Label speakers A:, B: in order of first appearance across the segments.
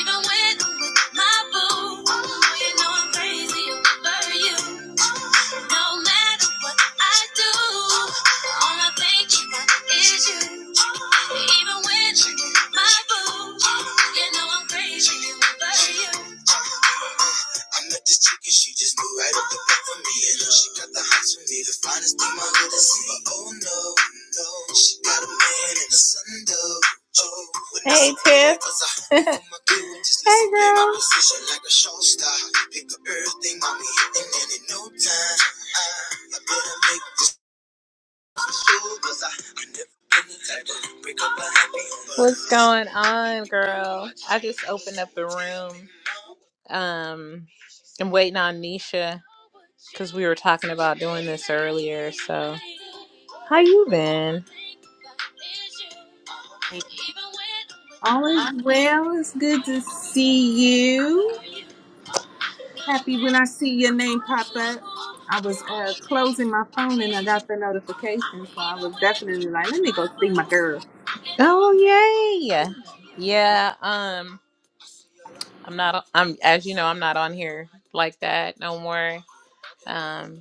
A: Even when I'm with my boo, oh, you know I'm crazy over you. No matter what I do, all I think about is you. Even when you're in my boo, you know I'm crazy over you. I met this chick she just moved right up the block for me. And uh, she got the hots for me, the finest thing my hood has seen. But oh no, no, she got a man in a sundoe. Oh, Hey, saw hey, girl. like Pick up everything, mommy, and then in no time, I, better make this move, 'cause I never been the type to break up a happy home. What's going on, girl? I just opened up the room. Um, I'm waiting on Nisha because we were talking about doing this earlier. So, how you been?
B: All is well. It's good to see you. Happy when I see your name pop up. I was uh, closing my phone and I got the notification, so I was definitely like, let me go see my girl.
A: Oh yay! Yeah. Um, I'm not. I'm as you know, I'm not on here like that no more. Um,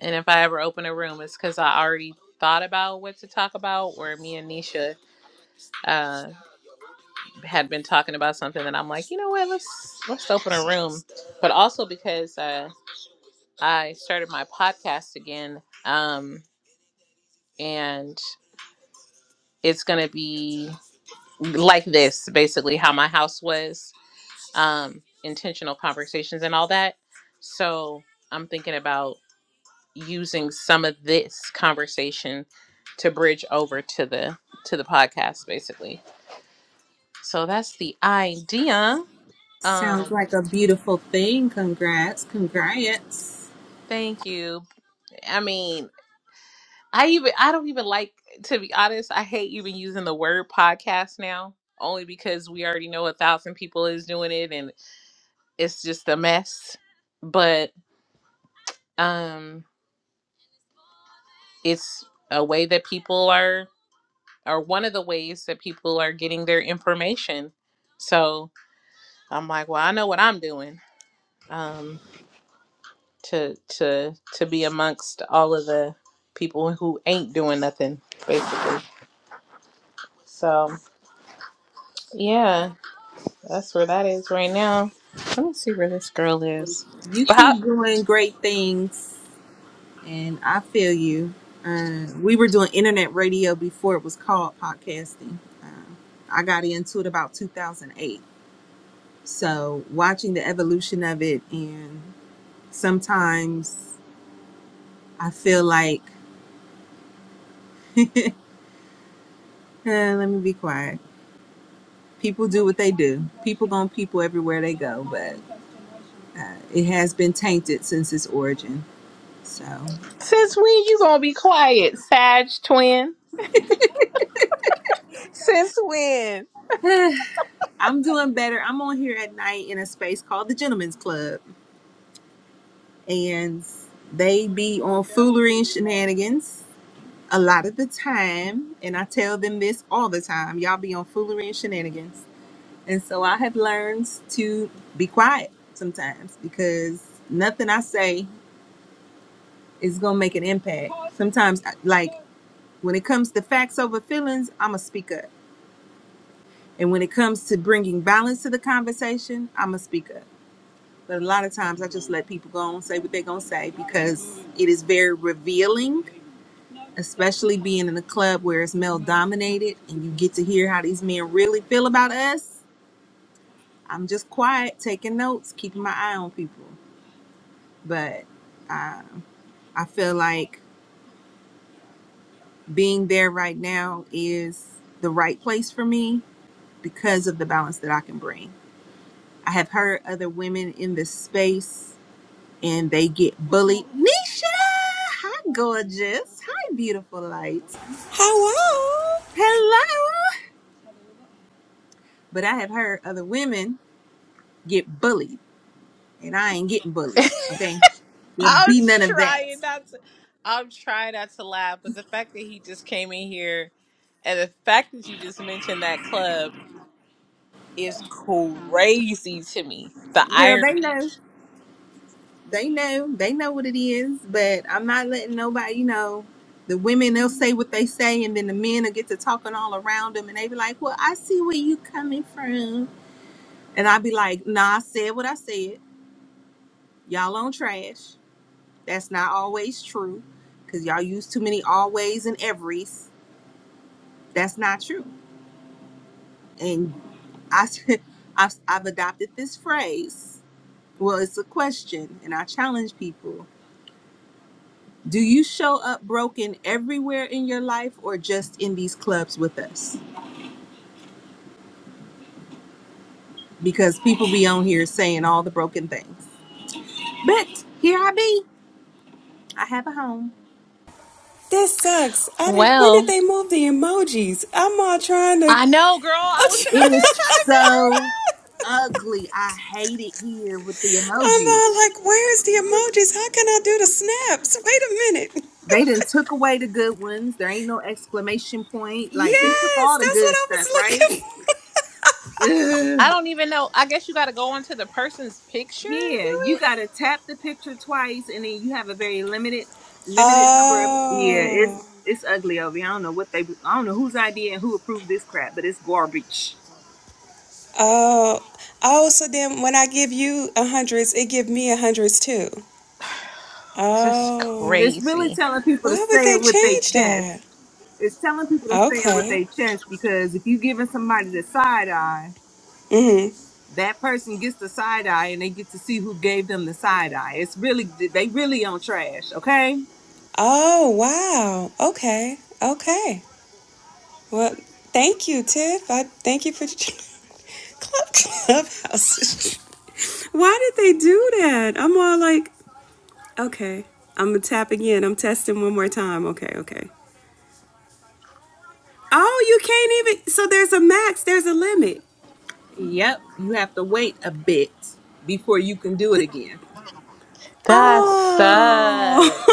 A: And if I ever open a room, it's because I already thought about what to talk about, or me and Nisha uh, had been talking about something that I'm like, you know what, let's let's open a room. But also because uh, I started my podcast again, um, and it's gonna be like this, basically how my house was, um, intentional conversations and all that. So I'm thinking about. using some of this conversation to bridge over to the to the podcast basically so that's the idea
B: Sounds
A: um
B: like a beautiful thing. Congrats. Congrats.
A: thank you i mean i even i don't even like to be honest i hate even using the word podcast now only because we already know a thousand people is doing it and it's just a mess but um it's a way that people are or one of the ways that people are getting their information so I'm like, well, I know what I'm doing um, to to to be amongst all of the people who ain't doing nothing, basically. So yeah, that's where that is right now. Let me see where this girl
B: Well,
A: is.
B: You
A: Well, How,
B: keep doing great things, and I feel you. Uh, we were doing internet radio before it was called podcasting. Uh, I got into it about 2008 So watching the evolution of it, and sometimes I feel like, eh, let me be quiet. People do what they do. People gonna people everywhere they go, but uh, it has been tainted since its origin. So
A: since when you gonna be quiet, Sag twin? Since when?
B: eh, I'm doing better. I'm on here at night in a space called the Gentlemen's Club, and they be on foolery and shenanigans a lot of the time. And I tell them this all the time: y'all be on foolery and shenanigans And so I have learned to be quiet sometimes because nothing I say is going to make an impact. Sometimes, I- like when it comes to facts over feelings, I'm going to speak up. And when it comes to bringing balance to the conversation, I'm going to speak up. But a lot of times I just let people go and say what they're going to say because it is very revealing, especially being in a club where it's male dominated and you get to hear how these men really feel about us. I'm just quiet, taking notes, keeping my eye on people. but I, I feel like being there right now is the right place for me because of the balance that I can bring. I have heard other women in this space and they get bullied. Nisha, hi gorgeous, hi beautiful light,
C: Hello?
B: hello. But I have heard other women get bullied, and I ain't getting bullied. Okay, there'll
A: I'm
B: be none of that,
A: trying not to. I'm trying not to laugh, but the fact that he just came in here, and the fact that you just mentioned that club. is crazy to me. The
B: girl. They
A: irony.
B: know. They know, they know what it is, but I'm not letting nobody, you know, the women they'll say what they say, and then the men will get to talking all around them, and they be like, "Well, I see where you coming from," and I be like, "Nah, I said what I said. Y'all on trash. That's not always true, cause y'all use too many always and everys. That's not true." And I, I've, I've adopted this phrase. Well, it's a question, and I challenge people. Do you show up broken everywhere in your life or just in these clubs with us? Because people be on here saying all the broken things. But here I be. I have a home.
C: That sucks. I did, when
A: Well,
C: did they move the emojis? I'm all trying to.
A: I know, girl. I was sitting
B: It
A: up there
B: is
A: trying to figure.
B: so ugly. I hate it here with the
C: I'm
B: emojis.
C: all like, where's the emojis? How can I do the snaps? Wait a minute.
B: They done took away the good ones. There ain't no exclamation point. Like they took
C: Yes,
B: all the
C: that's what
B: good
C: I was
B: stuff, right?
C: looking for.
B: Ugh.
A: I don't even know. I guess you got to go onto the person's picture and
B: Yeah,
A: do
B: you
A: it.
B: gotta tap the picture twice, and then you have a very limited, limited number of. Yeah, it's
C: Oh.
B: it's ugly over here. I don't know what they. I don't know whose idea and who approved this crap, but it's garbage.
C: Oh. Oh, so then when I give you a hundreds, it give me a hundreds too.
A: Just
C: Oh.
B: It's really
A: crazy.
B: telling people to
C: Why would
B: say
C: they
B: it with their
C: change
B: chest.
C: that?
B: It's telling people to say it with
C: Okay.
B: their chest because if you giving somebody the side eye,
C: Mm-hmm.
B: that person gets the side eye, and they get to see who gave them the side eye. It's really they really on trash. Okay.
C: Oh, wow. Okay. Okay. Well, thank you, Tiff. I thank you for club clubhouse. Why did they do that? I'm all like, okay, I'm gonna tap again. I'm testing one more time. Okay, okay. Oh, you can't even. So there's a max. There's a limit.
B: Yep, you have to wait a bit before you can do it again.
A: That
C: Oh,
A: sucks.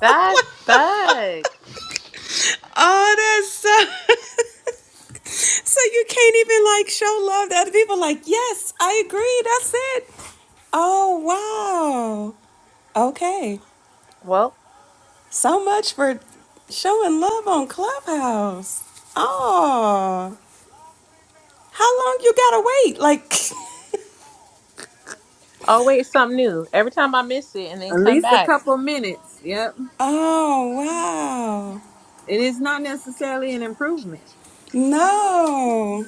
A: That sucks.
C: oh, that's so. So you can't even like show love to other people. Like, yes, I agree. That's it. Oh wow. Okay.
A: Well,
C: So much for showing love on Clubhouse. Oh, how long you gotta wait? Like,
A: always something new. Every time I miss it and then
B: At
A: come
B: least a
A: back.
B: couple minutes. Yep.
C: oh, wow.
B: It is not necessarily an improvement.
C: No.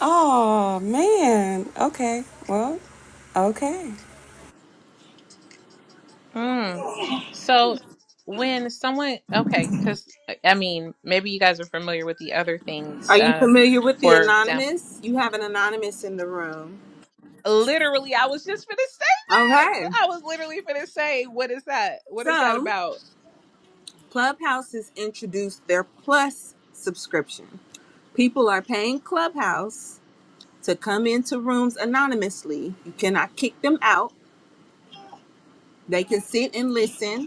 C: Oh, man. Okay. Well, okay.
A: Mm. So when someone, okay, because I mean, maybe you guys are familiar with the other things.
B: Are you
A: Uh,
B: familiar with the
A: for example,
B: anonymous? You have an anonymous in the room.
A: literally, I was just gonna say it.
B: Okay.
A: I was literally gonna say, what is that? What is that
B: So,
A: about?
B: Clubhouse has introduced their plus subscription. People are paying Clubhouse to come into rooms anonymously. You cannot kick them out. They can sit and listen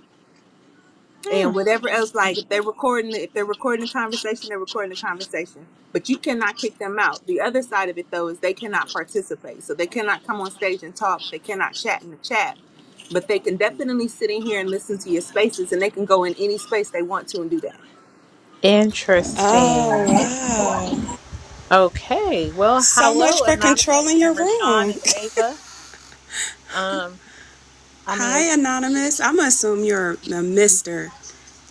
A: Hmm.
B: and whatever else like if they're recording if they're recording the conversation they're recording the conversation but you cannot kick them out the other side of it though is they cannot participate so they cannot come on stage and talk they cannot chat in the chat but they can definitely sit in here and listen to your spaces and they can go in any space they want to and do that
C: Oh,
A: Interesting.
C: wow.
A: Okay. Well,
C: So much
A: hello,
C: for
A: Anonymous
C: controlling your
A: and Rashawn and
C: room.
A: Ava. Um, I mean,
C: Hi, Anonymous. I'm gonna assume you're a mister.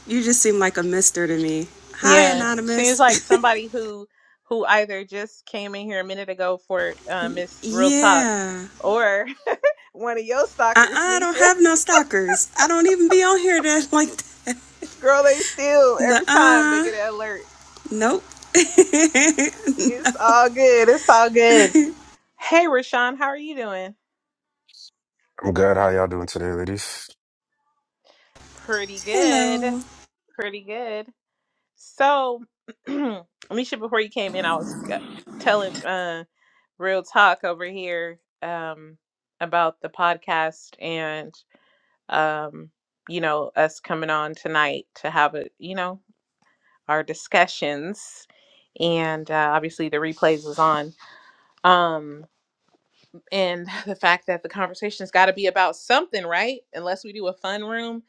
C: You just seem like a mister to me. Hi,
A: Yeah, seems
C: Anonymous.
A: like somebody who who either just came in here a minute ago for uh, Miss Real Talk,
C: yeah.
A: or one of your
C: Uh uh
A: stalkers,
C: I don't
A: Nisha.
C: have no stalkers. I don't even be on here that like
A: Girl, they still
C: nuh
A: every time they
C: uh.
A: get an alert.
C: Nope.
A: It's all good. It's all good. Hey, Rashawn, how are you doing?
D: I'm good. How y'all doing today, ladies?
A: Pretty good.
C: Hello.
A: Pretty good. So, Nisha, before you came in, I was uh, telling uh, Real Talk over here um, about the podcast and. um, you know, us coming on tonight to have a, you know, our discussions. And uh, obviously the replays was on. Um, and the fact that the conversation's got to be about something, right? Unless we do a fun room,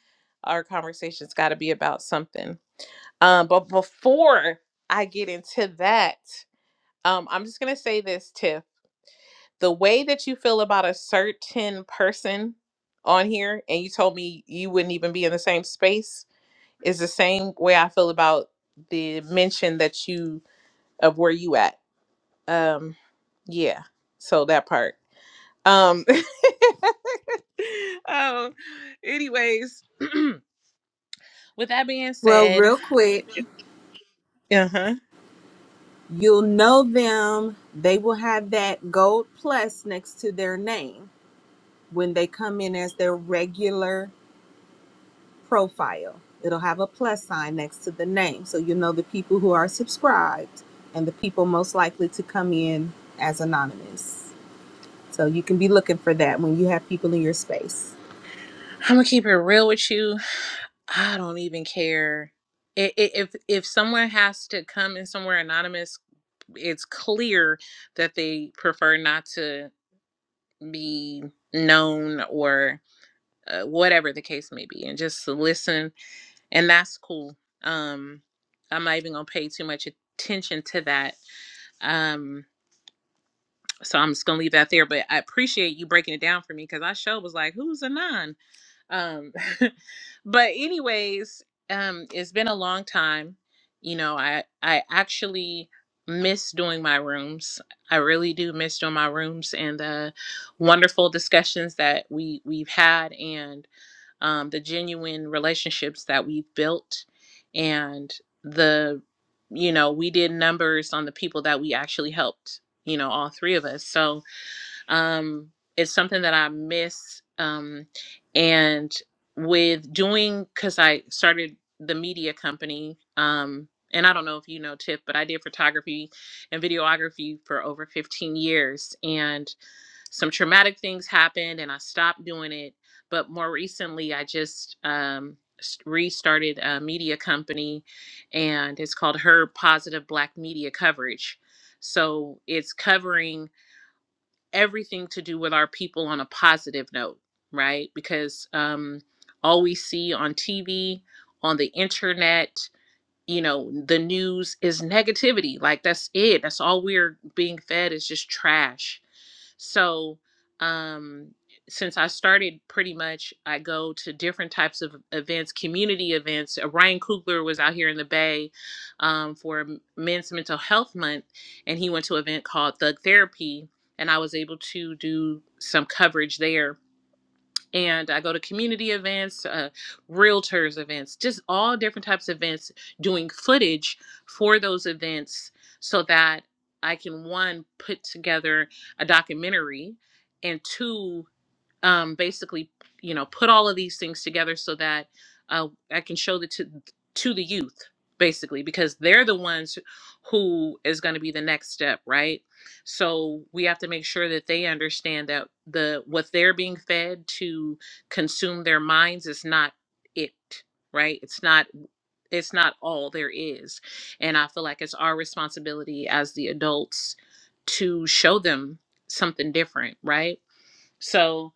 A: our conversation's got to be about something. Um, but before I get into that, um, I'm just going to say this, Tiff. The way that you feel about a certain person on here, and you told me you wouldn't even be in the same space, is the same way I feel about the mention that you of where you at. Um, yeah. So that part. Um. um. Anyways, with that being
B: well
A: said,
B: real quick
A: uh huh.
B: you'll know them they will have that gold plus next to their name when they come in as their regular profile. It'll have a plus sign next to the name. So you know the people who are subscribed and the people most likely to come in as anonymous. So you can be looking for that when you have people in your space.
A: I'm gonna keep it real with you. I don't even care. I- i- If if someone has to come in somewhere anonymous, it's clear that they prefer not to be known or. uh, whatever the case may be and just listen and that's cool um i'm not even gonna pay too much attention to that um so i'm just gonna leave that there but i appreciate you breaking it down for me because i show was like who's a non um but anyways um it's been a long time you know i i actually miss doing my rooms i really do miss doing my rooms and the wonderful discussions that we we've had and um, the genuine relationships that we built and the you know we did numbers on the people that we actually helped you know all three of us so um it's something that i miss um and with doing because i started the media company um and i don't know if you know tip but i did photography and videography for over 15 years and some traumatic things happened and I stopped doing it. But more recently, I just um, s- restarted a media company and it's called Her Positive Black Media Coverage. So it's covering everything to do with our people on a positive note, right? Because um, all we see on TV, on the internet, you know the news is negativity like that's it that's all we're being fed is just trash so um since i started pretty much i go to different types of events community events Uh, ryan Coogler was out here in the bay um, for M- men's mental health month and he went to an event called thug therapy and i was able to do some coverage there and I go to community events, uh, realtors events, just all different types of events, doing footage for those events so that I can one put together a documentary and two um, basically, you know, put all of these things together so that uh, I can show the to to the youth, basically, because they're the ones who is going to be the next step, right? So we have to make sure that they understand that the what they're being fed to consume their minds is not it right it's not it's not all there is and i feel like it's our responsibility as the adults to show them something different right so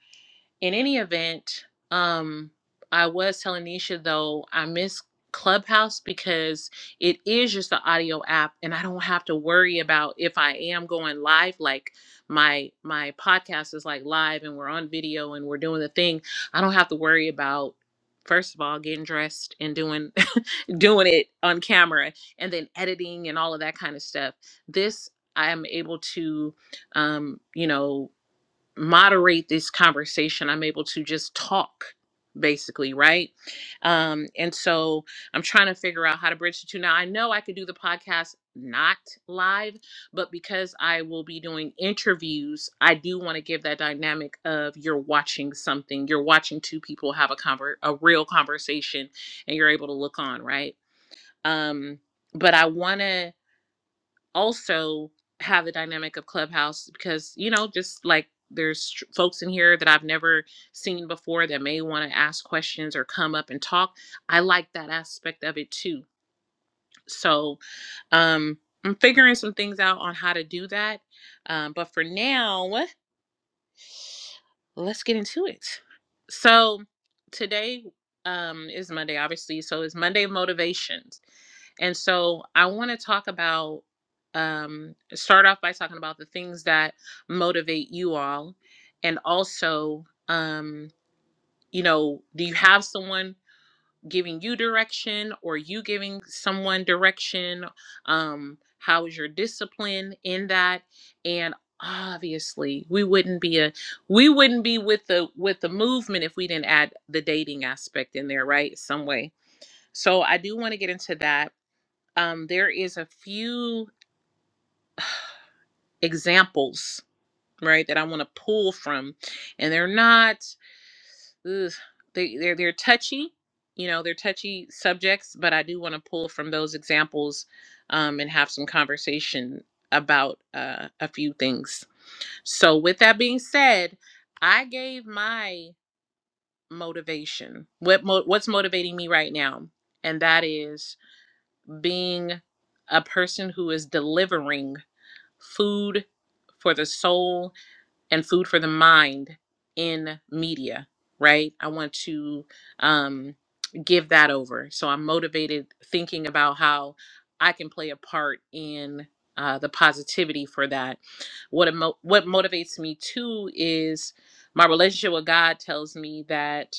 A: in any event, um, I was telling Nisha though, I miss Clubhouse because it is just the audio app and I don't have to worry about if I am going live, like my my podcast is like live and we're on video and we're doing the thing. I don't have to worry about first of all getting dressed and doing doing it on camera and then editing and all of that kind of stuff. This I am able to um, you know, moderate this conversation. I'm able to just talk basically right um and so i'm trying to figure out how to bridge the two now i know i could do the podcast not live but because i will be doing interviews i do want to give that dynamic of you're watching something you're watching two people have a conver- a real conversation and you're able to look on right um but i want to also have the dynamic of Clubhouse because, you know, just like there's tr- folks in here that I've never seen before that may want to ask questions or come up and talk. I like that aspect of it too. So, um, I'm figuring some things out on how to do that. Um, but for now, let's get into it. So today um, is Monday, obviously. So it's Monday of motivations, and so I want to talk about um, start off by talking about the things that motivate you all, and also um, you know, do you have someone giving you direction or you giving someone direction um how is your discipline in that and obviously we wouldn't be a we wouldn't be with the with the movement if we didn't add the dating aspect in there right some way so i do want to get into that um there is a few examples right that i want to pull from and they're not ugh, they they're they're touchy, you know, they're touchy subjects, but I do want to pull from those examples um, and have some conversation about uh, a few things. So, with that being said, I gave my motivation. What mo- what's motivating me right now, and that is being a person who is delivering food for the soul and food for the mind in media, right? I want to um, give that over. So I'm motivated thinking about how I can play a part in uh, the positivity for that. What emo- what motivates me too is my relationship with God tells me that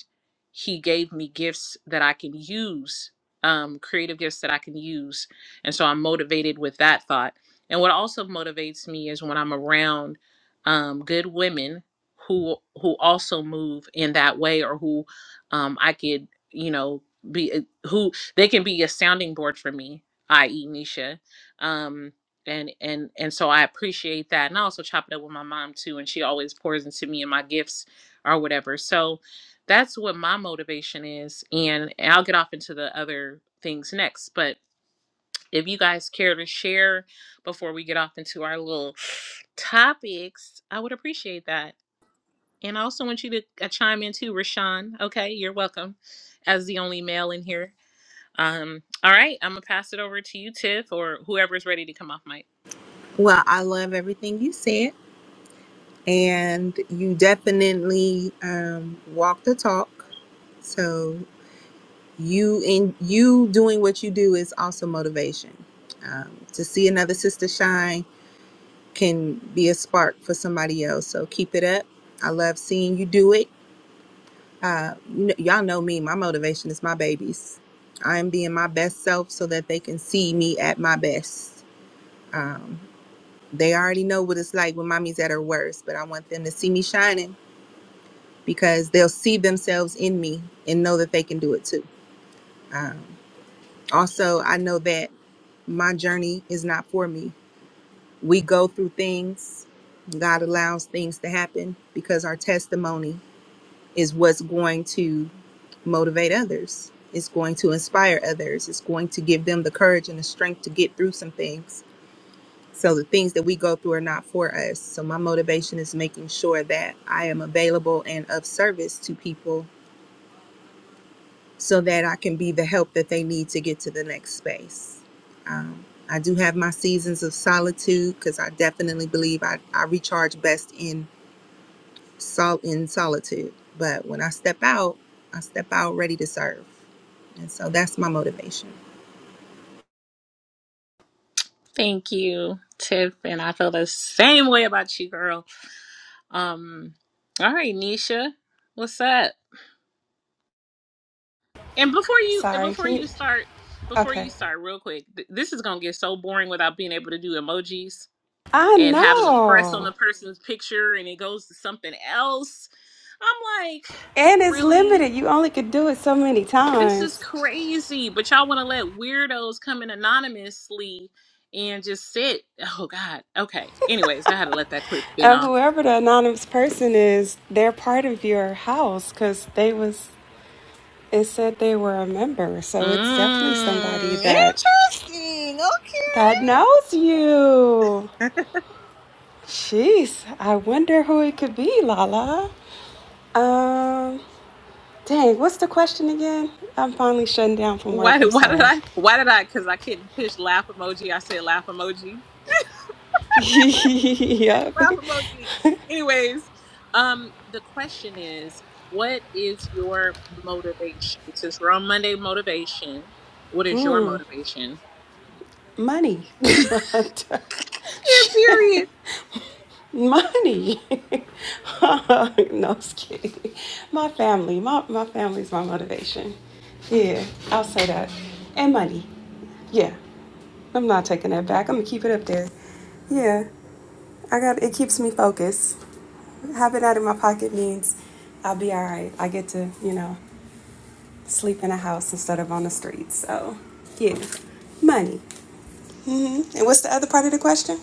A: He gave me gifts that I can use, um, creative gifts that I can use, and so I'm motivated with that thought. And what also motivates me is when I'm around um, good women who who also move in that way or who um, I could you know be uh, who they can be a sounding board for me i.e. Nisha um, and and and so I appreciate that and I also chop it up with my mom too and she always pours into me and my gifts or whatever so that's what my motivation is and, and I'll get off into the other things next but if you guys care to share before we get off into our little topics, I would appreciate that. And I also want you to uh, chime in too, Rashawn. Okay, you're welcome as the only male in here. Um, all right, I'm gonna pass it over to you, Tiff, or whoever's ready to come off mic.
B: Well, I love everything you said, and you definitely um, walk the talk. So you in you doing what you do is also motivation. Um, to see another sister shine can be a spark for somebody else. So keep it up. I love seeing you do it. Uh, you know, y'all know me. My motivation is my babies. I am being my best self so that they can see me at my best. Um, they already know what it's like when mommy's at her worst, but I want them to see me shining because they'll see themselves in me and know that they can do it too. Um, also, I know that my journey is not for me. We go through things. God allows things to happen because our testimony is what's going to motivate others. It's going to inspire others. It's going to give them the courage and the strength to get through some things. So the things that we go through are not for us. So my motivation is making sure that I am available and of service to people so that I can be the help that they need to get to the next space. Um, I do have my seasons of solitude because I definitely believe I, I recharge best in sol- in solitude. But when I step out, I step out ready to serve. And so that's my motivation.
A: Thank you, Tiff, and I feel the same way about you, girl. Um, all right, Nisha, what's up? And before you
C: Sorry,
A: before
C: can you
A: you start, before
C: okay.
A: you start, real quick, th- this is gonna get so boring without being able to do emojis
C: I
A: and having to press on the
C: know.
A: person's picture and it goes to something else. I'm like,
C: And it's
A: really?
C: limited. You only could do it so many
A: This is
C: times.
A: crazy. But y'all want to let weirdos come in anonymously and just sit. Oh God. Okay. Anyways, I had to let that quick spin
C: And
A: off.
C: whoever the anonymous person is, they're part of your house because they was it said they were a member. So it's definitely somebody
A: Mmm.
C: that
A: Interesting. Okay.
C: that knows you. Jeez, I wonder who it could be, Lala. Um Dang, what's the question again? I'm finally shutting down from
A: Why
C: work. I'm
A: did why did
C: sorry.
A: I why did I because I couldn't push laugh emoji. I said laugh emoji.
C: yep.
A: laugh emoji. Anyways, um the question is what is your motivation? Since we're on Monday motivation, what is your motivation?
C: Money.
A: Yeah,
C: Shit.
A: Period.
C: Money. no, I'm just kidding. My family. My, my family's my motivation. Yeah, I'll say that. And money. Yeah. I'm not taking that back. I'm gonna keep it up there. Yeah, I got it. Keeps me focused. Having that in my pocket means I'll be all right. I get to, you know. sleep in a house instead of on the street. So, yeah, money. hmm And what's the other part of the question?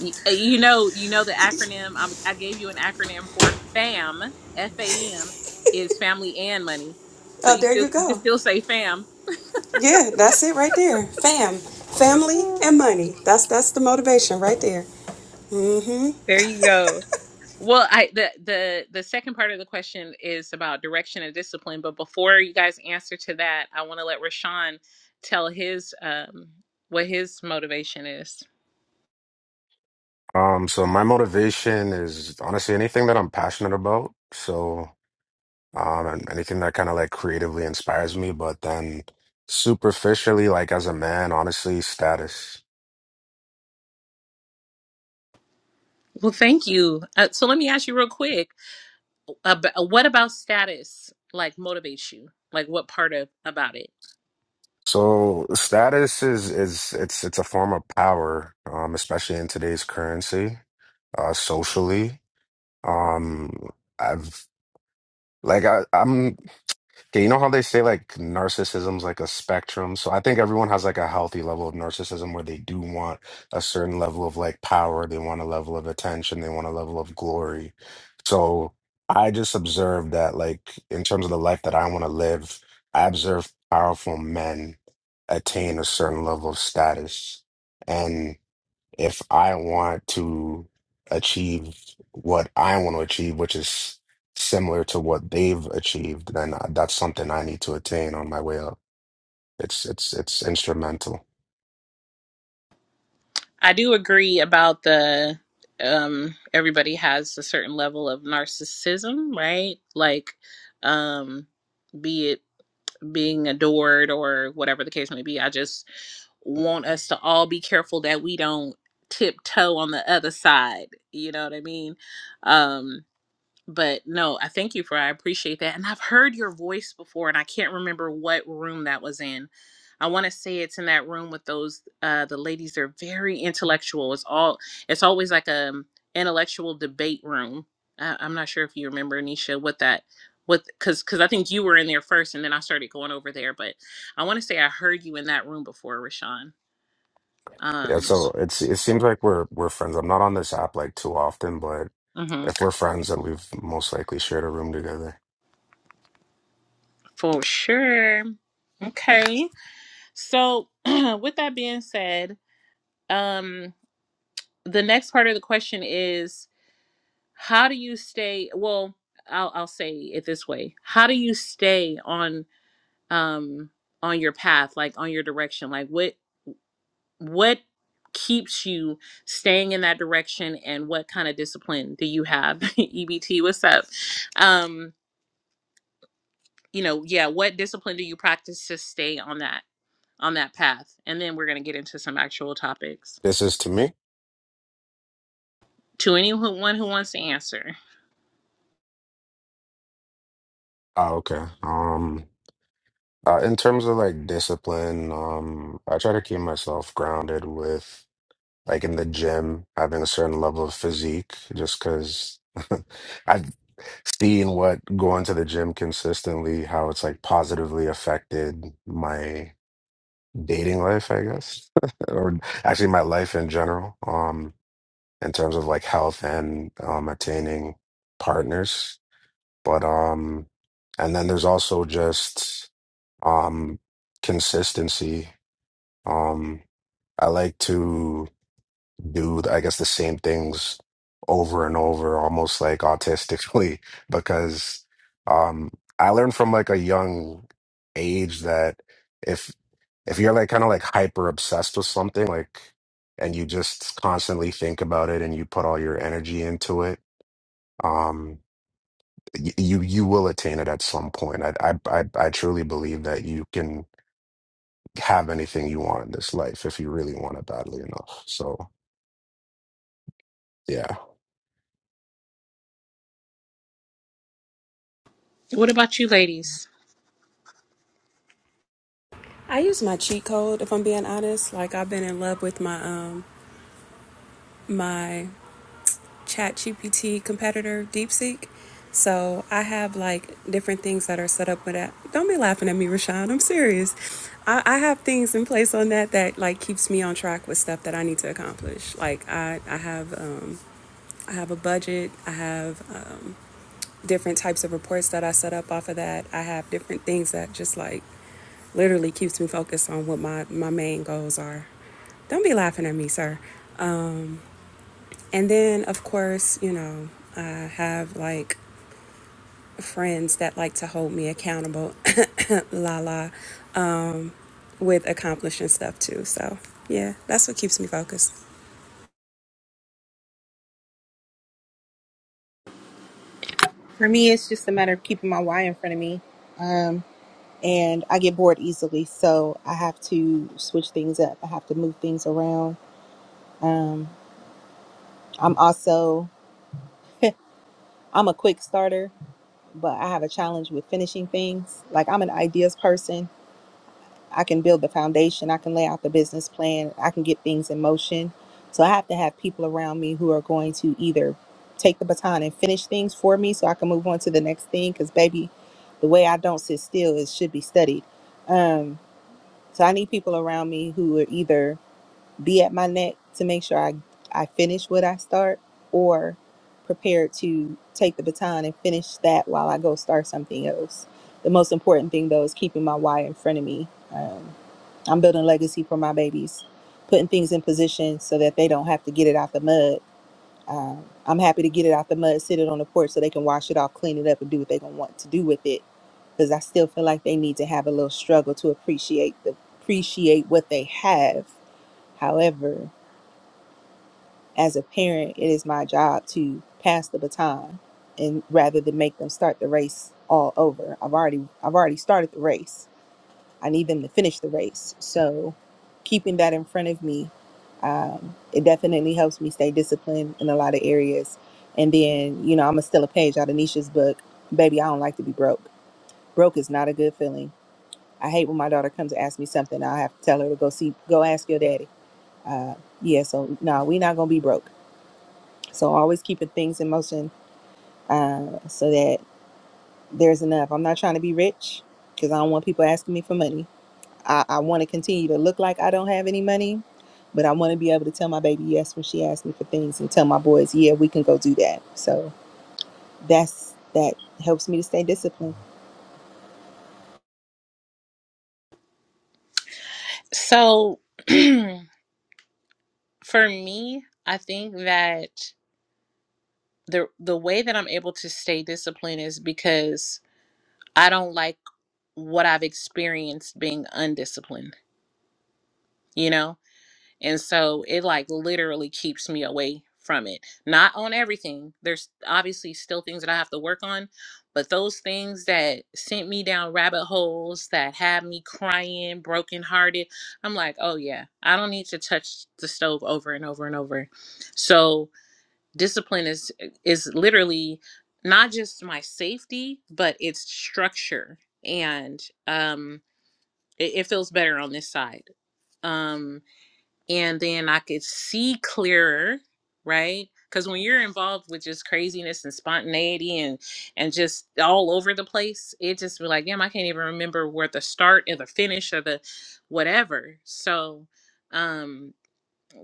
A: Y- uh, You know, you know the acronym. i I gave you an acronym for FAM. F A M is family and money. So
C: Oh,
A: you
C: there
A: still
C: you
A: you can
C: go.
A: still say FAM.
C: Yeah, that's it right there. Fam, family, and money. That's that's the motivation right there.
A: There you go. Well, I the the the second part of the question is about direction and discipline, but before you guys answer to that, I want to let Rashawn tell his um what his motivation is.
D: Um, so my motivation is honestly anything that I'm passionate about. So, um, and anything that kind of like creatively inspires me, but then superficially, like as a man, honestly, status.
A: Well, thank you. Uh, so let me ask you real quick, ab- what about status like motivates you? Like what part of about it?
D: So status is is it's it's a form of power, um, especially in today's currency, uh, socially. Um, I've like I, I'm Okay, you know how they say like narcissism's like a spectrum? So I think everyone has like a healthy level of narcissism where they do want a certain level of like power, they want a level of attention, they want a level of glory. So I just observed that like in terms of the life that I want to live, I observe powerful men attain a certain level of status. and if I want to achieve what I want to achieve, which is similar to what they've achieved, then uh, that's something I need to attain on my way up. It's it's it's instrumental.
A: I do agree about the um everybody has a certain level of narcissism, right? Like um be it being adored or whatever the case may be. I just want us to all be careful that we don't tiptoe on the other side. You know what I mean? Um, but no, I thank you for I appreciate that. And I've heard your voice before and I can't remember what room that was in. I want to say it's in that room with those uh the ladies they're very intellectual. It's all it's always like a um, intellectual debate room. Uh, I'm not sure if you remember Nisha what that what cuz cuz I think you were in there first and then I started going over there, but I want to say I heard you in that room before, Rashawn. Um
D: Yeah, so it's it seems like we're we're friends. I'm not on this app like too often, but
A: mhm,
D: if we're friends, then we've most likely shared a room together.
A: for sure. Okay. So, with that being said, um the next part of the question is how do you stay well i'll i'll say it this way how do you stay on um on your path like on your direction like what what keeps you staying in that direction and what kind of discipline do you have ebt what's up um you know yeah what discipline do you practice to stay on that on that path and then we're going to get into some actual topics
D: This is to me.
A: to anyone who wants to answer
D: Oh, okay. Um, uh, in terms of like discipline, um, I try to keep myself grounded with. like in the gym, having a certain level of physique, just because I've seen what going to the gym consistently, how it's like positively affected my dating life, I guess, or actually my life in general, um, in terms of like health and um, attaining partners. But um, and then there's also just um consistency. Um, I like to. do I guess the same things over and over, almost like autistically, because um I learned from like a young age that if if you're like kind of like hyper obsessed with something, like and you just constantly think about it and you put all your energy into it, um y- you you will attain it at some point. I I I, I truly believe that you can have anything you want in this life if you really want it badly enough. So yeah.
A: what about you ladies
C: I use my cheat code if I'm being honest. Like I've been in love with my um my ChatGPT competitor DeepSeek. So I have like different things that are set up with that. Don't be laughing at me, Rashawn. I'm serious. I, I have things in place on that that like keeps me on track with stuff that I need to accomplish. Like I, I have um, I have a budget. I have uh, different types of reports that I set up off of that. I have different things that just like literally keeps me focused on what my, my main goals are. Don't be laughing at me, sir. And then, of course, you know, I have like friends that like to hold me accountable, la la, with accomplishing stuff too. So, yeah, that's what keeps me focused.
B: For me, it's just a matter of keeping my why in front of me. Um, and I get bored easily, so I have to switch things up. I have to move things around. Um, I'm also I'm a quick starter, but I have a challenge with finishing things. Like I'm an ideas person, I can build the foundation, I can lay out the business plan, I can get things in motion. So I have to have people around me who are going to either take the baton and finish things for me so I can move on to the next thing cuz baby, the way I don't sit still is should be studied. Um so I need people around me who are either be at my neck to make sure I I finish what I start or prepared to take the baton and finish that while I go start something else. The most important thing though is keeping my why in front of me Um, I'm building legacy for my babies, putting things in position so that they don't have to get it out the mud. Um, I'm happy to get it out the mud, sit it on the porch so they can wash it off, clean it up, and do what they're gonna want to do with it. Because I still feel like they need to have a little struggle to appreciate the appreciate what they have. However, as a parent, it is my job to pass the baton, and rather than make them start the race all over, I've already I've already started the race I need them to finish the race. So keeping that in front of me, um, it definitely helps me stay disciplined in a lot of areas. And then, you know, I'm a still a page out of Nisha's book. Baby, I don't like to be broke. Broke is not a good feeling. I hate when my daughter comes to ask me something. I have to tell her to go see, go ask your daddy. Uh, yeah, so no, we not gonna be broke. So always keeping things in motion uh, so that there's enough. I'm not trying to be rich because I don't want people asking me for money I, I want to continue to look like I don't have any money, but I want to be able to tell my baby yes when she asks me for things and tell my boys, yeah, we can go do that. So that's that helps me to stay disciplined.
A: So for me, I think that the the way that I'm able to stay disciplined is because I don't like what I've experienced being undisciplined, you know? And so it like literally keeps me away from it. Not on everything. There's obviously still things that I have to work on, but those things that sent me down rabbit holes that had me crying, brokenhearted, I'm like, oh yeah, I don't need to touch the stove over and over and over. So discipline is is literally not just my safety, but it's structure. And um it, it feels better on this side. Um and then I could see clearer, right? Because when you're involved with just craziness and spontaneity and and just all over the place, it just be like, damn, I can't even remember where the start or the finish or the whatever. So um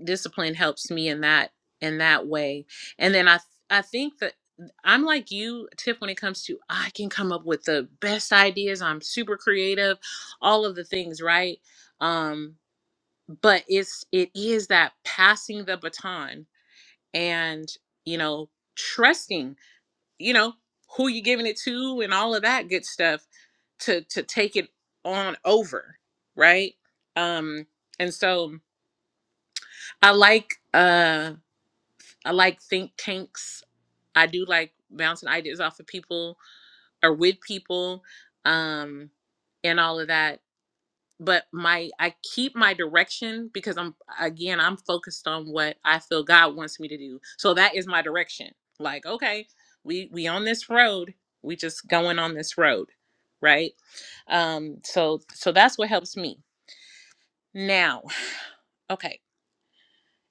A: discipline helps me in that in that way. And then I I think that I'm like you, Tiff, when it comes to I can come up with the best ideas. I'm super creative, all of the things, right? Um, but it's it is that passing the baton and you know trusting you know who you are giving it to and all of that good stuff to to take it on over right um and so i like uh i like think tanks i do like bouncing ideas off of people or with people um and all of that but my I keep my direction because I'm again I'm focused on what I feel God wants me to do. So that is my direction. Like, okay, we we on this road. We just going on this road, right? Um so so that's what helps me. Now, okay.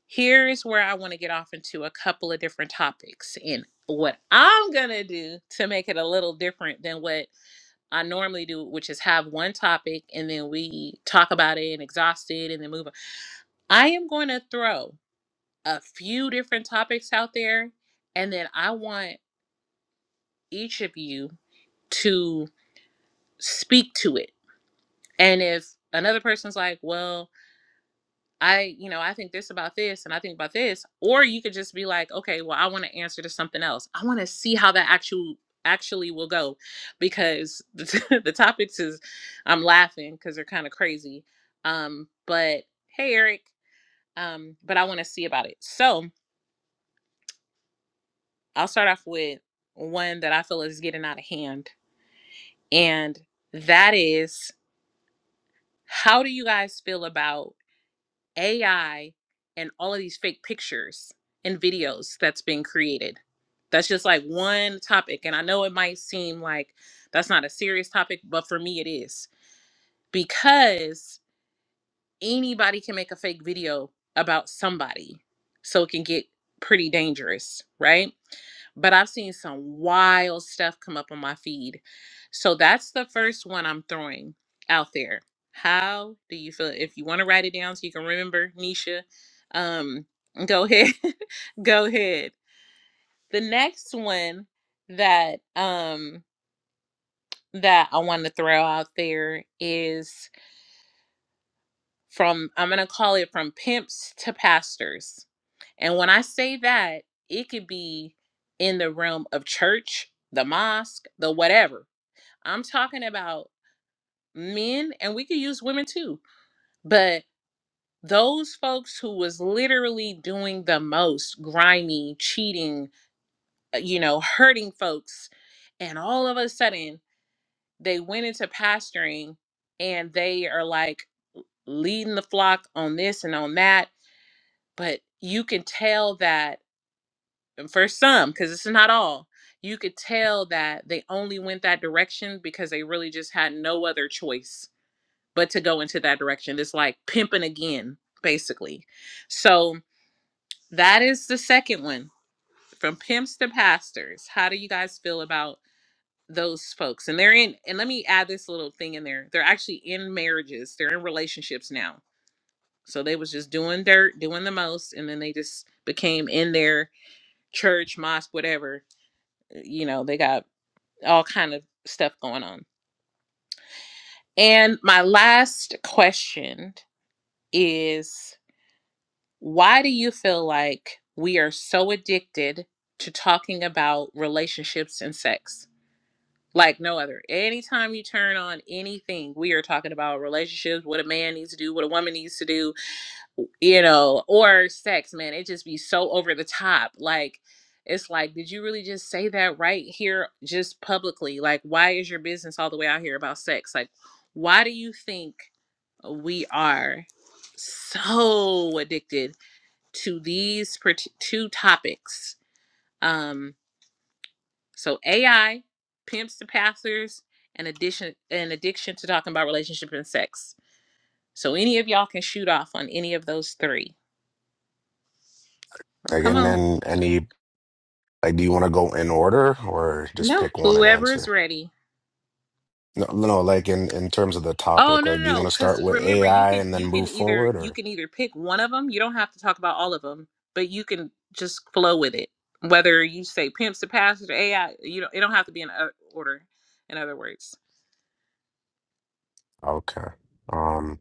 A: Here is where I want to get off into a couple of different topics and what I'm going to do to make it a little different than what I normally do, which is have one topic and then we talk about it and exhaust it and then move on. I am going to throw a few different topics out there and then I want each of you to speak to it. And if another person's like, well, I, you know, I think this about this and I think about this. Or you could just be like, okay, well, I want to answer to something else. I want to see how that actual actually will go because the, the topics is I'm laughing because they're kind of crazy. Um, but hey Eric, um, but I want to see about it. So I'll start off with one that I feel is getting out of hand. And that is how do you guys feel about AI and all of these fake pictures and videos that's being created. That's just like one topic. And I know it might seem like that's not a serious topic, but for me, it is because anybody can make a fake video about somebody so it can get pretty dangerous right but i've seen some wild stuff come up on my feed so that's the first one i'm throwing out there how do you feel if you want to write it down so you can remember nisha um go ahead go ahead the next one that um that i want to throw out there is from I'm going to call it from pimps to pastors. And when I say that, it could be in the realm of church, the mosque, the whatever. I'm talking about men and we could use women too. But those folks who was literally doing the most grimy, cheating, uh, you know, hurting folks and all of a sudden they went into pastoring and they are like leading the flock on this and on that but you can tell that and for some because it's not all you could tell that they only went that direction because they really just had no other choice but to go into that direction it's like pimping again basically so that is the second one from pimps to pastors how do you guys feel about those folks and they're in and let me add this little thing in there they're actually in marriages they're in relationships now so they was just doing dirt doing the most and then they just became in there church, mosque, whatever. You know, they got all kind of stuff going on. And my last question is why do you feel like we are so addicted to talking about relationships and sex? Like no other. Anytime you turn on anything, we are talking about relationships, what a man needs to do, what a woman needs to do, you know, or sex, man. It just be so over the top. Like, it's like, did you really just say that right here, just publicly? Like, why is your business all the way out here about sex? Like, why do you think we are so addicted to these part- two topics? Um, so AI pimps to passers and addition an addiction to talking about relationship and sex. So any of y'all can shoot off on any of those three.
D: Like,
A: Come
D: and
A: on.
D: then any Like, do you want to go in order or just
A: No,
D: pick one and
A: whoever is
D: answer?
A: ready.
D: No, no, like in in terms of the
A: Oh
D: topic,
A: no, no,
D: like, do you
A: no!
D: want to
A: Because
D: start with
A: remember, you
D: AI
A: can
D: and then
A: you can
D: move
A: either
D: forward
A: you
D: or?
A: can either pick one of them. You don't have to talk about all of them, but you can just flow with it. Whether you say pimps to pastors or AI, you don't. It don't have to be in o- order. In other words.
D: Okay. Um,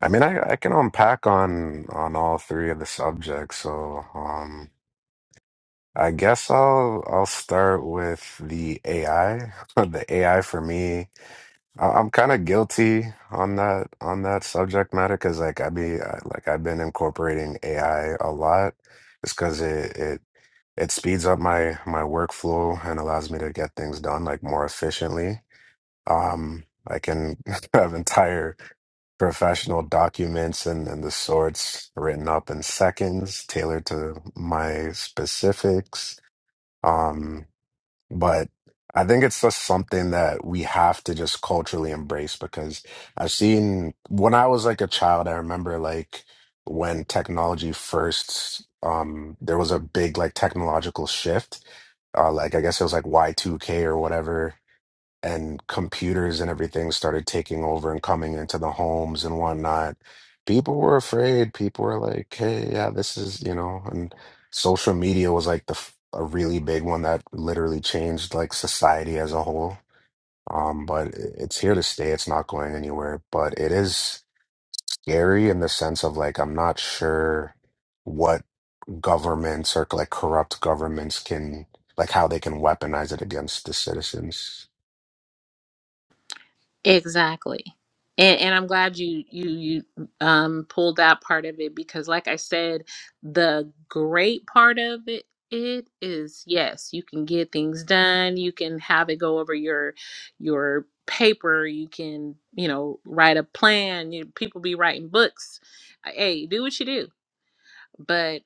D: I mean, I I can unpack on on all three of the subjects, so um, I guess I'll I'll start with the AI. The AI for me. I- I'm kind of guilty on that on that subject matter because like I be I, like I've been incorporating AI a lot just because it it it speeds up my my workflow and allows me to get things done like more efficiently. Um, I can have entire professional documents and, and the sorts written up in seconds, tailored to my specifics. Um, but I think it's just something that we have to just culturally embrace because I've seen when I was like a child, I remember like when technology first, um, there was a big like technological shift. Uh, like I guess it was like Y2K or whatever and computers and everything started taking over and coming into the homes and whatnot, people were afraid. People were like, "Hey, yeah, this is you know," and social media was like the f- a really big one that literally changed like society as a whole. Um, but i- it's here to stay. It's not going anywhere. But it is scary in the sense of like I'm not sure what governments or like corrupt governments can like how they can weaponize it against the citizens.
A: Exactly. And and I'm glad you you you um pulled that part of it because like I said, the great part of it it is yes, you can get things done, you can have it go over your your paper, you can, you know, write a plan, you people be writing books. Hey, do what you do. But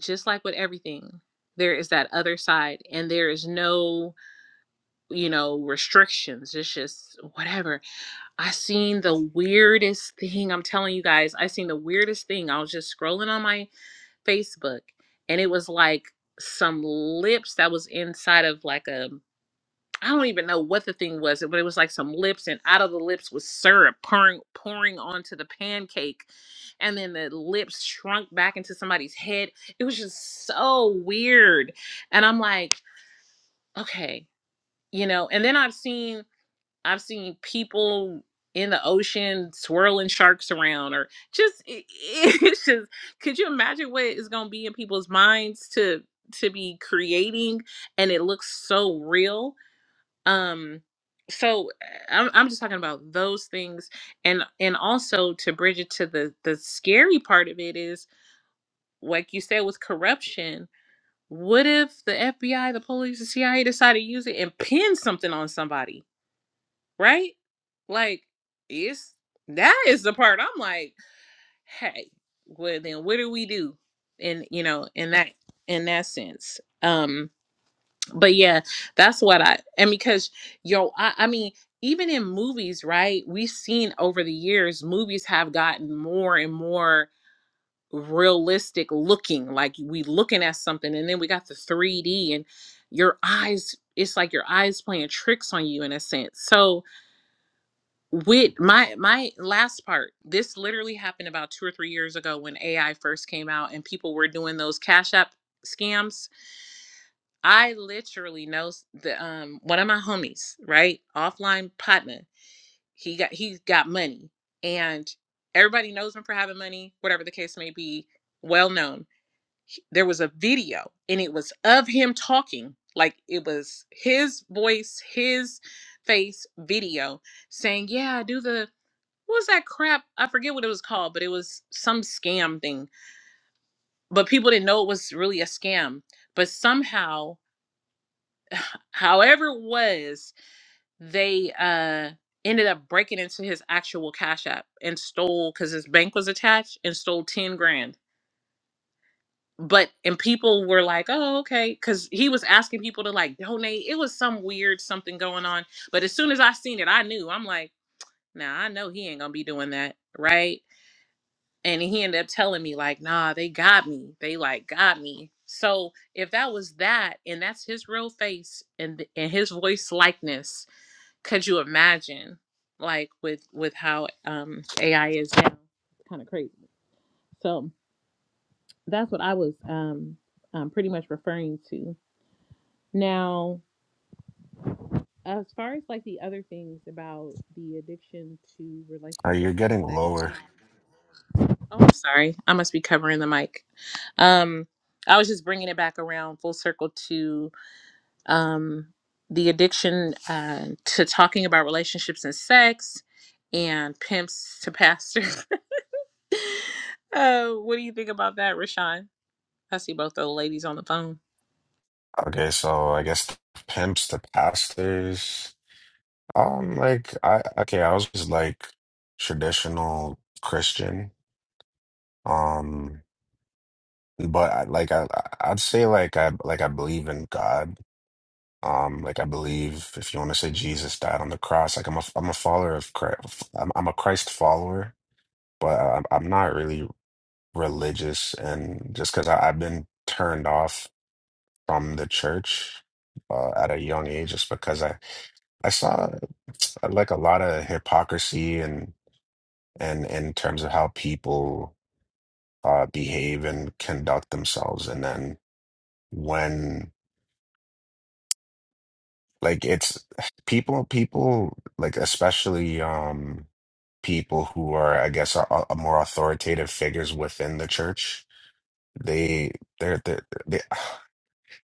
A: just like with everything, there is that other side and there is no, you know, restrictions. It's just whatever I seen the weirdest thing. I'm telling you guys, I seen the weirdest thing. I was just scrolling on my Facebook and it was like some lips that was inside of like a I don't even know what the thing was, but it was like some lips and out of the lips was syrup pouring pouring onto the pancake and then the lips shrunk back into somebody's head. It was just so weird. And I'm like, okay, you know, and then I've seen I've seen people in the ocean swirling sharks around, or just it- it- it's just. Could you imagine what is going to be in people's minds to to be creating, and it looks so real. Um, so eh, I'm I'm just talking about those things, and and also to bridge it to the the scary part of it is like you said with corruption. What if the FBI, the police, the CIA decide to use it and pin something on somebody? right? Like, it's that is the part I'm like, hey, well then what do we do? And you know, in that in that sense. Um, but yeah, that's what I and because yo, I, I mean, even in movies, right? We've seen over the years movies have gotten more and more realistic looking, like we looking at something, and then we got the 3D and your eyes, it's like your eyes playing tricks on you in a sense. So with my my last part this literally happened about two or three years ago when ai first came out and people were doing those cash app scams i literally know s- the um one of my homies right offline partner he got he got money and everybody knows him for having money whatever the case may be well known He- there was a video and it was of him talking like it was his voice his face video saying yeah do the what was that crap? I forget what it was called, but it was some scam thing. But people didn't know it was really a scam. But somehow, however it was, they uh ended up breaking into his actual cash app and stole because his bank was attached and stole 10 grand. But and people were like, oh, okay, because he was asking people to like donate. It was some weird something going on. But as soon as I seen it, I knew. I'm like, nah, I know he ain't gonna be doing that, right? and he ended up telling me like nah they got me they like got me so if that was that and that's his real face and th- and his voice likeness could you imagine like with with how um ai is now kind of crazy so that's what i was um, um pretty much referring to now as far as like the other things about the addiction to
D: Uh, you're
A: relationships and
D: getting lower.
A: sex Oh, I'm sorry. I must be covering the mic. Um, I was just bringing it back around full circle to um, the addiction uh, to talking about relationships and sex and pimps to pastors. uh, what do you think about that, Rashawn? I see both the ladies on the phone.
D: Okay, so I guess the pimps, the pastors. Um, like I okay, I was just like traditional Christian. Um, but I, like I I'd say like I like I believe in God. Um, like I believe if you want to say Jesus died on the cross, like I'm a I'm a follower of Christ. I'm I'm a Christ follower, but I, I'm not really religious, and just because I've been turned off from the church uh, at a young age, just because I. I saw uh, like a lot of hypocrisy and and in terms of how people uh behave and conduct themselves and then when like it's people people like especially um people who are I guess are, are more authoritative figures within the church they they're, they're they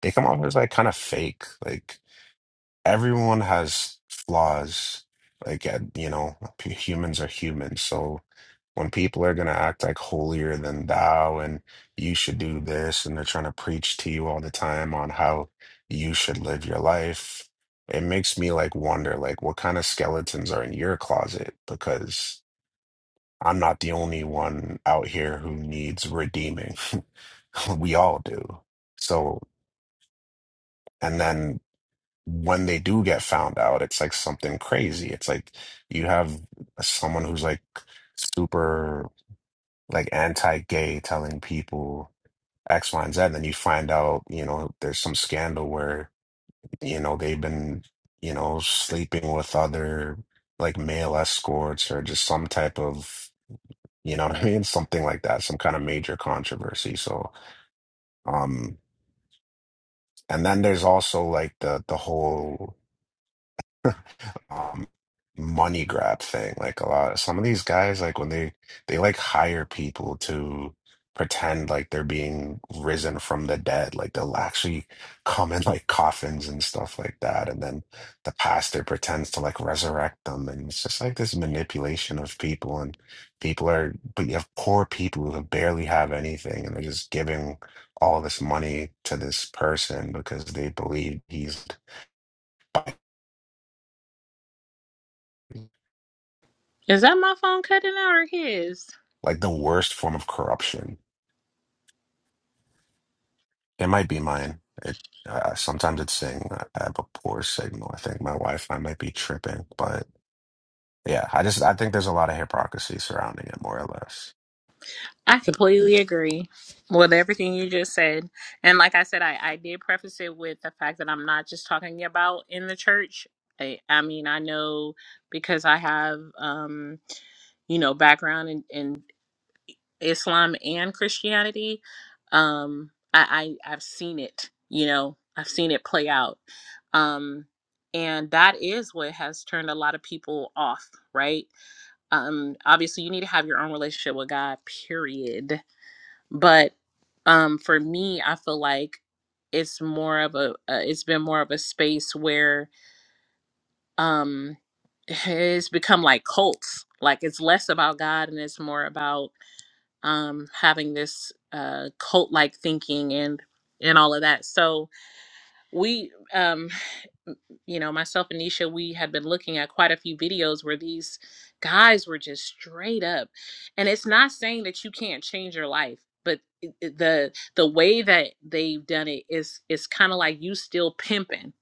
D: they come off as like kind of fake like everyone has flaws. Like, uh, you know, p- humans are humans. So when people are going to act like holier than thou and you should do this, and they're trying to preach to you all the time on how you should live your life, it makes me like wonder, like, what kind of skeletons are in your closet? Because I'm not the only one out here who needs redeeming. We all do. So, and then when they do get found out, it's like something crazy. It's like you have someone who's like super like anti-gay telling people X, Y, and Z, and then you find out, you know, there's some scandal where, you know, they've been, you know, sleeping with other like male escorts or just some type of, you know what I mean? Something like that, some kind of major controversy. So, um, and then there's also like the the whole um, money grab thing. Like a lot, some of these guys, like when they they like hire people to pretend like they're being risen from the dead, like they'll actually come in like coffins and stuff like that, and then the pastor pretends to like resurrect them, and it's just like this manipulation of people, and people are, but you have poor people who barely have anything, and they're just giving all this money to this person because they believe he's
A: Is that my phone cutting out or his?
D: like the worst form of corruption It might be mine. It uh, sometimes it's saying I have a poor signal. I think my Wi-Fi might be tripping, but yeah, I just I think there's a lot of hypocrisy surrounding it, more or less.
A: I completely agree with everything you just said. And like I said, I, I did preface it with the fact that I'm not just talking about in the church. I, I mean, I know because I have, um, you know, background in, in Islam and Christianity. Um, I, I, I've seen it, you know, I've seen it play out. Um, and that is what has turned a lot of people off, right? Um, obviously, you need to have your own relationship with God, period but um for me i feel like it's more of a uh, it's been more of a space where um it's become like cults like it's less about god and it's more about um having this uh cult like thinking and and all of that so we um you know, myself and Nisha, we had been looking at quite a few videos where these guys were just straight up. And it's not saying that you can't change your life, but it- it- the the way that they've done it is is kind of like you still pimping,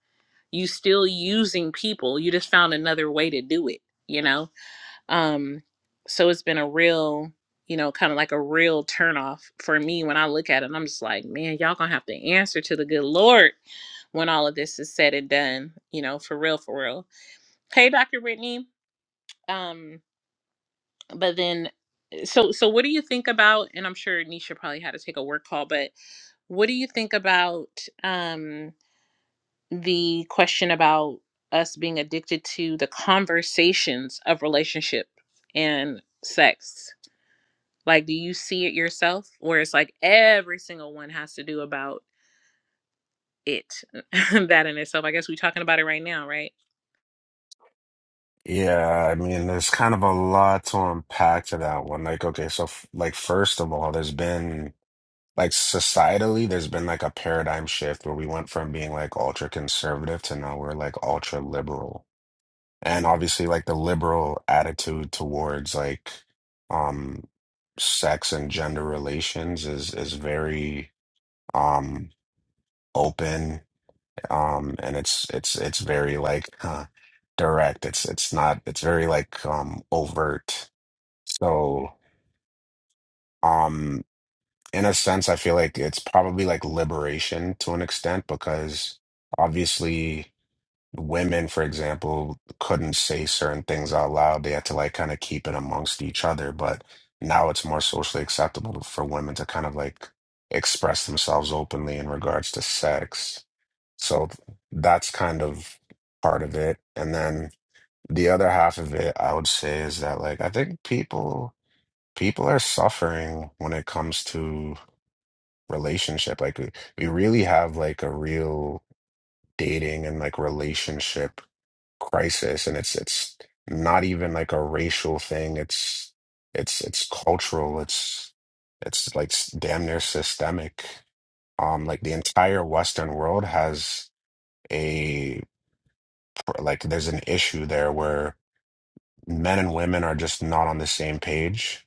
A: you still using people. You just found another way to do it, you know? Um, so it's been a real, you know, kind of like a real turnoff for me when I look at it. And I'm just like, man, y'all gonna have to answer to the good Lord when all of this is said and done, you know, for real, for real. Hey, Dr. Brittany. Um, but then so so what do you think about and I'm sure Nisha probably had to take a work call, but what do you think about um the question about us being addicted to the conversations of relationship and sex? Like, do you see it yourself? Where it's like every single one has to do about it. that in itself. I guess we're talking about it right now, right?
D: Yeah, I mean, there's kind of a lot to unpack to that one. Like, okay, so f like first of all, there's been like societally, there's been like a paradigm shift where we went from being like ultra conservative to now we're like ultra liberal. and obviously like the liberal attitude towards like um sex and gender relations is is very um open um and it's it's it's very like huh, direct it's it's not it's very like um overt so um in a sense I feel like it's probably like liberation to an extent because obviously Women, for example, couldn't say certain things out loud. They had to like kind of keep it amongst each other. But now it's more socially acceptable for women to kind of like express themselves openly in regards to sex. So that's kind of part of it. And then the other half of it, I would say, is that like I think people people are suffering when it comes to relationship. Like we, we really have like a real dating and like relationship crisis and it's it's not even like a racial thing it's it's it's cultural it's it's like s- damn near systemic um like the entire western world has a like there's an issue there where men and women are just not on the same page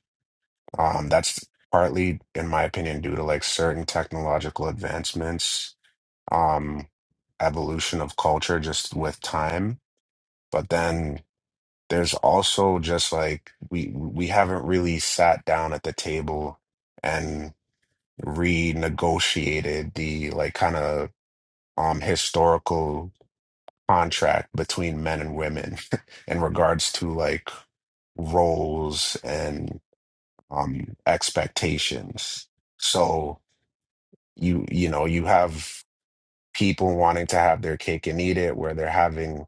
D: um that's partly in my opinion due to like certain technological advancements um evolution of culture just with time but then there's also just like we we haven't really sat down at the table and renegotiated the like kind of um historical contract between men and women in regards to like roles and um expectations. So you you know you have people wanting to have their cake and eat it where they're having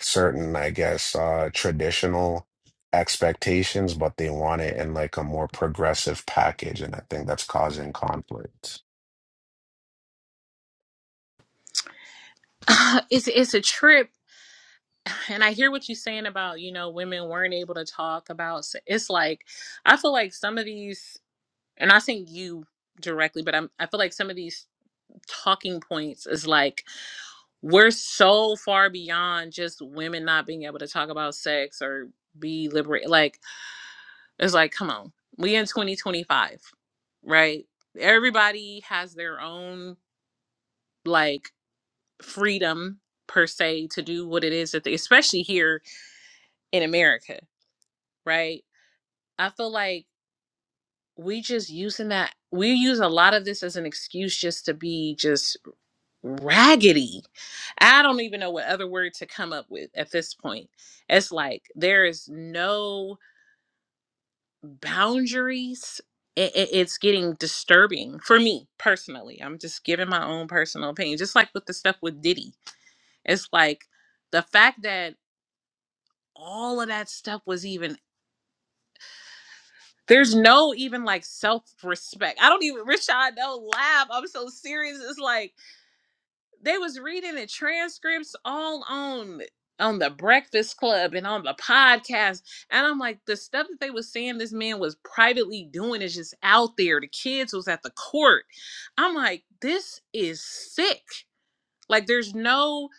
D: certain, I guess, uh, traditional expectations, but they want it in like a more progressive package, and I think that's causing conflict.
A: Uh, it's it's a trip. And I hear what you're saying about, you know, women weren't able to talk about s- it's like I feel like some of these and I think you directly, but I'm I feel like some of these talking points is like we're so far beyond just women not being able to talk about sex or be liberate like it's like come on we in 2025 right? Everybody has their own like freedom per se to do what it is that they, especially here in America, right? I feel like we just using that we use a lot of this as an excuse just to be just raggedy. I don't even know what other word to come up with at this point. It's like there is no boundaries it, it, it's getting disturbing for me personally i'm just giving my own personal opinion just like with the stuff with diddy it's like the fact that all of that stuff was even there's no even like self-respect i don't even rashad don't laugh i'm so serious it's like They was reading the transcripts all on on the Breakfast Club and on the podcast. And I'm like, the stuff that they was saying this man was privately doing is just out there. The kids was at the court. I'm like, this is sick. Like there's no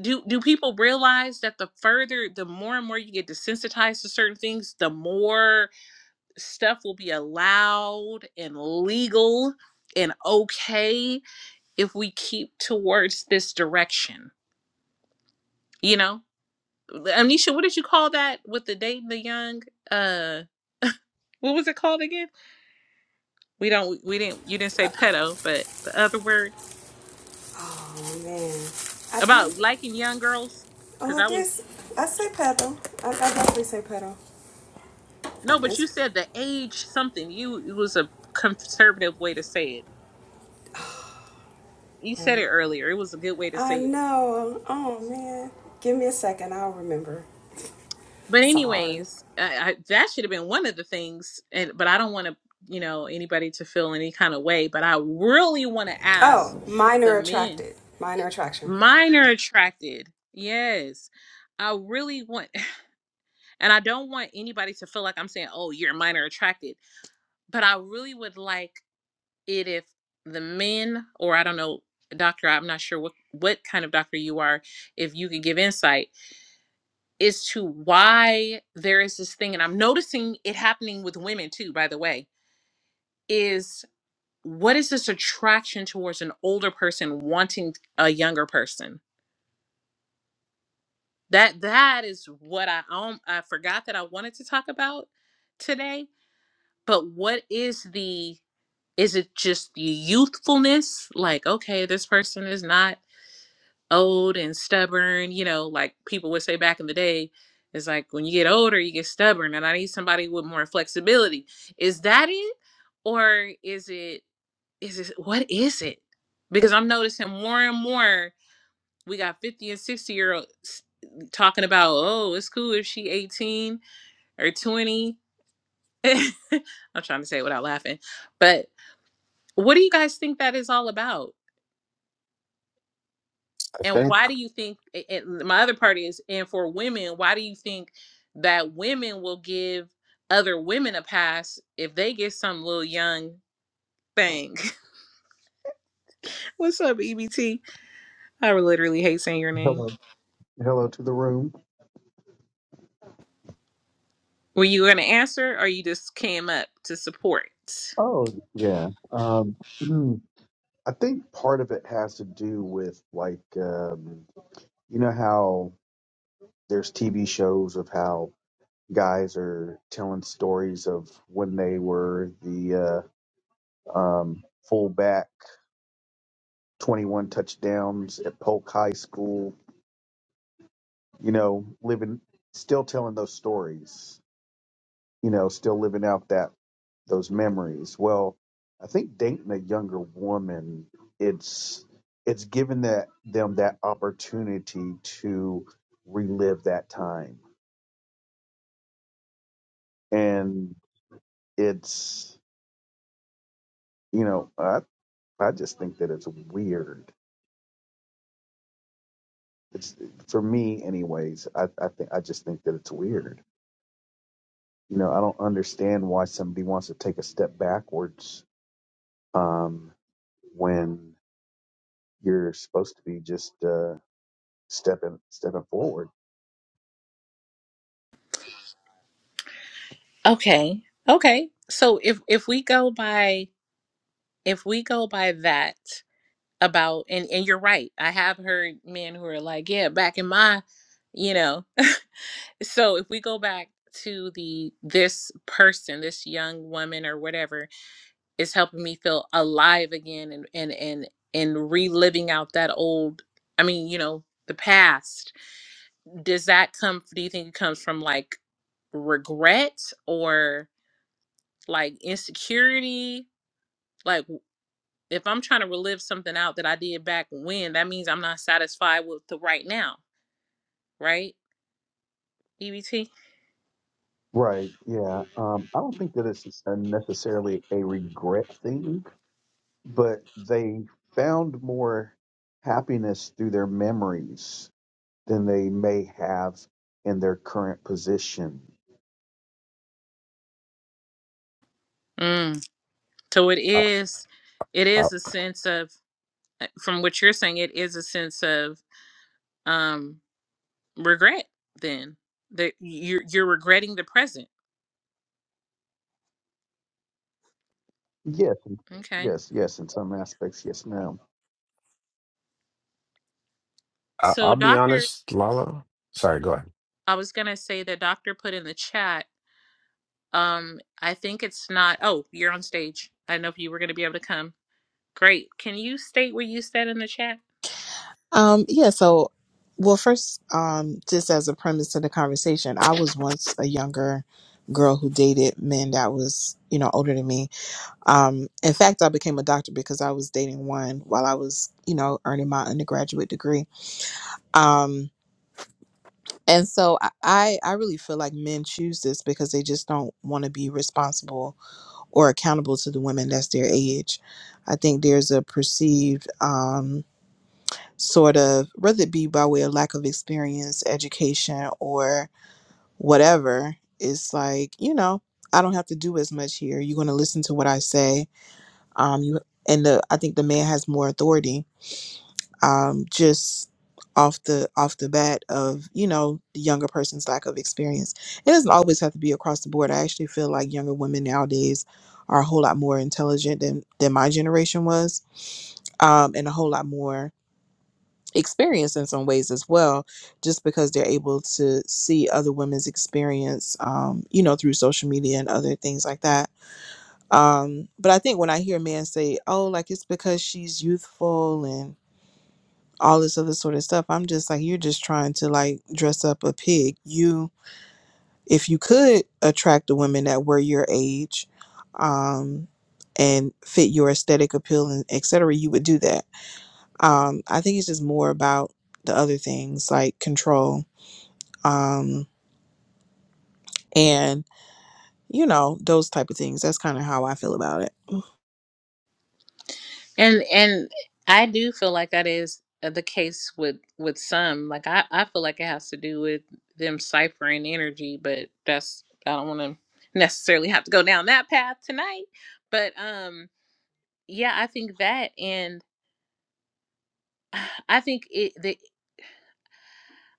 A: do do people realize that the further the more and more you get desensitized to certain things, the more stuff will be allowed and legal and okay if we keep towards this direction. You know, Amnesia, what did you call that with the dating the young? Uh, what was it called again? We don't, we didn't, you didn't say pedo, but the other word
C: Oh man, I did.
A: about liking young girls.
C: Oh,
A: Cause
C: I
A: I was,
C: guess I say pedal. I, I definitely say pedal.
A: no, but
C: It's.
A: you said the age something. You, it was a conservative way to say it. You said it earlier. It was a good way to
C: I
A: say it.
C: know. Oh man, give me a second. I'll remember.
A: But
C: Sorry.
A: anyways, I, I, that should have been one of the things. And but I don't want to, you know, anybody to feel any kind of way. But I really want to ask
C: Oh,
A: the
C: minor
A: men.
C: attracted. Minor attraction.
A: Mine are attracted. Yes, I really want, and I don't want anybody to feel like I'm saying, "Oh, you're minor attracted." But I really would like it if the men, or I don't know, doctor, I'm not sure what what kind of doctor you are, if you could give insight Is to why there is this thing, and I'm noticing it happening with women too, by the way, is what is this attraction towards an older person wanting a younger person? That that is what I um, I forgot that I wanted to talk about today. But what is the is it just the youthfulness? Like, okay, this person is not old and stubborn, you know, like people would say back in the day, it's like when you get older, you get stubborn, and I need somebody with more flexibility. Is that it? Or is it, is it, what is it? Because I'm noticing more and more, we got 50 and 60 year olds talking about, oh, it's cool if she 18 or 20. I'm trying to say it without laughing. But what do you guys think that is all about?
D: I
A: And
D: think
A: why do you think? And my other part is, and for women, why do you think that women will give other women a pass if they get some little young thing? What's up, EBT? I literally hate saying your name.
E: Hello, hello to the room.
A: Were you going to answer, or you just came up to support?
E: Oh yeah, um, I think part of it has to do with like um, you know how there's TV shows of how guys are telling stories of when they were the uh, um, fullback, 21 touchdowns at Polk High School. You know, living still telling those stories. you know, still living out that those memories. Well, I think dating a younger woman, it's it's given that them that opportunity to relive that time, and it's you know, I I just think that it's weird. It's for me, anyways. I I think I just think that it's weird. You know, I don't understand why somebody wants to take a step backwards um, when you're supposed to be just uh, stepping stepping forward.
A: Okay, okay. So if if we go by if we go by that about and and you're right. I have heard men who are like, yeah, back in my, you know. so if we go back to the this person this young woman or whatever is helping me feel alive again and and and and reliving out that old i mean you know the past does that come do you think it comes from like regret or like insecurity like if i'm trying to relive something out that i did back when that means i'm not satisfied with the right now right ebt
E: Right. Yeah. Um, I don't think that it's uh, necessarily a regret thing, but they found more happiness through their memories than they may have in their current position.
A: mm. so it
D: I,
A: is it
D: I,
A: is a sense of uh, from what you're saying, it is a sense of um, regret. Then that you're you're regretting the present.
E: Yes. and-
A: Okay.
E: Yes. Yes. In some aspects, yes, ma'am.
D: I-
A: So,
D: I'll be
A: doctor,
D: honest, Lala. Sorry, go ahead.
A: I was gonna say that doctor put in the chat. Um, I think it's not. Oh, you're on stage. I didn't know if you were gonna be able to come. Great. Can you state what you said in the chat?
F: Um, yeah, so well first, um, just as a premise to the conversation, I was once a younger girl who dated men that was, you know, older than me. Um, in fact I became a doctor because I was dating one while I was, you know, earning my undergraduate degree. Um and so I, I I really feel like men choose this because they just don't want to be responsible or accountable to the women that's their age. I think there's a perceived um sort of, whether it be by way of lack of experience, education, or whatever, it's like, you know, I don't have to do as much here. You're going to listen to what I say. Um, you and the I think the man has more authority. Um, just off the off the bat of you know the younger person's lack of experience. It doesn't always have to be across the board. I actually feel like younger women nowadays are a whole lot more intelligent than than my generation was, um, and a whole lot more experience in some ways as well, just because they're able to see other women's experience, um, you know, through social media and other things like that. Um, but I think when I hear men say, oh, like it's because she's youthful and all this other sort of stuff, I'm just like, you're just trying to like dress up a pig. You, if you could attract the women that were your age, um, and fit your aesthetic appeal and et cetera, you would do that um, I think it's just more about the other things like control um, and, you know, those type of things. That's kind of how I feel about it.
A: And and I do feel like that is uh, the case with with some. Like I I feel like it has to do with them ciphering energy, but that's I don't want to necessarily have to go down that path tonight. But um yeah, I think that and I think it the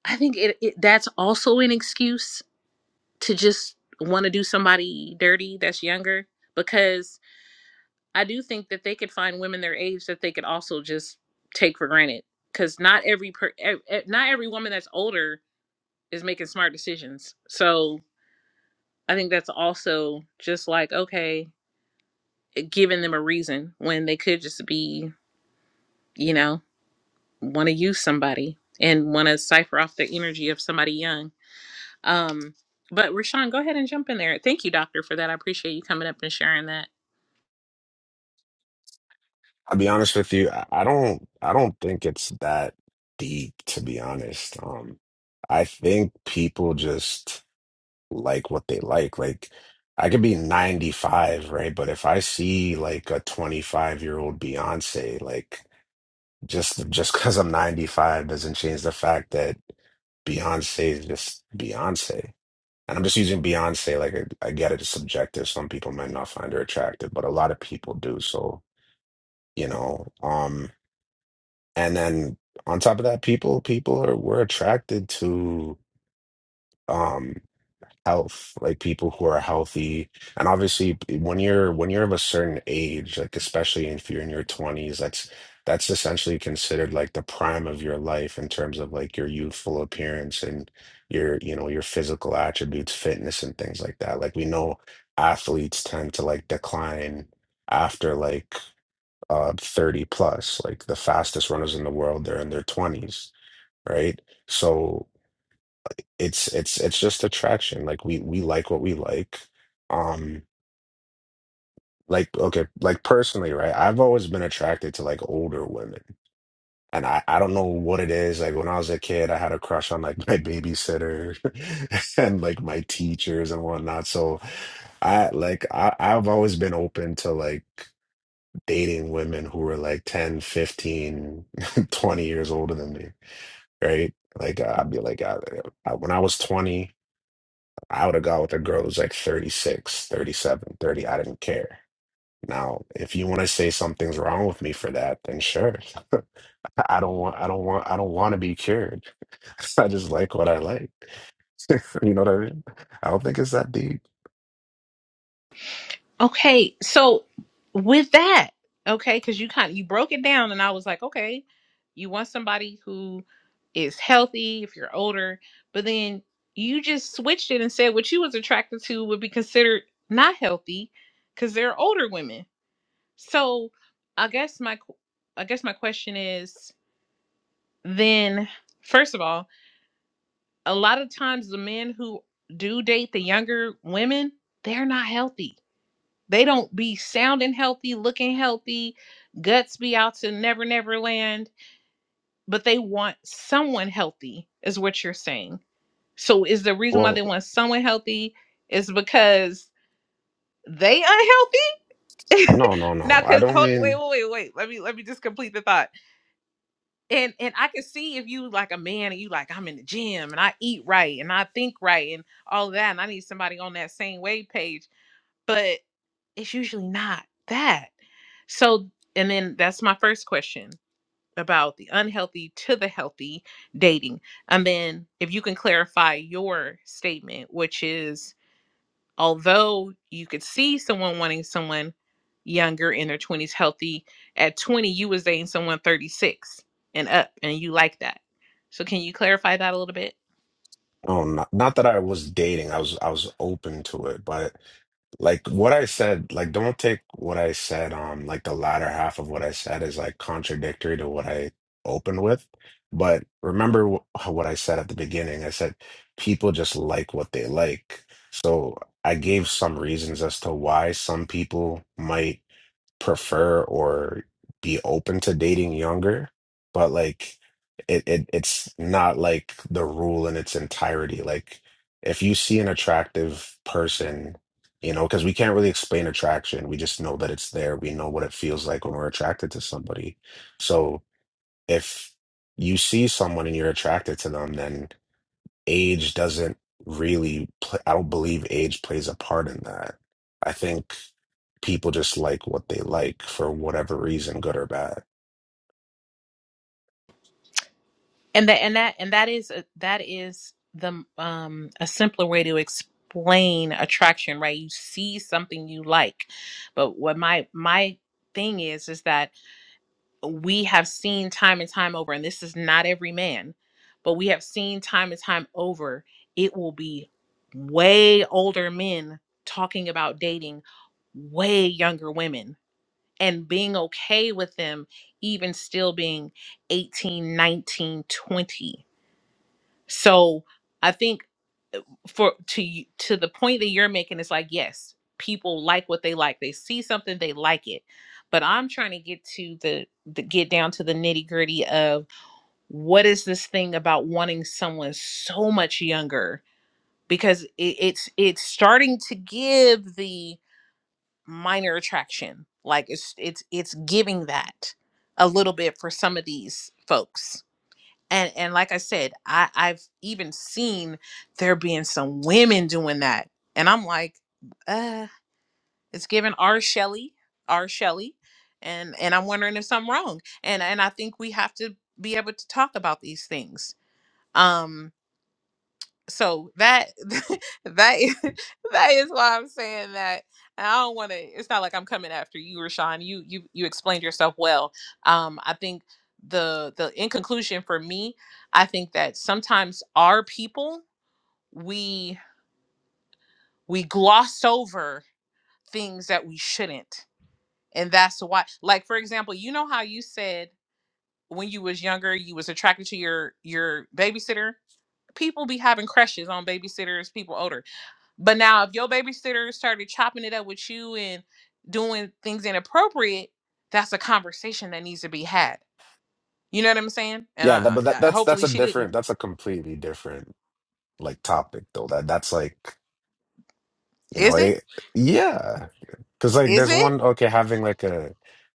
A: I think it, it that's also an excuse to just want to do somebody dirty that's younger because I do think that they could find women their age that they could also just take for granted because not every per, e- e- not every woman that's older is making smart decisions. So I think that's also just like okay, eh, giving them a reason when they could just be you know want to use somebody and want to cipher off the energy of somebody young. Um, but Rashawn, go ahead and jump in there. Thank you, doctor, for that. I appreciate you coming up and sharing that.
D: I'll be honest with you. I I don't. I don't think it's that deep, to be honest. Um, I think people just like what they like. Like, I could be 95, right? But if I see like a 25 year old Beyonce, like. Just just because I'm 95 doesn't change the fact that Beyonce is just Beyonce. And I'm just using Beyonce like I, I get it, it's subjective. Some people might not find her attractive, but a lot of people do. So, you know, um, and then on top of that, people people are we're attracted to um, health like people who are healthy and obviously when you're when you're of a certain age like especially if you're in your 20s that's that's essentially considered like the prime of your life in terms of like your youthful appearance and your you know your physical attributes fitness and things like that like we know athletes tend to like decline after like uh 30 plus like the fastest runners in the world they're in their 20s right so it's it's it's just attraction like we we like what we like um like okay like personally right i've always been attracted to like older women and i i don't know what it is like when i was a kid i had a crush on like my babysitter and like my teachers and whatnot so i like i i've always been open to like dating women who were like 10, 15, 20 years older than me right like i'd be like I, I, when i was 20 I would have gone with a girl who's like 36, 37, 30. I didn't care. Now, if you want to say something's wrong with me for that, then sure. I don't want I don't want I don't want to be cured. I just like what I like. You know what I mean? I don't think it's that deep.
A: Okay, so with that, okay, because you kind of you broke it down, and I was like, okay, you want somebody who is healthy if you're older, but then you just switched it and said what you was attracted to would be considered not healthy because they're older women. So I guess my qu- I guess my question is then first of all, a lot of times the men who do date the younger women, they're not healthy they don't be sounding healthy, looking healthy, guts be out to never, never land, but they want someone healthy, is what you're saying. So, is the reason why
D: Well,
A: they want someone healthy is because they unhealthy?
D: no, no,
A: now,
D: no. I
A: because
D: don't
A: hold, wait,
D: mean
A: wait, wait, wait. Let me let me just complete the thought. And and I can see if you like a man and you like I'm in the gym and I eat right and I think right and all that and I need somebody on that same wave page. But. it's usually not that. So, and then that's my first question about the unhealthy to the healthy dating. And then if you can clarify your statement, which is although you could see someone wanting someone younger in their 20s healthy, at 20 you was dating someone 36 and up and you like that. So can you clarify that a little bit?
D: no, not, not that I was dating. I was I was open to it, but like what I said, like don't take what I said Um, like the latter half of what I said is like contradictory to what I opened with. But remember wh- what I said at the beginning. I said people just like what they like. So I gave some reasons as to why some people might prefer or be open to dating younger, but like it, it it's not like the rule in its entirety. Like if you see an attractive person, you know, because we can't really explain attraction. We just know that it's there. We know what it feels like when we're attracted to somebody. So if you see someone and you're attracted to them, then age doesn't really pl- I don't believe age plays a part in that. I think people just like what they like for whatever reason, good or bad.
A: and that and that and that is a, that is the um a simpler way to explain attraction right you see something you like but what my my thing is is that we have seen time and time over and this is not every man but we have seen time and time over it will be way older men talking about dating way younger women and being okay with them even still being 18, 19, 20. So I think for to y- to the point that you're making, it's like yes, people like what they like. They see something, they like it. But I'm trying to get to the, the get down to the nitty gritty of what is this thing about wanting someone so much younger because it, it's it's starting to give the minor attraction like it's it's it's giving that a little bit for some of these folks and and like i said i i've even seen there being some women doing that and i'm like uh it's given r Shelley, r Shelley, and and i'm wondering if something wrong and and i think we have to be able to talk about these things Um, so that that is, that is why I'm saying that. And I don't want to. It's not like I'm coming after you, Rashawn. You you you explained yourself well. Um, I think the the in conclusion for me, I think that sometimes our people we we gloss over things that we shouldn't, and that's why. Like for example, you know how you said when you was younger you was attracted to your your babysitter. People be having crushes on babysitters. People older But now, if your babysitter started chopping it up with you and doing things inappropriate, that's a conversation that needs to be had. You know what I'm saying? And
D: Yeah, that,
A: I,
D: but
A: I
D: that,
A: I-
D: that's that's
A: hopefully
D: a
A: she didn't.
D: different, that's a completely different like topic though. That that's like you know,
A: Is it?
D: it, yeah, because like
A: Is
D: there's
A: it
D: one okay having like a,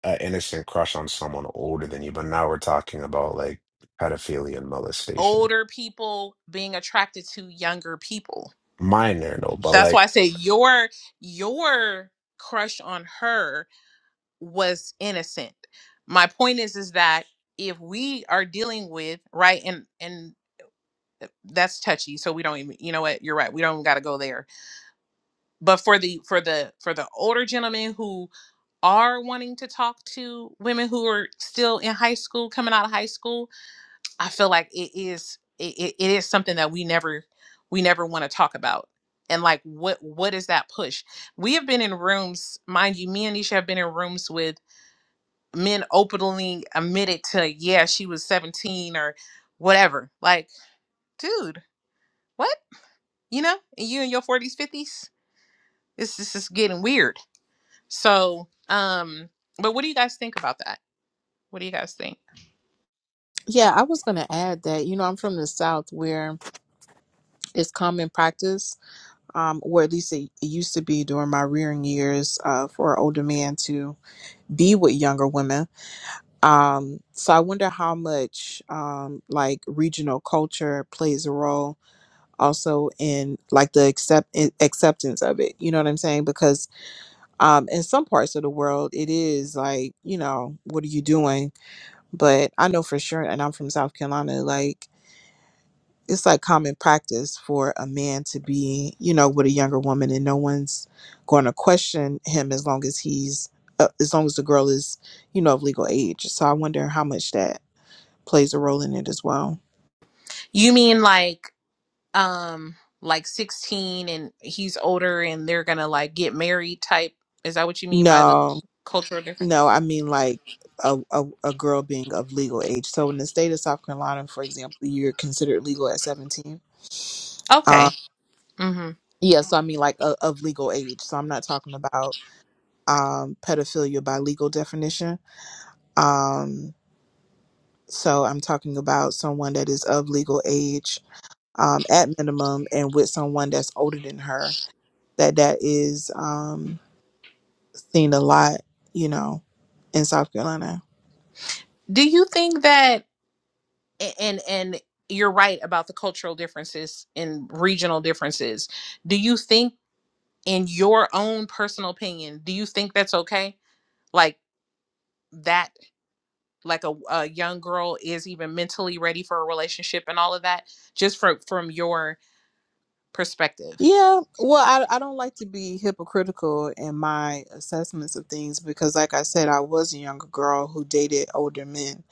D: a innocent crush on someone older than you, but now we're talking about like pedophilia and molestation.
A: older people being attracted to younger people?
D: Minor though, but
A: That's
D: like
A: why I say your your crush on her was innocent. My point is is that if we are dealing with right and and uh, that's touchy, so we don't even you know what you're right. We don't got to go there but for the for the for the older gentlemen who are wanting to talk to women who are still in high school coming out of high school i feel like it is it, it it is something that we never we never want to talk about and like what what is that push we have been in rooms mind you me and nisha have been in rooms with men openly admitted to yeah she was 17 or whatever like dude what you know and you in your 40s 50s this this is getting weird So, um, but what do you guys think about that? What do you guys think?
F: Yeah, I was going to add that, you know, I'm from the South where it's common practice, um, or at least it, it used to be during my rearing years, uh, for an older man to be with younger women. Um, so I wonder how much um, like regional culture plays a role also in like the accept in- acceptance of it. You know what I'm saying? Because um, in some parts of the world, it is like you know what are you doing? But I know for sure, and I'm from South Carolina. Like it's like common practice for a man to be, you know, with a younger woman, and no one's going to question him as long as he's, uh, as long as the girl is, you know, of legal age. So I wonder how much that plays a role in it as well.
A: You mean like, um, like 16 and he's older and they're gonna like get married type? Is that what you mean by the
F: No,
A: cultural difference?
F: no, I mean like a, a, a girl being of legal age. So in the state of South Carolina, for example, you're considered legal at 17.
A: Okay.
F: Um,
A: hmm
F: yeah, so I mean like o of legal age. So I'm not talking about um, pedophilia by legal definition. Um, So I'm talking about someone that is of legal age um, at minimum and with someone that's older than her, that that is um, seen a lot, you know, in South Carolina.
A: Do you think that, a- and, and you're right about the cultural differences and regional differences. Do you think, in your own personal opinion, do you think that's okay? Like, that like a, a young girl is even mentally ready for a relationship and all of that just from from your perspective
F: Yeah, well, I, I don't like to be hypocritical in my assessments of things because, like I said, I was a younger girl who dated older men.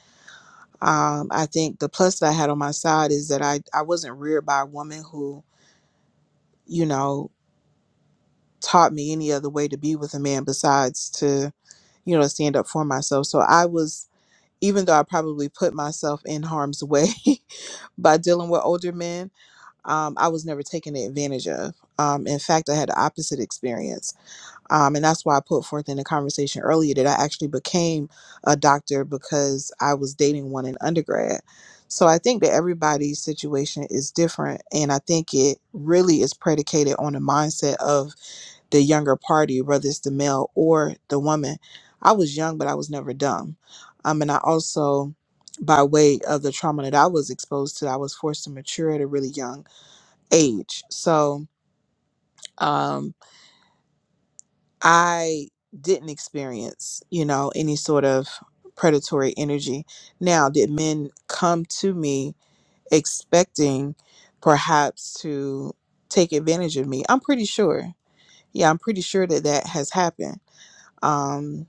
F: Um, I think the plus that I had on my side is that I, I wasn't reared by a woman who, you know, taught me any other way to be with a man besides to you know, to stand up for myself. So I was, even though I probably put myself in harm's way by dealing with older men, um, I was never taken advantage of. Um, in fact, I had the opposite experience. Um, and that's why I put forth in the conversation earlier that I actually became a doctor because I was dating one in undergrad. So I think that everybody's situation is different. And I think it really is predicated on the mindset of the younger party, whether it's the male or the woman. I was young, but I was never dumb. Um, and I also, by way of the trauma that I was exposed to, I was forced to mature at a really young age. So um, I didn't experience, you know, any sort of predatory energy. Now, did men come to me expecting perhaps to take advantage of me? I'm pretty sure. Yeah, I'm pretty sure that that has happened. Um,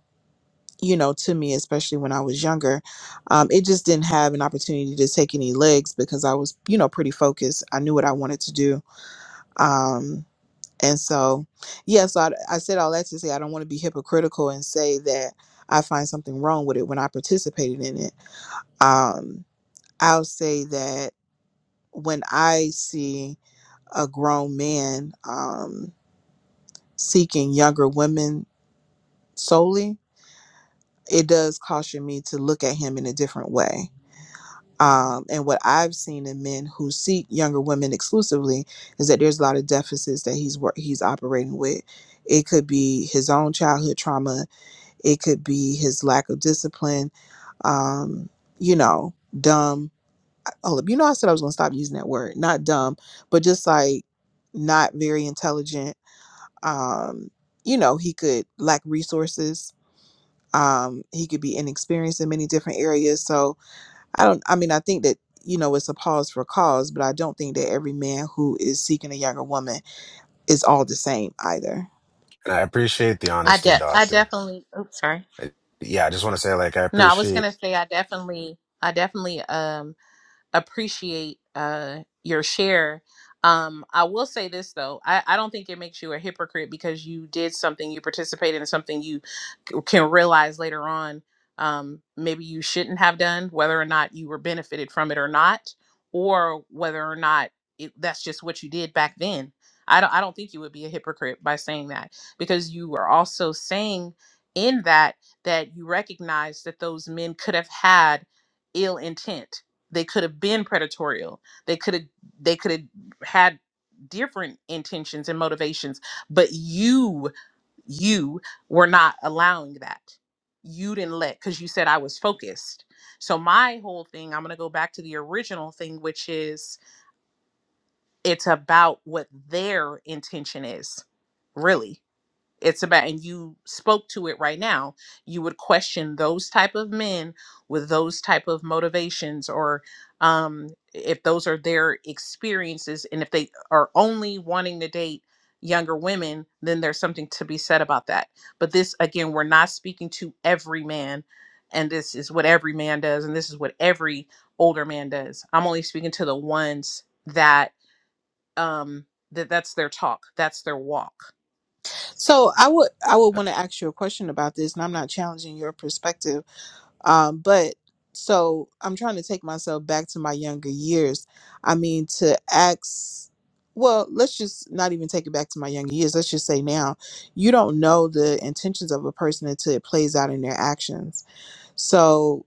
F: you know, to me, especially when I was younger. Um, it just didn't have an opportunity to take any legs because I was, you know, pretty focused. I knew what I wanted to do. Um, and so, yeah, so I, I said all that to say I don't want to be hypocritical and say that I find something wrong with it when I participated in it. Um, I'll say that when I see a grown man um, seeking younger women solely, it does caution me to look at him in a different way um, and what I've seen in men who seek younger women exclusively is that there's a lot of deficits that he's wor- he's operating with. It could be his own childhood trauma. It could be his lack of discipline. Um, you know, dumb. Oh, you know, I said I was going to stop using that word. Not dumb, but just like not very intelligent. Um, you know, he could lack resources. Um, he could be inexperienced in many different areas. So, I don't. I mean, I think that you know it's a pause for cause, but I don't think that every man who is seeking a younger woman is all the same either.
D: and I appreciate the
A: I
D: honesty,
A: de- I
D: doctor.
A: definitely oops sorry.
D: I- yeah, I just want to say like I
A: No, I was
D: appreciate.
A: gonna say I definitely I definitely um appreciate uh, your share. Um, I will say this though, I, I don't think it makes you a hypocrite because you did something, you participated in something you c- can realize later on, um, maybe you shouldn't have done, whether or not you were benefited from it or not, or whether or not it, that's just what you did back then. I don't, I don't think you would be a hypocrite by saying that because you are also saying in that that you recognize that those men could have had ill intent they could have been predatorial they could have they could have had different intentions and motivations but you you were not allowing that you didn't let because you said i was focused so my whole thing i'm going to go back to the original thing which is it's about what their intention is really it's about and you spoke to it right now you would question those type of men with those type of motivations or um if those are their experiences and if they are only wanting to date younger women then there's something to be said about that but this again we're not speaking to every man and this is what every man does and this is what every older man does i'm only speaking to the ones that um that that's their talk that's their walk
F: So I would I would want to ask you a question about this, and I'm not challenging your perspective, um, but so I'm trying to take myself back to my younger years. I mean, to ask. Well, let's just not even take it back to my younger years. Let's just say now, you don't know the intentions of a person until it plays out in their actions. So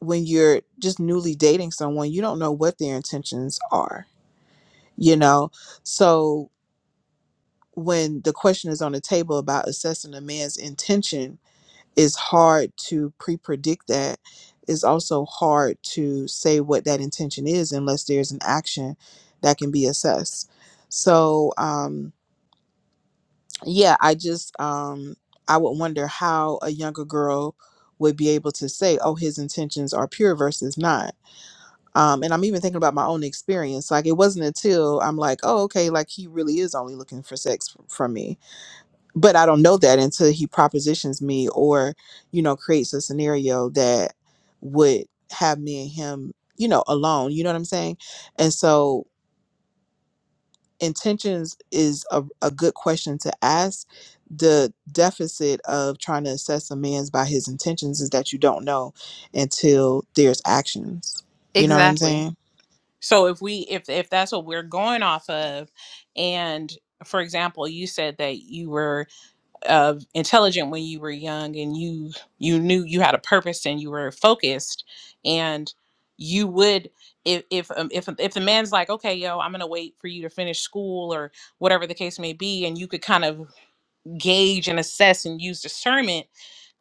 F: when you're just newly dating someone, you don't know what their intentions are, you know? So when the question is on the table about assessing a man's intention, it's hard to pre predict that. It's also hard to say what that intention is unless there's an action that can be assessed. So, um, yeah, I just, um, I would wonder how a younger girl would be able to say, oh, his intentions are pure versus not um, and I'm even thinking about my own experience. Like it wasn't until I'm like, oh, okay, like he really is only looking for sex f- from me, but I don't know that until he propositions me or, you know, creates a scenario that would have me and him, you know, alone. You know what I'm saying? And so intentions is a, a good question to ask. The deficit of trying to assess a man's by his intentions is that you don't know until there's actions. You know what I'm
A: Exactly.
F: saying?
A: So if we if if that's what we're going off of and for example, you said that you were uh, intelligent when you were young and you you knew you had a purpose and you were focused and you would if if um, if if the man's like, "Okay, yo, I'm going to wait for you to finish school or whatever the case may be," and you could kind of gauge and assess and use discernment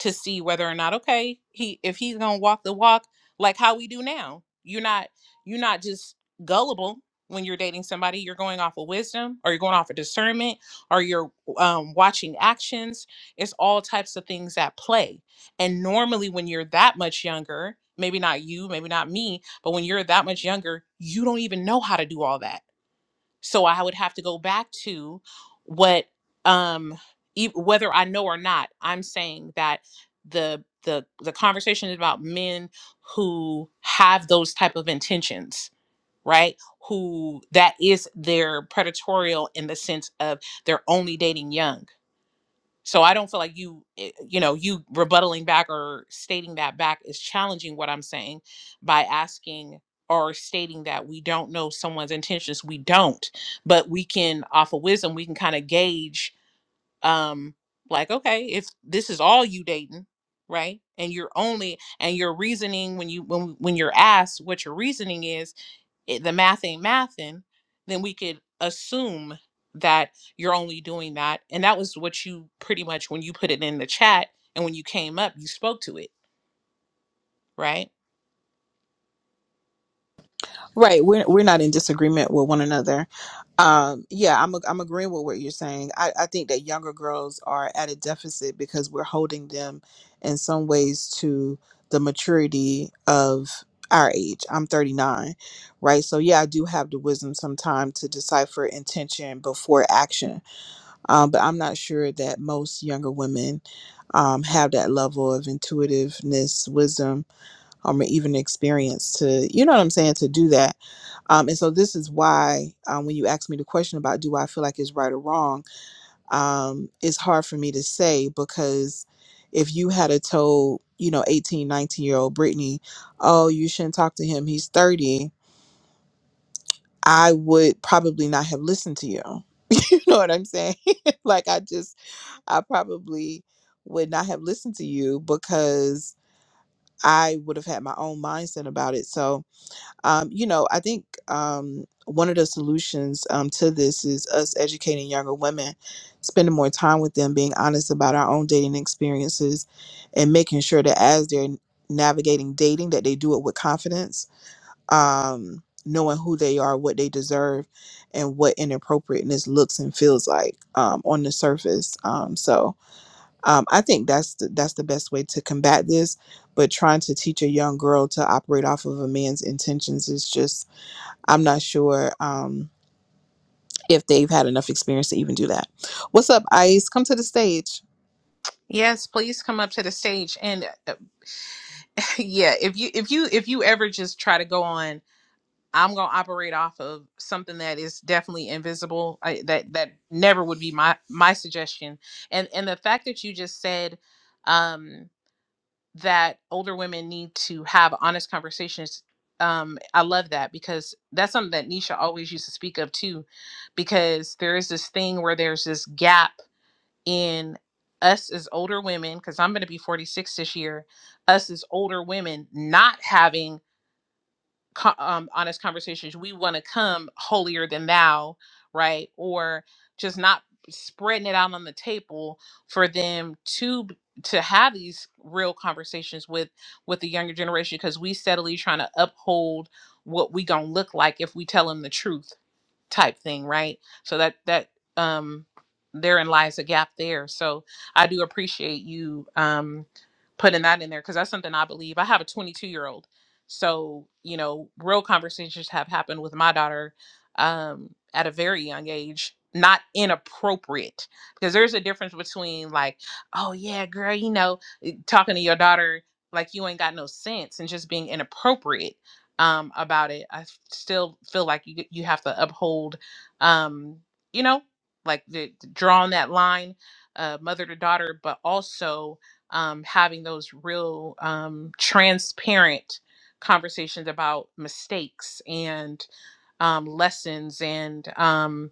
A: to see whether or not okay he if he's gonna walk the walk like how we do now you're not you're not just gullible when you're dating somebody you're going off of wisdom or you're going off of discernment or you're um, watching actions it's all types of things at play and normally when you're that much younger maybe not you maybe not me but when you're that much younger you don't even know how to do all that so I would have to go back to what um e- whether I know or not, I'm saying that the the the conversation is about men who have those type of intentions, right? Who that is their predatorial in the sense of they're only dating young so I don't feel like you, eh, you know, you rebuttaling back or stating that back is challenging what I'm saying by asking or stating that we don't know someone's intentions. We don't, but we can, off of wisdom, we can kind of gauge, um, like, okay, if this is all you dating, right? And you're only, and your reasoning when you, when, when you're asked what your reasoning is, it, the math ain't mathin', then we could assume that you're only doing that. And that was what you pretty much, when you put it in the chat and when you came up, you spoke to it, right?
F: Right, we're we're not in disagreement with one another. Um, yeah, I'm a, I'm agreeing with what you're saying. I, I think that younger girls are at a deficit because we're holding them in some ways to the maturity of our age. I'm 39, right? So yeah, I do have the wisdom sometime to decipher intention before action, um, but I'm not sure that most younger women um, have that level of intuitiveness, wisdom, um, or even experience to you know what I'm saying to do that um, and so this is why um, when you ask me the question about do I feel like it's right or wrong, um, it's hard for me to say because if you had a told, you know, 18, 19 year old Brittany, oh, you shouldn't talk to him, he's 30, I would probably not have listened to you. You know what I'm saying? like I just, I probably would not have listened to you because I would have had my own mindset about it. So Um, you know, I think um, one of the solutions um, to this is us educating younger women, spending more time with them, being honest about our own dating experiences, and making sure that as they're navigating dating, that they do it with confidence, um, knowing who they are, what they deserve, and what inappropriateness looks and feels like um, on the surface. Um, so um, I think that's the, that's the best way to combat this. But trying to teach a young girl to operate off of a man's intentions is just I'm not sure um, if they've had enough experience to even do that. What's up, Ice? Come to the stage.
A: Yes, please come up to the stage. And uh, yeah, if you if you if you ever just try to go on, I'm gonna operate off of something that is definitely invisible. I, that that never would be my my suggestion. And and the fact that you just said, um, that older women need to have honest conversations. Um, I love that because that's something that Nisha always used to speak of too, because there is this thing where there's this gap in us as older women, because I'm going to be 46 this year, us as older women not having co- um, honest conversations. We want to come holier than thou, right? Or just not spreading it out on the table for them to b- to have these real conversations with with the younger generation because we steadily trying to uphold what we gonna look like if we tell them the truth type thing, right? So that that um therein lies a gap there. So I do appreciate you um putting that in there because that's something I believe. I have a 22 year old, so you know, real conversations have happened with my daughter um at a very young age. Not inappropriate because there's a difference between like, oh yeah, girl, you know, eh, talking to your daughter like you ain't got no sense and just being inappropriate um, about it. I still feel like you you have to uphold, um, you know, like the, drawing that line, uh, mother to daughter, but also um, having those real um, transparent conversations about mistakes and um, lessons and um,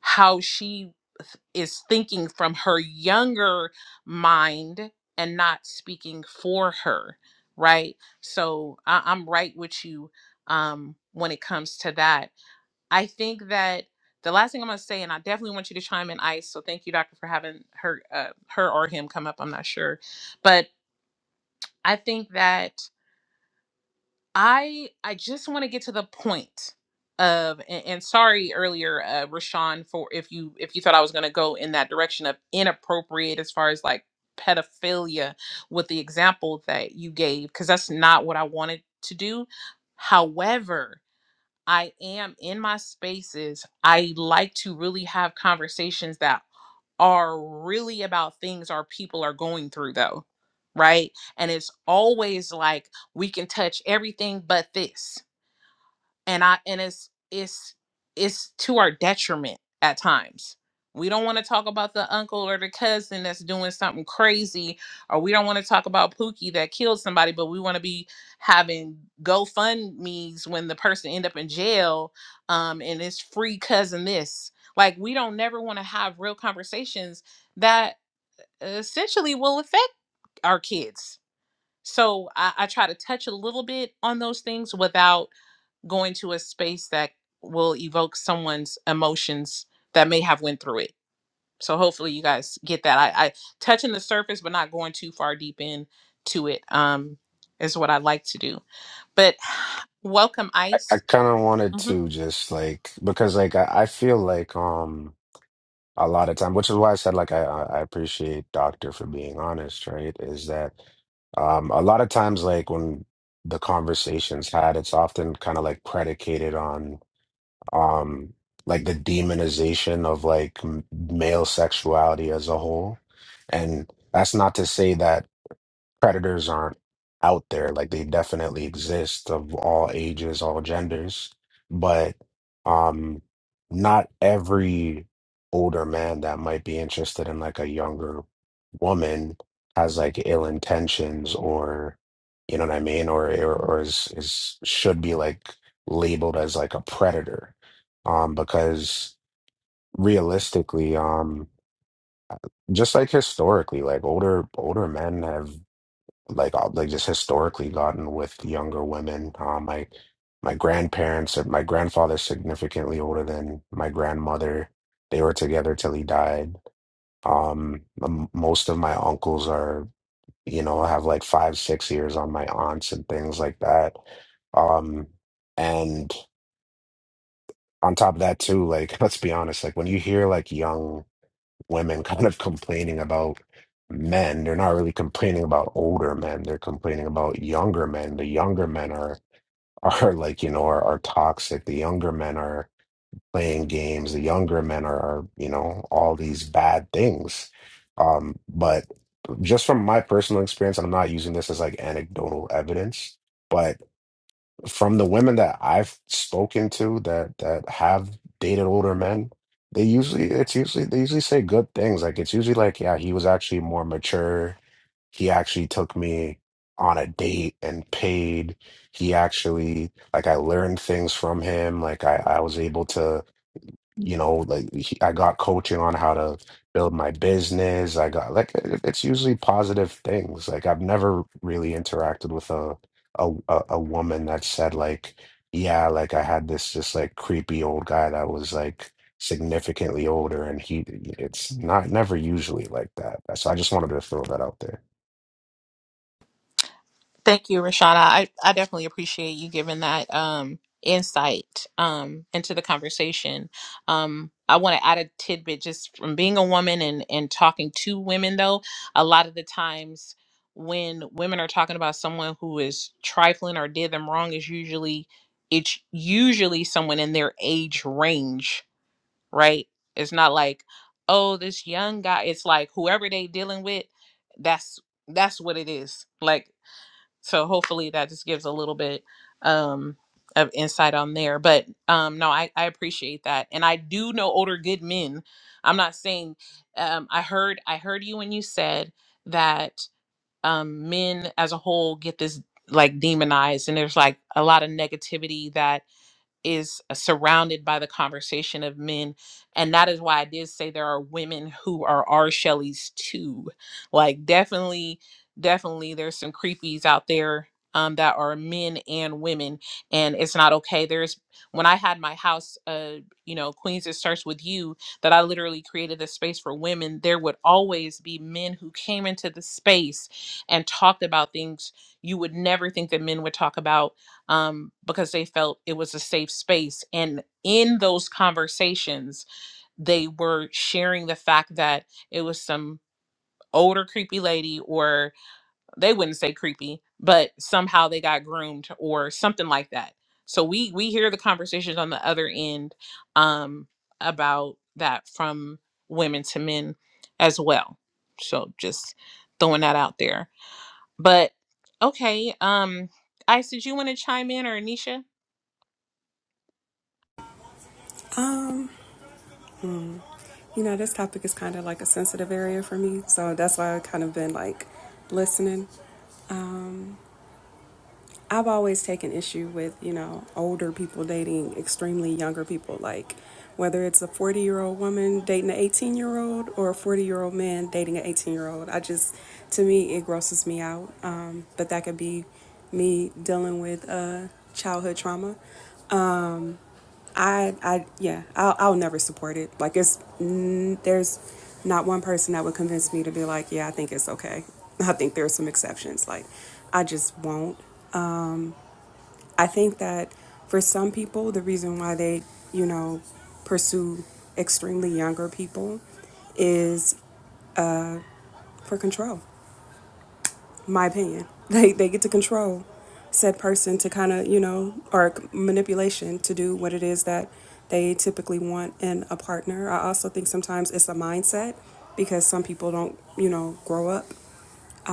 A: how she th- is thinking from her younger mind and not speaking for her right so I- i'm right with you um when it comes to that i think that the last thing i'm going to say and i definitely want you to chime in ice so thank you doctor for having her uh, her or him come up i'm not sure but i think that I I just want to get to the point of and, and sorry earlier, uh, Rashawn, for if you if you thought I was going to go in that direction of inappropriate as far as like pedophilia with the example that you gave, because that's not what I wanted to do. However, I am in my spaces, I like to really have conversations that are really about things our people are going through, though, right? And it's always like we can touch everything but this and i and it's it's it's to our detriment at times we don't want to talk about the uncle or the cousin that's doing something crazy or we don't want to talk about pookie that killed somebody but we want to be having gofundme's when the person end up in jail um, and it's free cousin this like we don't never want to have real conversations that essentially will affect our kids so I, I try to touch a little bit on those things without going to a space that will evoke someone's emotions that may have went through it so hopefully you guys get that i, I touching the surface but not going too far deep in to it um is what i like to do but welcome
D: I,
A: ice
D: I kind of wanted to just like because like I, I feel like um. a lot of time, which is why I said like I I I appreciate Doctor for being honest, right? Is that um a lot of times like when the conversation's had, it's often kind of like predicated on um like the demonization of like m male sexuality as a whole. And that's not to say that predators aren't out there. Like they definitely exist of all ages, all genders, but um, not every older man that might be interested in like a younger woman has like ill intentions or you know what I mean, or or, or is, is should be like labeled as like a predator, um, because realistically, um, just like historically, like older older men have like uh, like just historically gotten with younger women. Uh, my my grandparents, uh, my grandfather's significantly older than my grandmother. They were together till he died. Um, m- most of my uncles are, you know, have like five, six years on my aunts and things like that. Um, and on top of that too, like let's be honest, like when you hear like young women kind of complaining about men. They're not really complaining about older men. They're complaining about younger men. The younger men are are like, you know, are, are toxic. The younger men are playing games. The younger men are, are, you know, all these bad things. Um, but just from my personal experience, and I'm not using this as like anecdotal evidence, but from the women that I've spoken to that that have dated older men, they usually it's usually they usually say good things. Like it's usually like, yeah, he was actually more mature. He actually took me on a date and paid. He actually like I learned things from him. Like I I was able to you know like he- i got coaching on how to build my business i got like it- it's usually positive things like i've never really interacted with a a a a woman that said like yeah like i had this just like creepy old guy that was like significantly older and he it's not never usually like that so i just wanted to throw that out there
A: Thank you, Rashada. I, I definitely appreciate you giving that um, insight um, into the conversation. Um, I want to add a tidbit just from being a woman and, and talking to women, though. A lot of the times when women are talking about someone who is trifling or did them wrong, is usually it's usually someone in their age range, right? It's not like, oh, this young guy. It's like whoever they dealing with, that's that's what it is. Like so hopefully that just gives a little bit um of insight on there but um no i i appreciate that and i do know older good men i'm not saying um i heard i heard you when you said that um men as a whole get this like demonized and there's like a lot of negativity that is uh, surrounded by the conversation of men and that is why i did say there are women who are our shelleys too like definitely definitely there's some creepies out there um, that are men and women and it's not okay there's when i had my house uh you know queens it starts with you that i literally created a space for women there would always be men who came into the space and talked about things you would never think that men would talk about um, because they felt it was a safe space. And in those conversations, they were sharing the fact that it was some older creepy lady, or they wouldn't say creepy, but somehow they got groomed or something like that. So we we hear the conversations on the other end um, about that from women to men as well. So just throwing that out there. But okay, um, Ice, did you want to chime in or Anisha?
C: Um. You know, this topic is kind of like a sensitive area for me, so that's why I've kind of been like listening. I've always taken issue with, you know, older people dating extremely younger people, like whether it's a 40 year old woman dating an 18 year old or a 40 year old man dating an 18 year old. I just, to me, it grosses me out. Um, but that could be me dealing with uh, childhood trauma. I, I, yeah, I'll, I'll never support it. Like, it's, mm, there's not one person that would convince me to be like, yeah, I think it's okay. I think there are some exceptions. Like, I just won't. I think that for some people, the reason why they, you know, pursue extremely younger people is for control. my opinion. They they get to control said person to kind of you know or manipulation to do what it is that they typically want in a partner. I also think sometimes it's a mindset because some people don't you know grow up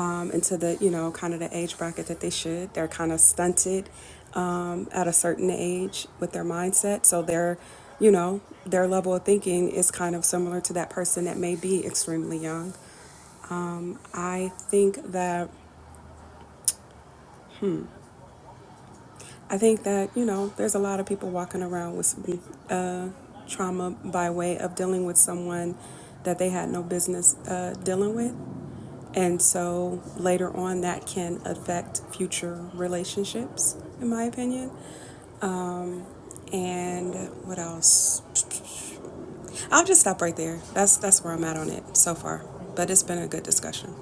C: um, into the you know kind of the age bracket that they should. They're kind of stunted um, at a certain age with their mindset, so they're you know their level of thinking is kind of similar to that person that may be extremely young. I think that I think that, you know, there's a lot of people walking around with some, uh, trauma by way of dealing with someone that they had no business uh, dealing with. And so later on, that can affect future relationships, in my opinion. And what else? I'll just stop right there. That's that's where I'm at on it so far. But it's been a good discussion.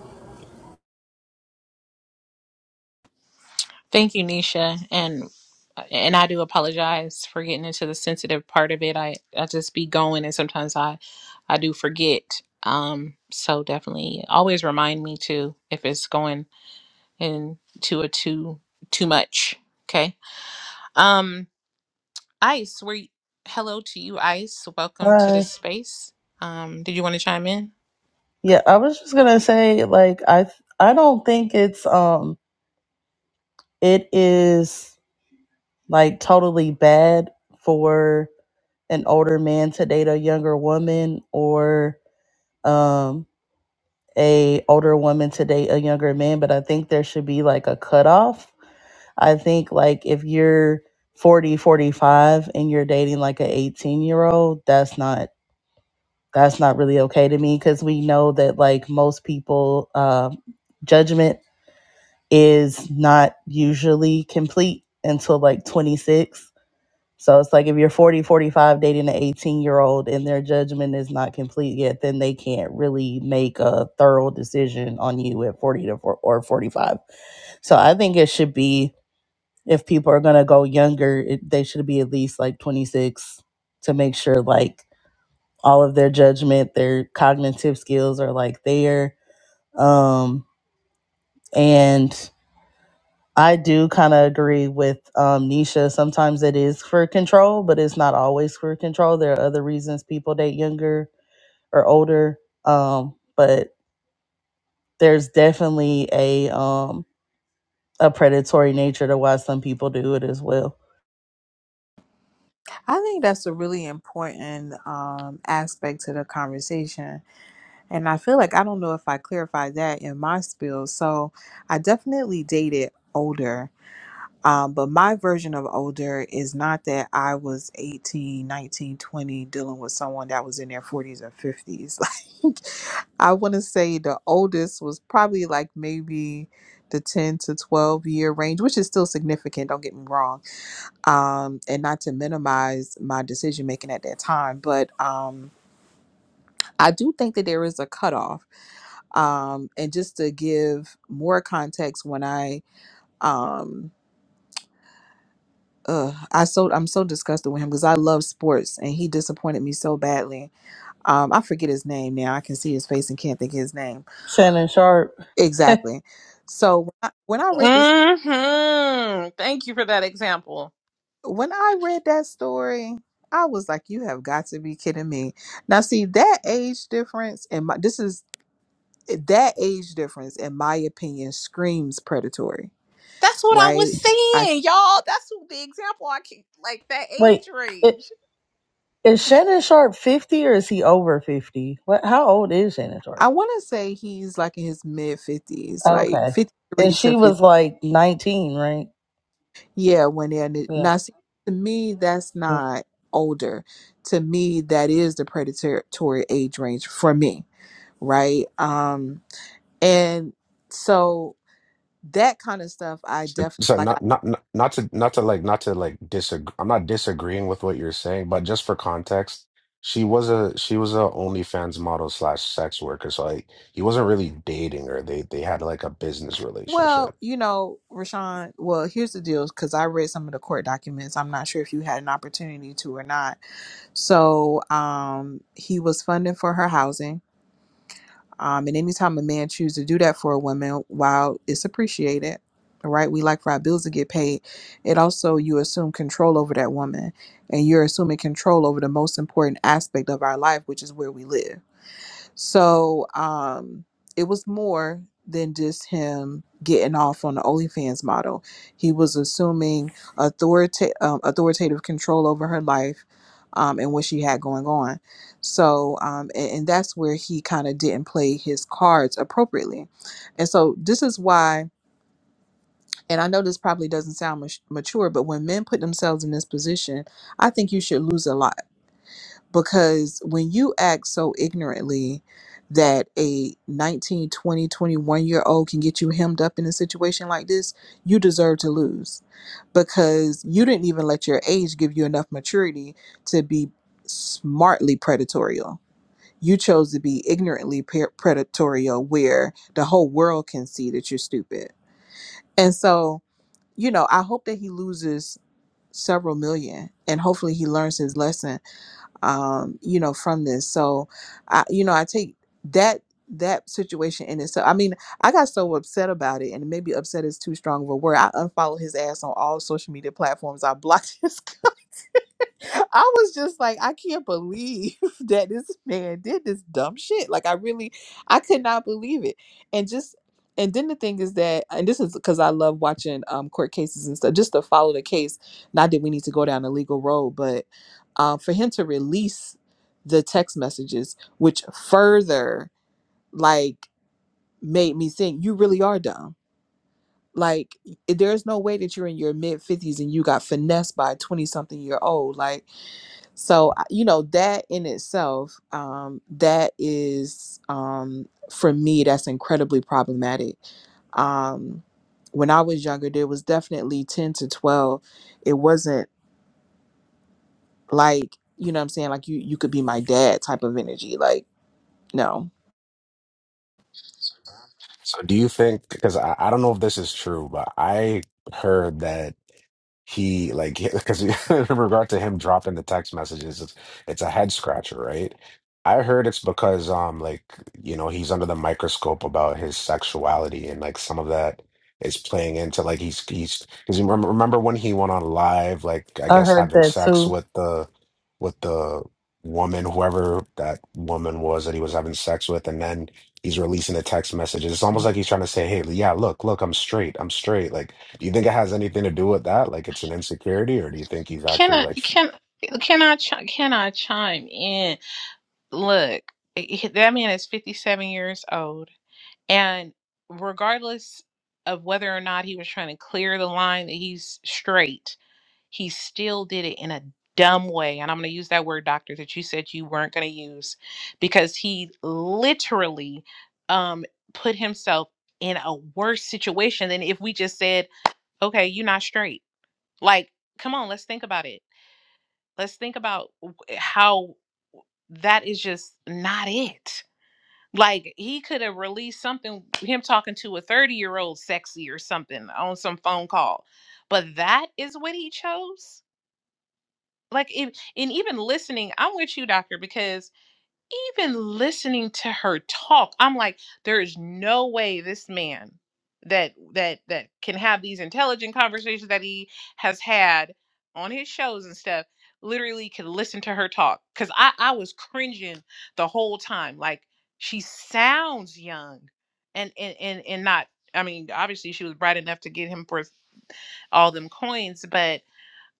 A: Thank you, Nisha, and and I do apologize for getting into the sensitive part of it. I I just be going, and sometimes I I do forget. Um, so definitely always remind me to if it's going into a too too much. Okay. Um, Ice, were you, hello to you, Ice. Welcome to the
G: Hi.
A: space. Um, did you want to chime in?
G: Yeah, I was just gonna say, like, I th- I don't think it's um it is like totally bad for an older man to date a younger woman or um a older woman to date a younger man, but I think there should be like a cutoff. I think like if you're 45, and you're dating like an 18 year old, that's not that's not really okay to me because we know that like most people um judgment is not usually complete until like 26. So it's like if you're 45 dating an 18 year old and their judgment is not complete yet, then they can't really make a thorough decision on you at 40 to or 45. So I think it should be if people are going to go younger, it, they should be at least like 26 to make sure like all of their judgment, their cognitive skills are like there. Um, and I do kind of agree with um, Nisha. Sometimes it is for control, but it's not always for control. There are other reasons people date younger or older, um, but there's definitely a um, a predatory nature to why some people do it as well.
F: I think that's a really important um, aspect to the conversation. And I feel like I don't know if I clarified that in my spiel. So I definitely dated older. Um, but my version of older is not that I was 18, 19, 20, dealing with someone that was in their 40s or 50s. Like, I want to say the oldest was probably like maybe the 10 to 12 year range, which is still significant, don't get me wrong. Um, and not to minimize my decision making at that time, but um, I do think that there is a cutoff. Um, and just to give more context, when I. Um, uh I so I'm so disgusted with him because I love sports and he disappointed me so badly. Um I forget his name now. I can see his face and can't think of his name.
G: Shannon Sharp,
F: Exactly. So when I, when I read this
A: Mm-hmm. Thank you for that example.
F: when I read that story, I was like you have got to be kidding me. Now see that age difference and my this is eh, that age difference in my opinion screams predatory,
A: That's what I was
F: right? I
A: saying, y'all. That's the example I keep, like that
G: wait,
A: age
G: i-
A: range.
G: is Shannon Sharp fifty or is he over fifty? What? How old is Shannon Sharp?
F: I want to say he's like in his mid 50s, like
G: Okay, and
F: 53 to
G: she
F: 50
G: was like nineteen, right?
F: Yeah, when they're n- now,
G: Yeah,
F: see, to me, that's not older. To me, that is the predatory age range for me, right? Um, and so that kind of stuff, I definitely
D: So
F: like. I
D: not not not not to not to like not to like disagree. I'm not disagreeing with what you're saying, but just for context, she was a she was a OnlyFans model slash sex worker. So like he wasn't really dating her. They they had like a business
F: well,
D: relationship.
F: you know, Rashawn. Well, here's the deal, because I read some of the court documents. I'm not sure if you had an opportunity to or not. So, um, he was funding for her housing Um, and anytime a man chooses to do that for a woman, while it's appreciated, all right, we like for our bills to get paid. It also you assume control over that woman, and you're assuming control over the most important aspect of our life, which is where we live. So um, it was more than just him getting off on the OnlyFans model. He was assuming authorita- um, authoritative control over her life um, and what she had going on. So, um, and, and that's where he kind of didn't play his cards appropriately. And so this is why, and I know this probably doesn't sound mat- mature, but when men put themselves in this position, I think you should lose a lot because when you act so ignorantly that a 19, 20, 21 year old can get you hemmed up in a situation like this you deserve to lose because you didn't even let your age give you enough maturity to be smartly predatory. you chose to be ignorantly pre- predatorial where the whole world can see that you're stupid and so you know i hope that he loses several million and hopefully he learns his lesson um, you know, from this. So, I, you know, I take that that situation in itself. I mean, I got so upset about it, and maybe upset is too strong of a word. I unfollowed his ass on all social media platforms. I blocked his. I was just like, I can't believe that this man did this dumb shit. Like, I really, I could not believe it. And just, and then the thing is that, and this is because I love watching um, court cases and stuff, just to follow the case. Not that we need to go down a legal road, but um, for him to release the text messages, which further like made me think, you really are dumb. Like, there's no way that you're in your mid 50s and you got finessed by a 20 something year old. Like, so I- you know that in itself um that is um for me that's incredibly problematic um when i was younger there was definitely 10 to 12 it wasn't like you know what i'm saying like you you could be my dad type of energy like no
D: So do you think? Because I, I don't know if this is true, but I heard that. he like because in regard to him dropping the text messages it's, it's a head scratcher right i heard it's because um like you know he's under the microscope about his sexuality and like some of that is playing into like he's he's because remember, remember when he went on live like i
G: I
D: guess
G: heard
D: having
G: that
D: sex
G: too.
D: with the with the woman whoever that woman was that he was having sex with and then he's releasing the text messages it's almost like he's trying to say hey yeah look look i'm straight i'm straight like do you think it has anything to do with that? Like it's an insecurity, or do you think he's
A: Can
D: actually
A: I
D: like?
A: can can I chi- can I chime in? Look, eh, he- that man is 57 years old, and regardless of whether or not he was trying to clear the line that he's straight, He still did it in a dumb way. And I'm going to use that word, doctor, that you said you weren't going to use because he literally um, put himself in a worse situation than if we just said, okay, you're not straight. Like, come on, let's think about it. Let's think about w- eh, how that is just not it. Like he could have released something, him talking to a 30 year old sexy or something on some phone call. But that is what he chose like if, and even listening i'm with you doctor because even listening to her talk i'm like there is no way this man that that that can have these intelligent conversations that he has had on his shows and stuff literally can listen to her talk because i i was cringing the whole time like she sounds young and and and, and not i mean obviously she was bright enough to get him for all them coins but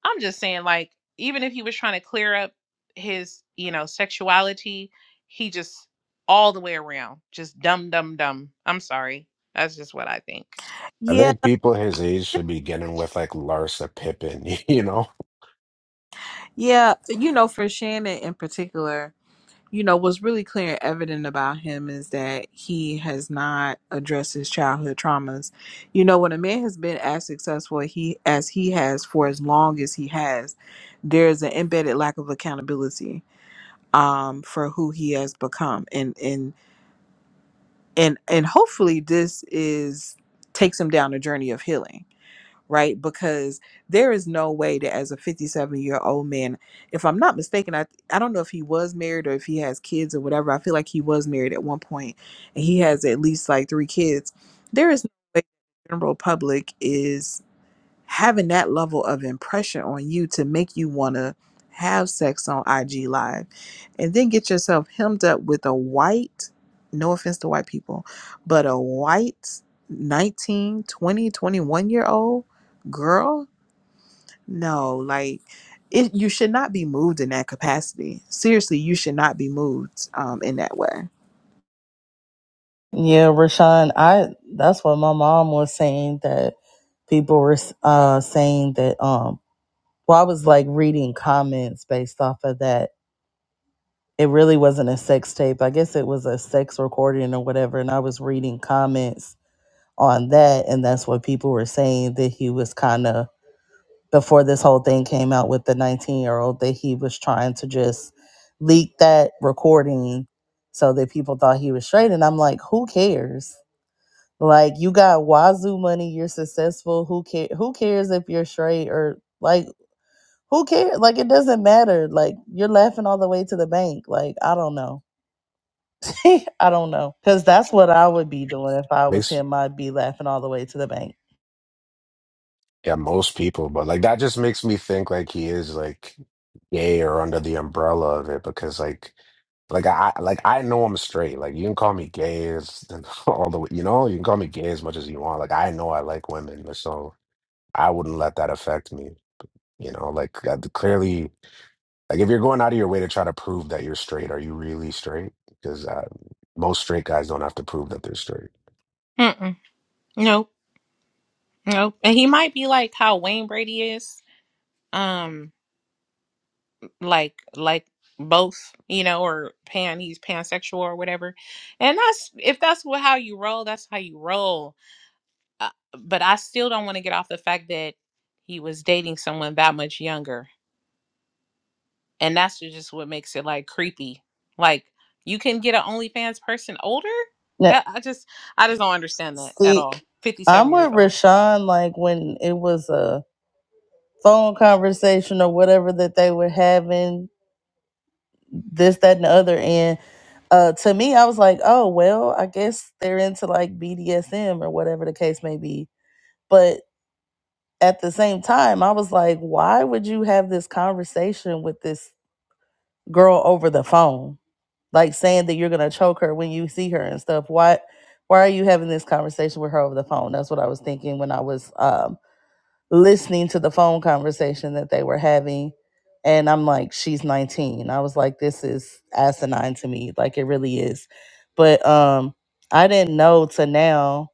A: I'm just saying, like, even if he was trying to clear up his, you know, sexuality, he just all the way around, just dumb, dumb, dumb. I'm sorry. That's just what I think.
D: I
F: yeah
D: think people his age should be getting with like Larsa Pippen, you know?
F: yeah you know for shannon in particular you know, what's really clear and evident about him is that he has not addressed his childhood traumas. You know, when a man has been as successful he as he has for as long as he has, there's an embedded lack of accountability um for who he has become. And and and and hopefully this is takes him down a journey of healing right? Because there is no way that as a 57 year old man, if I'm not mistaken, I I don't know if he was married or if he has kids or whatever. I feel like he was married at one point, and he has at least like three kids. There is no way the general public is having that level of impression on you to make you want to have sex on IG Live and then get yourself hemmed up with a white, no offense to white people, but a white 19, 20, 21 year old girl. No, like it, you should not be moved in that capacity. Seriously, you should not be moved um, in that way.
G: Yeah, Rashawn, I that's what my mom was saying that people were uh saying that um well I was like reading comments based off of that. It really wasn't a sex tape. I guess it was a sex recording or whatever and I was reading comments on that and that's what people were saying that he was kind of before this whole thing came out with the 19-year-old that he was trying to just leak that recording so that people thought he was straight and I'm like, who cares? Like you got wazoo money, you're successful. Who care who cares if you're straight or like who cares? Like it doesn't matter. Like you're laughing all the way to the bank. Like I don't know. I don't know. Cuz that's what I would be doing if I was
D: Makes
G: him. I'd be laughing all the way to the bank.
D: yeah, most people, but like that just makes me think like he is like gay or under the umbrella of it because like like I I- like I know I'm straight. Like you can call me gay as and all the way, you know, you can call me gay as much as you want. Like I know I like women, so I wouldn't let that affect me. You know, like I, clearly. Like if you're going out of your way to try to prove that you're straight, are you really straight? Because uh, most straight guys don't have to prove that they're straight.
A: Mm-mm. Nope. Nope. And he might be like how Wayne Brady is. Um, like, like both, you know, or pan, he's pansexual or whatever. And that's, if that's what, how you roll, that's how you roll. Uh, but I still don't want to get off the fact that he was dating someone that much younger. and that's ju- just what makes it like creepy. Like you can get an OnlyFans person older.
G: Now,
A: That I just I just don't understand that at
G: see,
A: all. Fifty
G: I'm
A: seven years
G: with
A: old.
G: Rashawn like when it was a phone conversation or whatever that they were having this that and the other end uh to me i was like oh well i guess they're into like bdsm or whatever the case may be but at the same time i was like why would you have this conversation with this girl over the phone like saying that you're gonna choke her when you see her and stuff why why are you having this conversation with her over the phone that's what i was thinking when i was um listening to the phone conversation that they were having. And I'm like, she's 19. I was like, this is asinine to me. Like, it really is. But um, I didn't know to now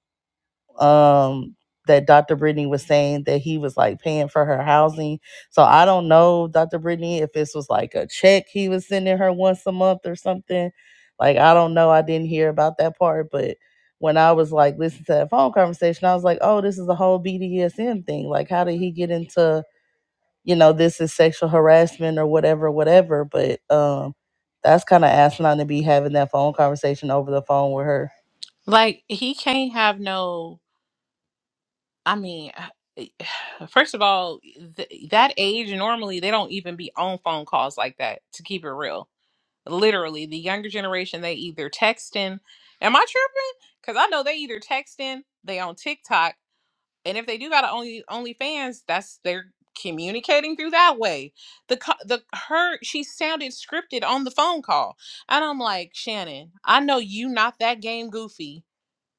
G: um that Dr. Brittany was saying that he was like paying for her housing. So I don't know, Dr. Brittany, if this was like a check he was sending her once a month or something. Like I don't know. I didn't hear about that part, but when I was like listening to that phone conversation, I was like, oh, this is the whole BDSM thing. Like, how did he get into, you know, this is sexual harassment or whatever, whatever. But um that's kind of asinine to be having that phone conversation over the phone with her.
A: Like he can't have no. I mean, first of all, th- that age normally they don't even be on phone calls like that. To keep it real, literally the younger generation they either texting. Am I tripping? Because I know they either texting, they on TikTok And if they do got an only OnlyFans, that's they're communicating through that way. The co- the her she sounded scripted on the phone call, and I'm like Shannon, I know you not that game goofy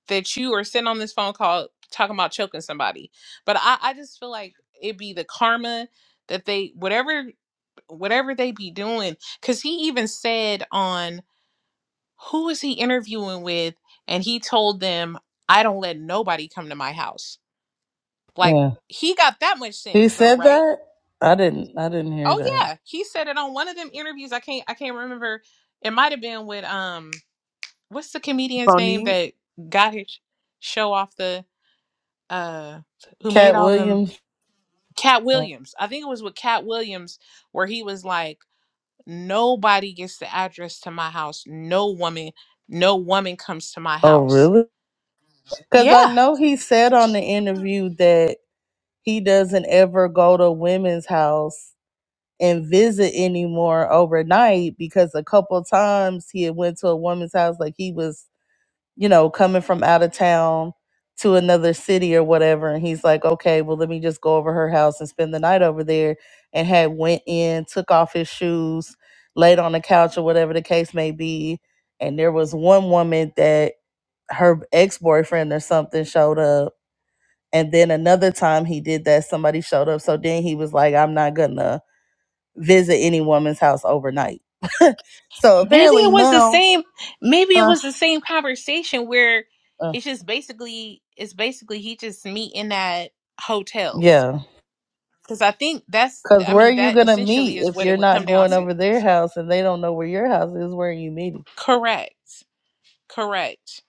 A: that you are sitting on this phone call talking about choking somebody, but I I just feel like it be the karma that they whatever whatever they be doing because he even said on who was he interviewing with and he told them i don't let nobody come to my house like he got that much
G: He
A: sense though,
G: said
A: right?
G: that? I didn't I didn't hear
A: Oh
G: that.
A: yeah, he said it on one of them interviews. I can't I can't remember. It might have been with um what's the comedian's name
F: Bonnie?
A: that got his show off the uh who made
G: Cat
A: all them
G: Williams.
A: Cat
G: Oh
A: Williams. I think it was with Cat Williams where he was like nobody gets the address to my house. No woman, no woman comes to my house.
G: really? Cuz
A: Yeah.
G: I know he said on the interview that he doesn't ever go to women's house and visit anymore overnight because a couple times he had went to a woman's house like he was you know, coming from out of town to another city or whatever. And he's like, okay, well, let me just go over her house and spend the night over there. And had went in, took off his shoes, laid on the couch or whatever the case may be. And there was one woman that her ex boyfriend or something showed up. And then another time he did that, somebody showed up. So then he was like, I'm not going to visit any woman's house overnight. so
A: Maybe
G: apparently
A: it was the
G: now,
A: same. Maybe it
G: huh?
A: was the same conversation where
G: Uh,
A: it's just basically it's basically he just meeting at hotels
G: yeah.
A: because I think that's
G: Cause
A: I
G: where are
A: mean
G: you
A: that
G: gonna meet
A: essentially is
G: if
A: what
G: you're
A: it would
G: not
A: come down
G: going
A: to.
G: over their house and they don't know where your house is? Where are you meeting?
A: Correct, correct.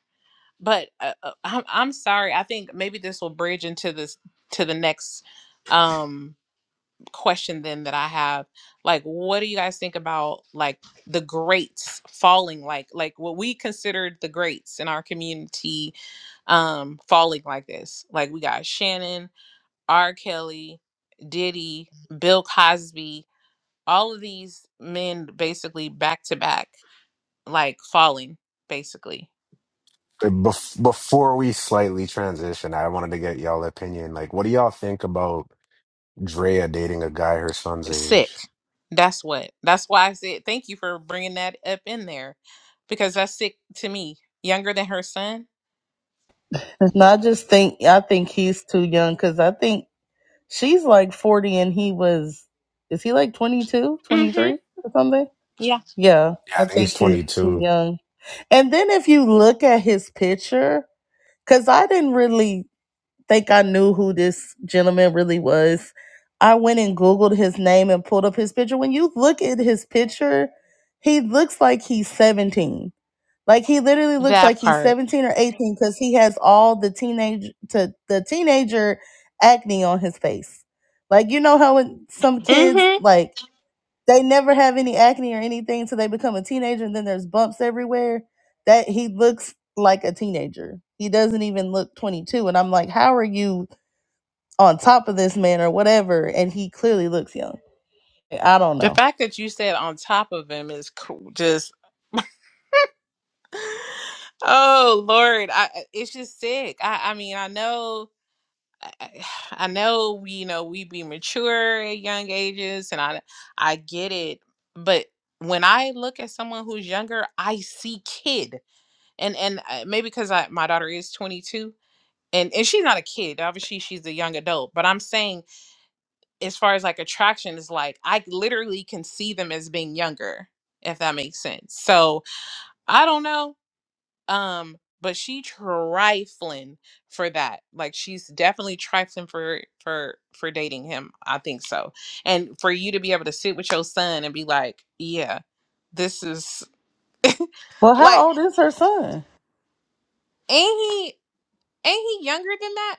A: But uh, uh, I'm I'm sorry. I think maybe this will bridge into this to the next um question then that I have. Like, what do you guys think about like the greats falling? Like like what we considered the greats in our community um falling like this. Like we got Shannon, R. Kelly, Diddy, Bill Cosby, all of these men basically back to back, like falling, basically
D: Uh, Bef- before we slightly transition, I wanted to get y'all opinion. Like, what do y'all think about Drea dating a guy her son's
A: sick.
D: age?
A: That's what. That's why I said thank you for bringing that up in there, because that's sick to me. Younger than her son.
G: And I just think I think he's too young. Cause I think she's like forty and he was is he like 22, twenty
A: hmm
G: three, or something? Yeah,
D: Yeah,
G: I
D: I think he's
G: think he's too
D: 22.
G: young. And then if you look at his picture, cause I didn't really think I knew who this gentleman really was. I went and Googled his name and pulled up his picture. When you look at his picture, he looks like he's 17. Like he literally looks
A: That
G: like he's
A: part.
G: 17 or 18 because he has all the teenage to the teenager acne on his face. Like you know how when some kids
A: hmm
G: like they never have any acne or anything till they become a teenager and then there's bumps everywhere. That he looks like a teenager. He doesn't even look 22. And I'm like, how are you on top of this man or whatever, and he clearly looks young. I don't
A: The
G: know.
A: fact that you said on top of him is cool. Just oh Lord, I, I- it's just sick. I I mean I know I I- I know you know we be mature at young ages, and I I get it. But when I look at someone who's younger, I see kid, and and uh, maybe because I my daughter is twenty two, and and she's not a kid. Obviously, she's a young adult. But I'm saying as far as like attraction is like I literally can see them as being younger, if that makes sense. So I don't know um but she trifling for that like she's definitely trifling for for for dating him i think so and for you to be able to sit with your son and be like yeah this is
G: Well, how
A: like
G: old is her son?
A: ain't he ain't he younger than that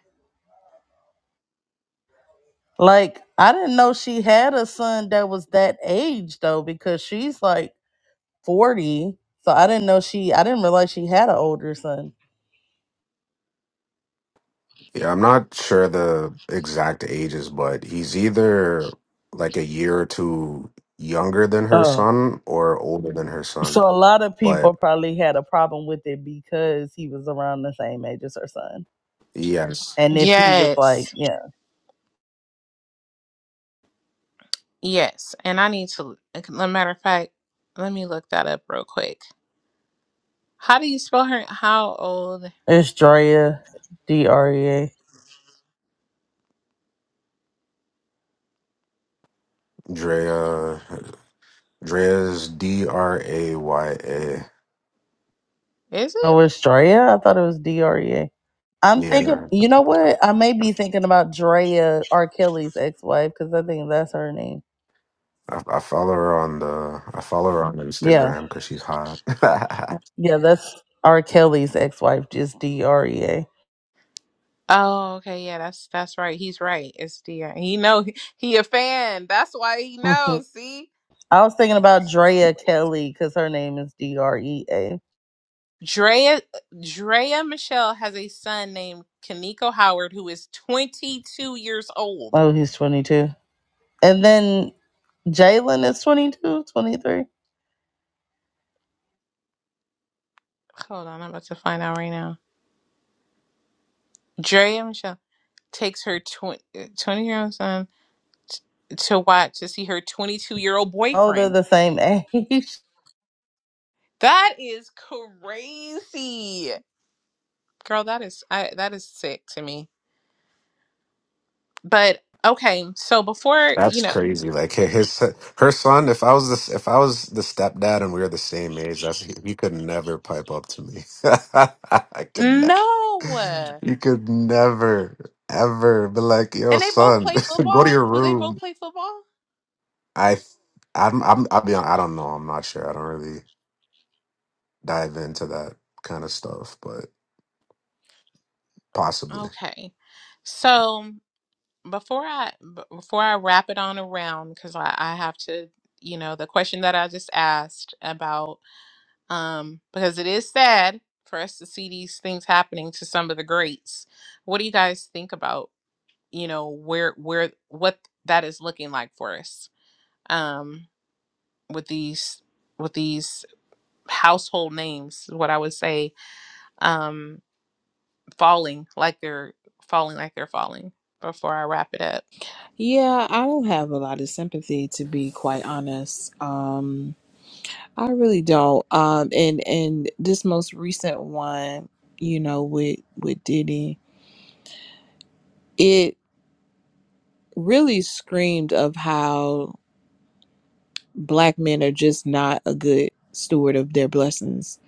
G: Like, I didn't know she had a son that was that age though, because she's like forty. So I didn't know she. I didn't realize she had an older son.
D: Yeah, I'm not sure the exact ages, but he's either like a year or two younger than her
G: Oh,
D: son or older than her
G: so
D: son.
G: a lot of people
D: But
G: probably had a problem with it because he was around the same age as her son.
D: yes,
G: And if he was like,
A: Yes.
G: yeah,
A: Yes. And I need to, as a matter of fact, let me look that up real quick. How do you spell her? How old
G: it's Drea, D R E A.
D: Drea. Drea's D R A Y A.
A: is it?
G: Oh, it's Drea? I thought it was D R E A. I'm thinking,
D: Yeah,
G: you know what? I may be thinking about Drea, R. Kelly's ex wife, because I think that's her name.
D: I, I follow her on the I follow her on
G: Yeah.
D: Instagram because she's hot.
G: Yeah, that's R. Kelly's ex wife, just D R E A.
A: Oh, okay, yeah, that's that's right. He's right. It's Dion. He know he he a fan. That's why he
G: Mhm.
A: knows. See,
G: I was thinking about
A: that's
G: Drea
A: crazy.
G: Kelly because her name is D R E A.
A: Drea Drea Michelle has a son named Kaniko Howard who is 22 years old.
G: Oh, he's 22. And then Jalen is 22, 23.
A: Hold on, I'm about to find out right now. Drea Michelle takes her 20 year old son to watch to see her 22 year old
G: Oh, they're
A: boyfriend.
G: the same age.
A: That is crazy, girl. That is I, that is sick to me. But okay, so before you
D: That's
A: know,
D: crazy. Like hi- his her son. If I was this, if I was the stepdad and we were the same age, that's he, he could never pipe up to me. I could never.
A: no,
D: You could never ever be like, yo,
A: and they both
D: son,
A: play
D: go to
A: football.
D: your
A: Do they both
D: room.
A: play football?
D: I, I'm, I'm, I'll be. hon- I don't know. I'm not sure. I don't really dive into that kind of stuff, but. Possibly.
A: Okay, so before I b- before I wrap it on around because I, I have to, you know, the question that I just asked about, um, because it is sad for us to see these things happening to some of the greats. What do you guys think about, you know, where where what that is looking like for us, um, with these with these household names is what I would say um falling like they're falling like they're falling before I wrap it up.
F: Yeah, I don't have a lot of sympathy to be quite honest. Um I really don't. Um, and and this most recent one, you know, with with Diddy, it really screamed of how black men are just not a good steward of their blessings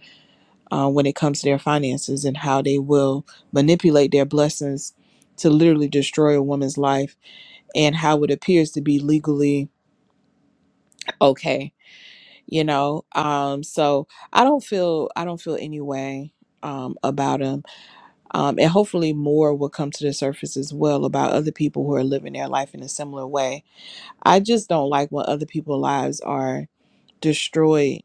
F: uh, when it comes to their finances and how they will manipulate their blessings to literally destroy a woman's life and how it appears to be legally okay you know um so i don't feel i don't feel any way um about him um, and hopefully more will come to the surface as well about other people who are living their life in a similar way. I just don't like when other people's lives are destroyed,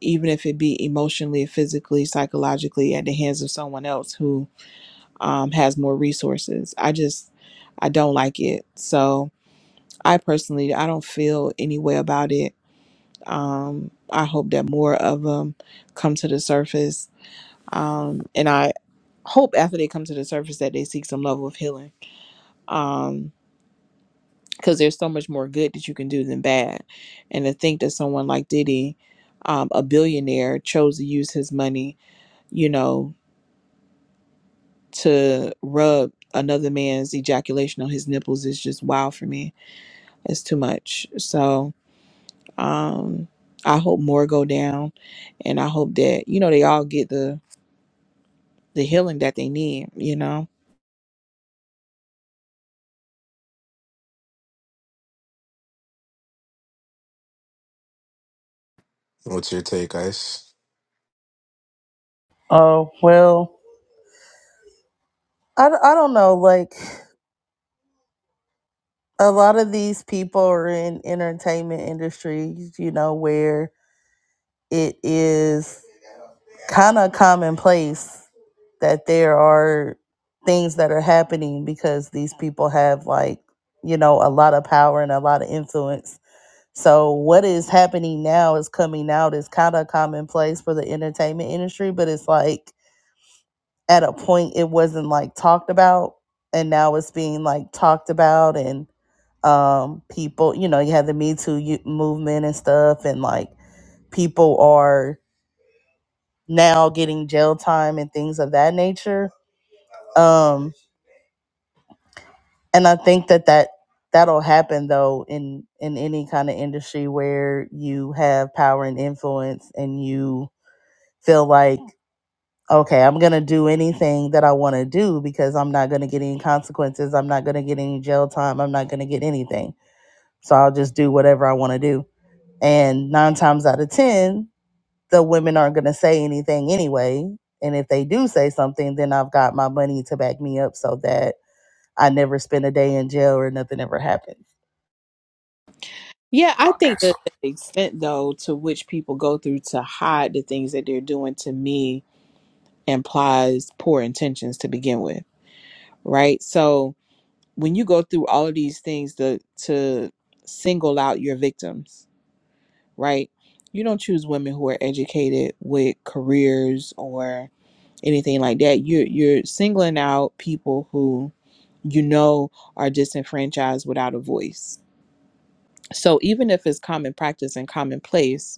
F: even if it be emotionally, physically, psychologically, at the hands of someone else who um, has more resources. I just, I don't like it. So I personally, I don't feel any way about it. Um, I hope that more of them come to the surface. Um, and I hope after they come to the surface that they seek some level of healing um because there's so much more good that you can do than bad and to think that someone like diddy um, a billionaire chose to use his money you know to rub another man's ejaculation on his nipples is just wild for me it's too much so um i hope more go down and i hope that you know they all get the the healing that they need you know
D: What's your take, Ice?
G: Oh, well. I, d- I don't know like a lot of these people are in entertainment industries you know where it is kind of commonplace that there are things that are happening because these people have like you know a lot of power and a lot of influence so what is happening now is coming out is kind of commonplace for the entertainment industry but it's like at a point it wasn't like talked about and now it's being like talked about and. um people you know you have the me too you- movement and stuff and like people are now getting jail time and things of that nature um and i think that that that'll happen though in in any kind of industry where you have power and influence and you feel like okay i'm gonna do anything that i want to do because i'm not gonna get any consequences i'm not gonna get any jail time i'm not gonna get anything so i'll just do whatever i want to do and nine times out of ten the women aren't going to say anything anyway. And if they do say something, then I've got my money to back me up so that I never spend a day in jail or nothing ever happens.
F: yeah i
D: Okay,
F: think
D: so
F: that the extent though to which people go through to hide the things that they're doing to me implies poor intentions to begin with, right? So when you go through all of these things to to single out your victims, right? You don't choose women who are educated with careers or anything like that. You're you're singling out people who you know are disenfranchised without a voice. So even if it's common practice and commonplace,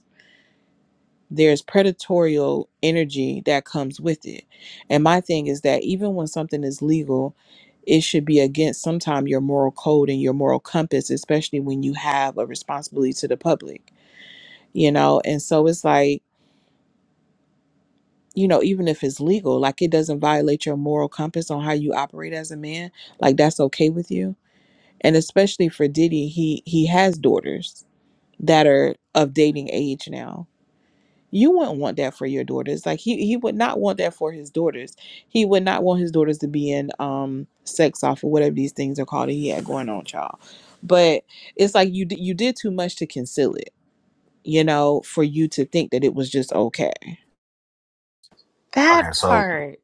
F: there's predatorial energy that comes with it. And my thing is that even when something is legal, it should be against sometime your moral code and your moral compass, especially when you have a responsibility to the public, you know? And so it's like, you know, even if it's legal, like it doesn't violate your moral compass on how you operate as a man, like that's okay with you. And especially for Diddy, he he has daughters that are of dating age now You wouldn't want that for your daughters. Like he he would not want that for his daughters. He would not want his daughters to be in um sex off or whatever these things are called that he had going on, child. But it's like you d- you did too much to conceal it, you know, for you to think that it was just okay.
A: That
D: okay, so
A: part.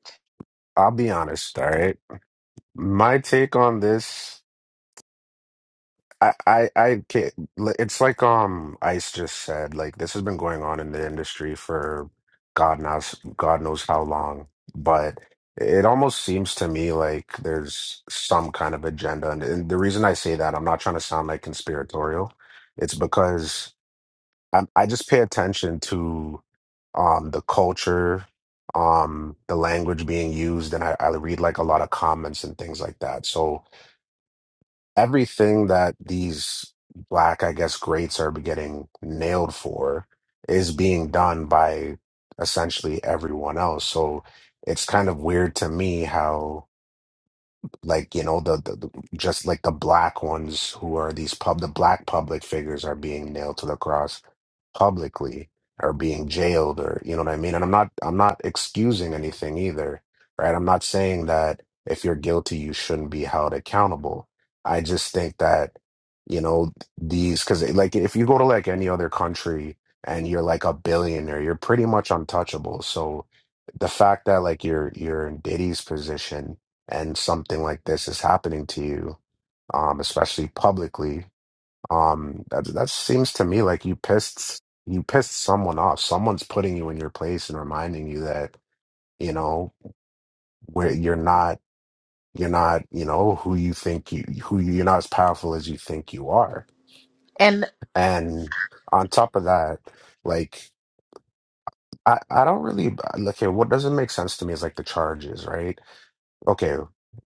D: I'll be honest. All right, my take on this, I, I, I can't. It's like um, Ice just said, like this has been going on in the industry for God knows, God knows how long. But it almost seems to me like there's some kind of agenda, and, and the reason I say that, I'm not trying to sound like conspiratorial. It's because I, I just pay attention to um, the culture, um, the language being used, and I, I read like a lot of comments and things like that. So everything that these black, I guess, greats are getting nailed for is being done by essentially everyone else. So it's kind of weird to me how like you know the, the, the just like the black ones who are these pub the black public figures are being nailed to the cross publicly or being jailed or you know what I mean and I'm not I'm not excusing anything either right I'm not saying that if you're guilty you shouldn't be held accountable I just think that you know these because like if you go to like any other country and you're like a billionaire you're pretty much untouchable so the fact that like you're you're in Diddy's position and something like this is happening to you, um, especially publicly, um, that that seems to me like you pissed you pissed someone off. Someone's putting you in your place and reminding you that you know where you're not you're not you know who you think you who you- you're not as powerful as you think you are.
A: And
D: And on top of that, like I I don't really look here. What doesn't make sense to me is like the charges, right? okay,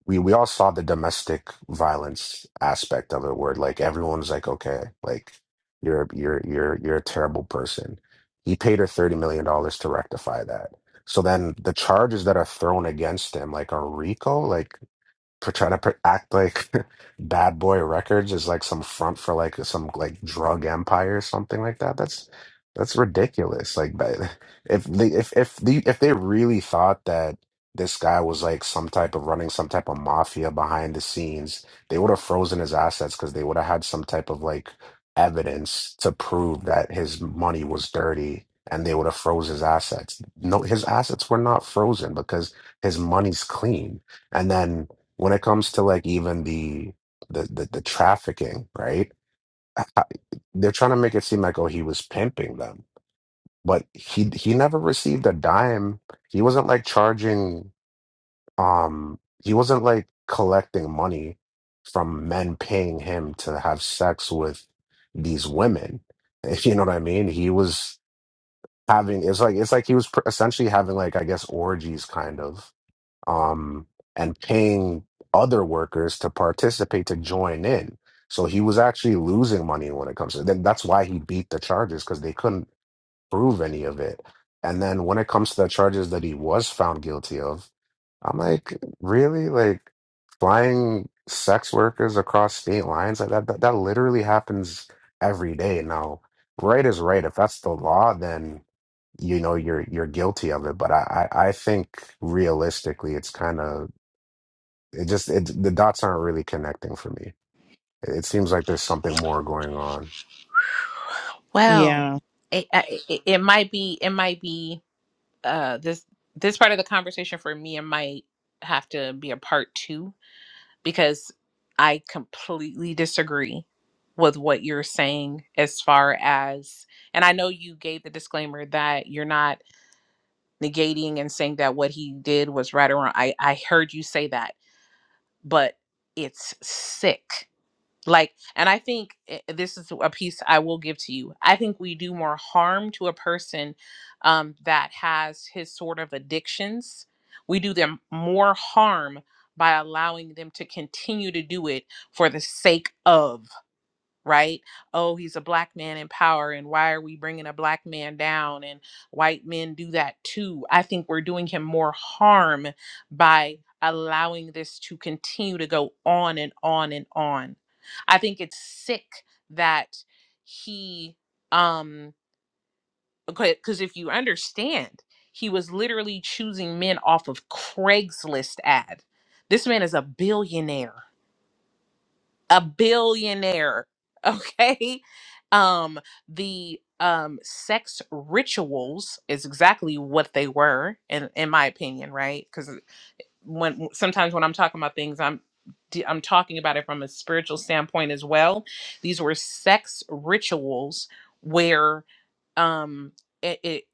D: we we all saw the domestic violence aspect of it, where like everyone's like, okay, like you're you're you're you're a terrible person. He paid her thirty million dollars to rectify that. So then the charges that are thrown against him, like on RICO, like pr- try to pr- act like Bad Boy Records is like some front for like some like drug empire or something like that. That's that's ridiculous. Like, but if they if if the if they really thought that this guy was like some type of running some type of mafia behind the scenes, they would have frozen his assets because they would have had some type of like evidence to prove that his money was dirty. And they would have froze his assets. No, his assets were not frozen because his money's clean. And then when it comes to like even the the the, the trafficking, right? I- They're trying to make it seem like oh he was pimping them, but he he never received a dime. He wasn't like charging. Um, he wasn't like collecting money from men paying him to have sex with these women. If you know what I mean, he was having. It's like it's like he was pr- essentially having like I guess orgies kind of um, and paying other workers to participate to join in. So he was actually losing money when it comes to then that's why he beat the charges because they couldn't prove any of it. And then when it comes to the charges that he was found guilty of, I'm like, really? Like flying sex workers across state lines? Like that that, that literally happens every day. Now, right is right. If that's the law, then you know you're you're guilty of it but i i, I think realistically it's kind of it just it the dots aren't really connecting for me it, it seems like there's something more going on
A: well,
F: Yeah,
A: it I- it, it might be it might be uh this this part of the conversation for me it might have to be a part 2 because I completely disagree with what you're saying as far as and I know you gave the disclaimer that you're not negating and saying that what he did was right or wrong. I, I heard you say that, but it's sick. Like, and I think eh, this is a piece I will give to you. I think we do more harm to a person um, that has his sort of addictions. We do them more harm by allowing them to continue to do it for the sake of right? Oh, he's a black man in power, and why are we bringing a black man down? And white men do that too. I think we're doing him more harm by allowing this to continue to go on and on and on. I think it's sick that he, um, because if you understand, he was literally choosing men off of Craigslist ad. This man is a billionaire a billionaire okay um the um sex rituals is exactly what they were in in my opinion right because when sometimes when i'm talking about things i'm d- i'm talking about it from a spiritual standpoint as well these were sex rituals where um it, it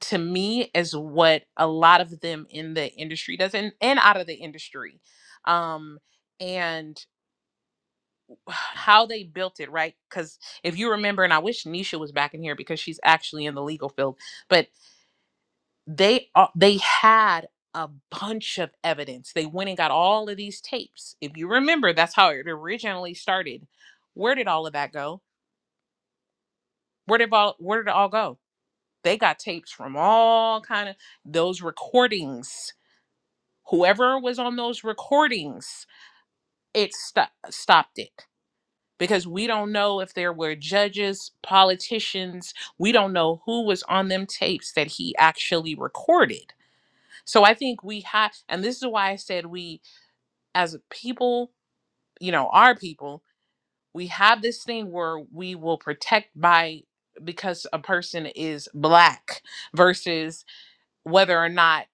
A: to me is what a lot of them in the industry does and, and out of the industry um and how they built it, right? Because if you remember, and I wish Nisha was back in here because she's actually in the legal field, but they a- they had a bunch of evidence. They went and got all of these tapes. If you remember, that's how it originally started. Where did all of that go? Where did all where did it all go? They got tapes from all kind of those recordings. Whoever was on those recordings, it sto- stopped it because we don't know if there were judges, politicians, we don't know who was on them tapes that he actually recorded. So I think we have, and this is why I said we, as a people, you know, our people, we have this thing where we will protect by because a person is black versus whether or not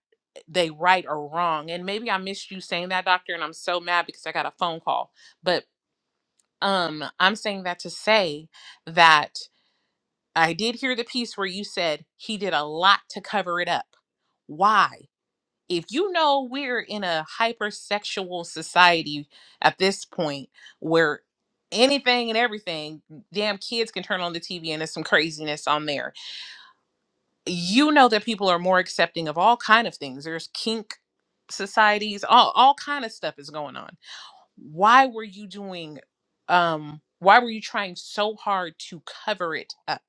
A: they right or wrong. And maybe I missed you saying that, doctor, and I'm so mad because I got a phone call. But um I'm saying that to say that I did hear the piece where you said he did a lot to cover it up. Why? If you know we're in a hypersexual society at this point where anything and everything, damn kids can turn on the TV and there's some craziness on there. You know that people are more accepting of all kind of things. There's kink societies, all all kind of stuff is going on. Why were you doing um why were you trying so hard to cover it up?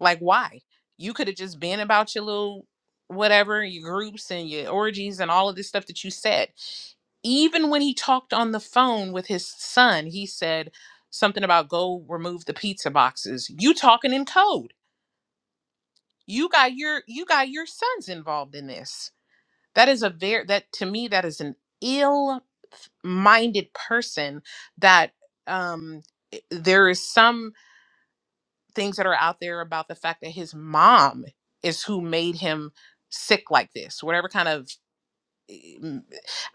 A: Like, why? You could have just been about your little whatever, your groups and your orgies and all of this stuff that you said. Even when he talked on the phone with his son, he said something about go remove the pizza boxes. You talking in code. You got your you got your sons involved in this. That is a very that to me that is an ill minded person that um there is some things that are out there about the fact that his mom is who made him sick like this whatever kind of mm,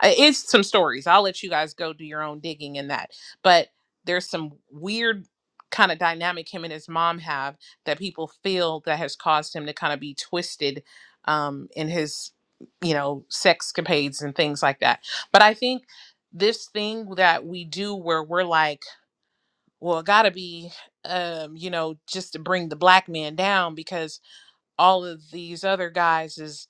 A: uh, it's some stories i'll let you guys go do your own digging in that but there's some weird kind of dynamic him and his mom have that people feel that has caused him to kind of be twisted um, in his you know sex capades and things like that but i think this thing that we do where we're like well, it gotta be, um, you know, just to bring the black man down because all of these other guys is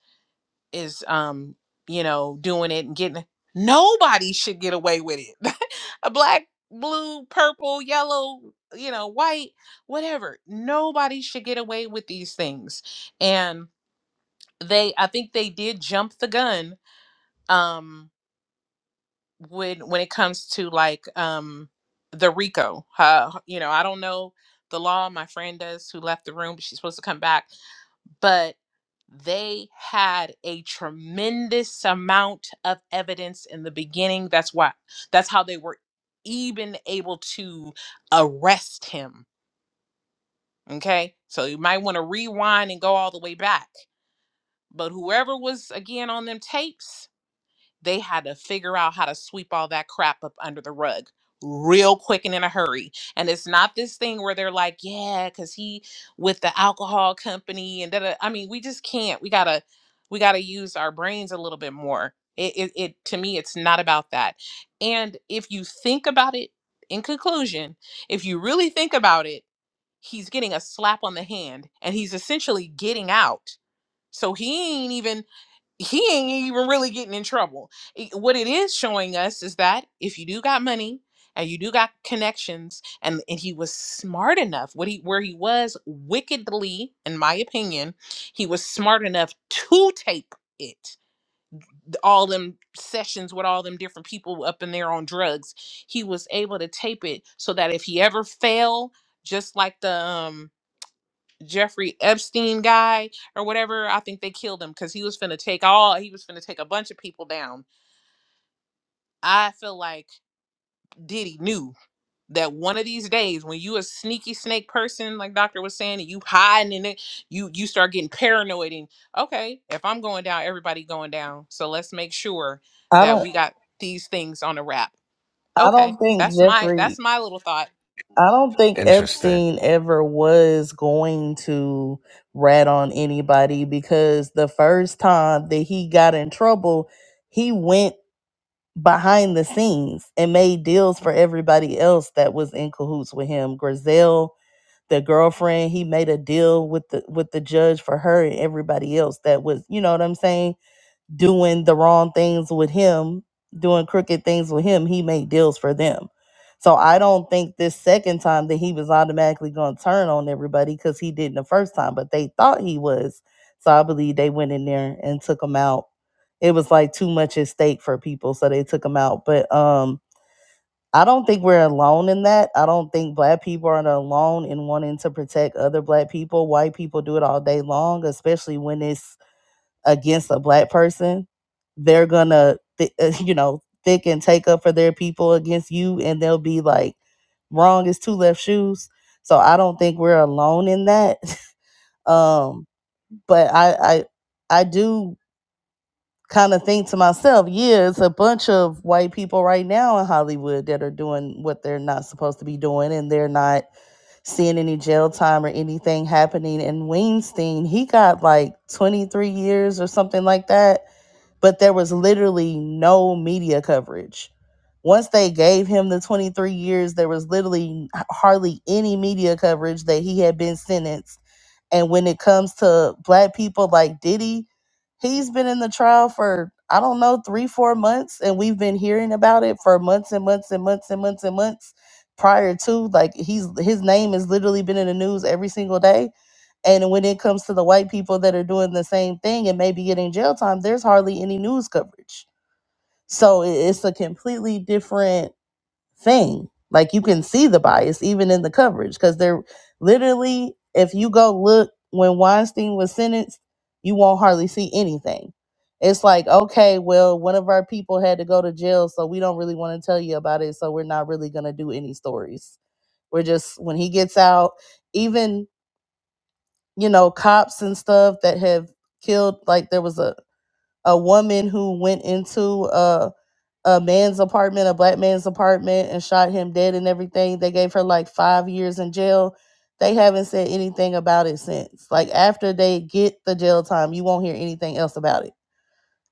A: is um, you know, doing it and getting nobody should get away with it. A black, blue, purple, yellow, you know, white, whatever. Nobody should get away with these things. And they I think they did jump the gun. Um when when it comes to like um the RICO. Uh, you know, I don't know the law. My friend does who left the room, but she's supposed to come back. But they had a tremendous amount of evidence in the beginning. That's why that's how they were even able to arrest him. Okay. So you might want to rewind and go all the way back. But whoever was again on them tapes, they had to figure out how to sweep all that crap up under the rug real quick and in a hurry. And it's not this thing where they're like, yeah, cuz he with the alcohol company and that I mean, we just can't. We got to we got to use our brains a little bit more. It, it it to me it's not about that. And if you think about it in conclusion, if you really think about it, he's getting a slap on the hand and he's essentially getting out. So he ain't even he ain't even really getting in trouble. I- What it is showing us is that if you do got money and you do got connections and, and he was smart enough, what he where he was wickedly, in my opinion, he was smart enough to tape it. th- All them sessions with all them different people up in there on drugs, he was able to tape it so that if he ever fell, just like the um Jeffrey Epstein guy or whatever, I think they killed him because he was finna take all he was finna take a bunch of people down. I feel like Diddy knew that one of these days when you a sneaky snake person, like Doctor was saying, and you hiding in it, you you start getting paranoid and okay, if I'm going down, everybody going down. So let's make sure
G: I
A: that
G: don't
A: we got these things on a wrap.
G: I
A: Okay.
G: don't think
A: That's my that's
G: Jeffrey
A: my little thought.
G: I don't think
D: Interesting.
G: Epstein ever was going to rat on anybody because the first time that he got in trouble, he went behind the scenes and made deals for everybody else that was in cahoots with him. Grizel the girlfriend he made a deal with the with the judge for her and everybody else that was you know what i'm saying doing the wrong things with him doing crooked things with him he made deals for them so i don't think this second time that he was automatically going to turn on everybody because he didn't the first time but they thought he was so i believe they went in there and took him out it was like too much at stake for people so they took him out but um I don't think we're alone in that. I don't think black people are alone in wanting to protect other black people. White people do it all day long, especially when it's against a black person. They're gonna, th- you know, thick and take up for their people against you, and they'll be like, "Wrong is two left shoes." So I don't think we're alone in that. um, but I, I, I do kind of think to myself, yeah, it's a bunch of white people right now in Hollywood that are doing what they're not supposed to be doing, and they're not seeing any jail time or anything happening. And Weinstein, he got like 23 years or something like that, but there was literally no media coverage. Once they gave him the 23 years, there was literally hardly any media coverage that he had been sentenced and when it comes to black people like Diddy, he's been in the trial for, I don't know, three, four months. And we've been hearing about it for months and months and months and months and months prior to. Like he's his name has literally been in the news every single day. And when it comes to the white people that are doing the same thing and maybe getting jail time, there's hardly any news coverage. So it- it's a completely different thing. Like you can see the bias even in the coverage because they're literally, if you go look when Weinstein was sentenced, you won't hardly see anything. It's like, okay, well, one of our people had to go to jail, so we don't really want to tell you about it, so we're not really going to do any stories. We're just, when he gets out, even, you know, cops and stuff that have killed, like there was a, a woman who went into uh a man's apartment, a black man's apartment, and shot him dead and everything. They gave her like five years in jail. They haven't said anything about it since. Like after they get the jail time, you won't hear anything else about it.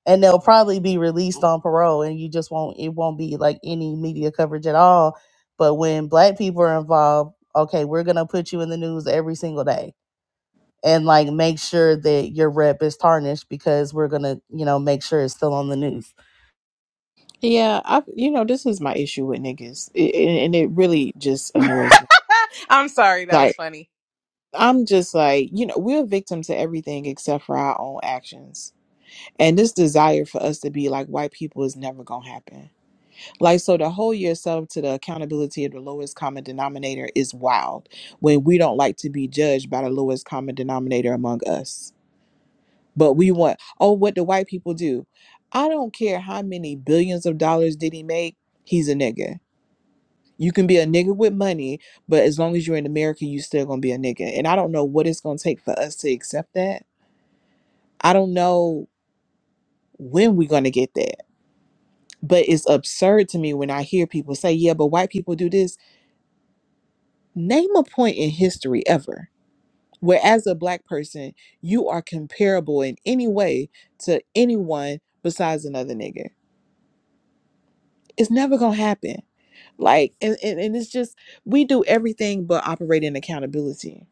G: And they'll probably be released on parole and you just won't it won't be like any media coverage at all. But when black people are involved, okay, we're gonna put you in the news every single day and like make sure that your rep is tarnished because we're gonna, you know, make sure it's still on the news
F: yeah. I you know this is my issue with niggas, it, and and it really just annoys me.
A: I'm sorry, that was
F: Like
A: funny.
F: I'm just like you know we're a victim to everything except for our own actions, and this desire for us to be like white people is never gonna happen Like, so to hold yourself to the accountability of the lowest common denominator is wild when we don't like to be judged by the lowest common denominator among us. But we want, oh, what do white people do? I don't care how many billions of dollars did he make, he's a nigga. You can be a nigga with money, but as long as you're in America, you still gonna be a nigga. And I don't know what it's gonna take for us to accept that. I don't know when we're gonna get that. But it's absurd to me when I hear people say, yeah, but white people do this Name a point in history ever where, as a black person, you are comparable in any way to anyone besides another nigga. It's never gonna happen. Like, and, and, and it's just, we do everything but operate in accountability.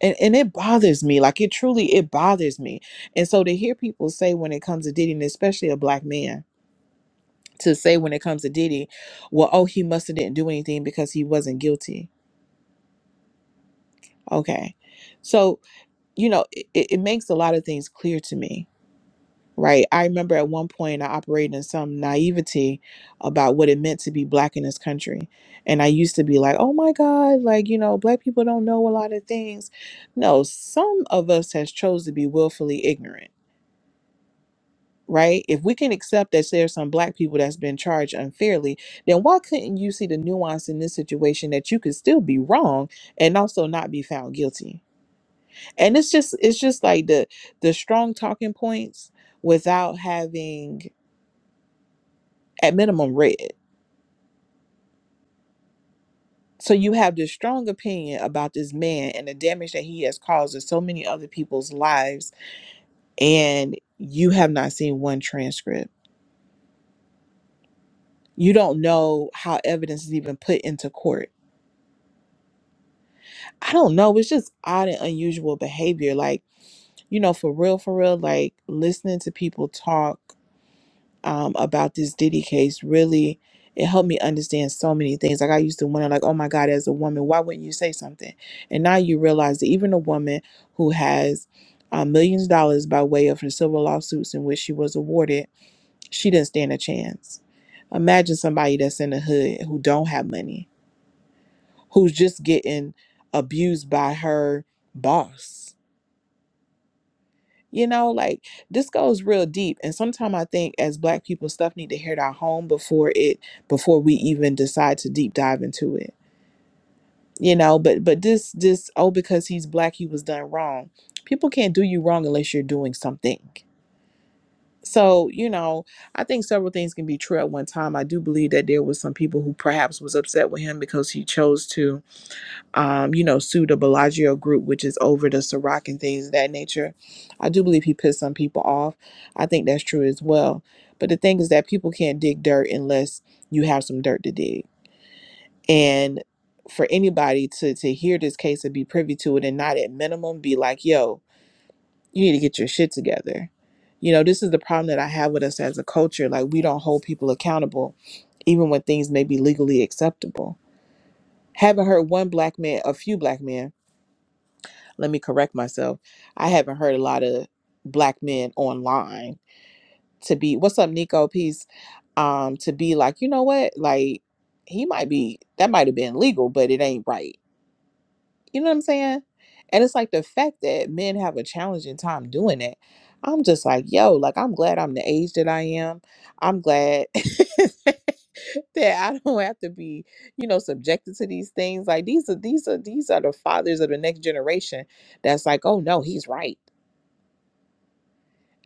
F: And, and it bothers me. Like, it truly, it bothers me. And so to hear people say when it comes to Diddy, and especially a black man, to say when it comes to Diddy, well, oh, he must have didn't do anything because he wasn't guilty. Okay. So you know, it, it makes a lot of things clear to me, right? I remember at one point I operated in some naivety about what it meant to be black in this country. And I used to be like, oh my God, like, you know, black people don't know a lot of things. No, some of us has chose to be willfully ignorant. Right? If we can accept that there's some black people that's been charged unfairly, then why couldn't you see the nuance in this situation that you could still be wrong and also not be found guilty? and it's just it's just like the the strong talking points without having at minimum read so you have this strong opinion about this man and the damage that he has caused in so many other people's lives and you have not seen one transcript you don't know how evidence is even put into court i don't know it's just odd and unusual behavior like you know for real for real like listening to people talk um, about this Diddy case really it helped me understand so many things. Like I used to wonder, like, oh my God, as a woman, why wouldn't you say something? And now you realize that even a woman who has uh, millions of dollars by way of her civil lawsuits in which she was awarded, she didn't stand a chance. Imagine somebody that's in the hood who don't have money, who's just getting abused by her boss You know, like this goes real deep. And sometimes I think as black people, stuff need to hit our home before it before we even decide to deep dive into it. You know, but but this this oh because he's black he was done wrong. People can't do you wrong unless you're doing something. So, you know, I think several things can be true at one time. I do believe that there was some people who perhaps was upset with him because he chose to um, you know, sued the Bellagio group, which is over the Ciroc and things of that nature. I do believe he pissed some people off. I think that's true as well. But the thing is that people can't dig dirt unless you have some dirt to dig. And for anybody to to hear this case and be privy to it and not at minimum be like, yo, you need to get your shit together. You know, this is the problem that I have with us as a culture. Like we don't hold people accountable even when things may be legally acceptable. Haven't heard one black man, a few black men let me correct myself. I haven't heard a lot of black men online to be what's up, Nico? Peace. Um, to be like, you know what? Like he might be that might have been legal, but it ain't right. You know what I'm saying? And it's like the fact that men have a challenging time doing it. I'm just like, yo, like I'm glad I'm the age that I am. I'm glad that I don't have to be, you know, subjected to these things. Like these are these are these are the fathers of the next generation that's like, oh no, he's right.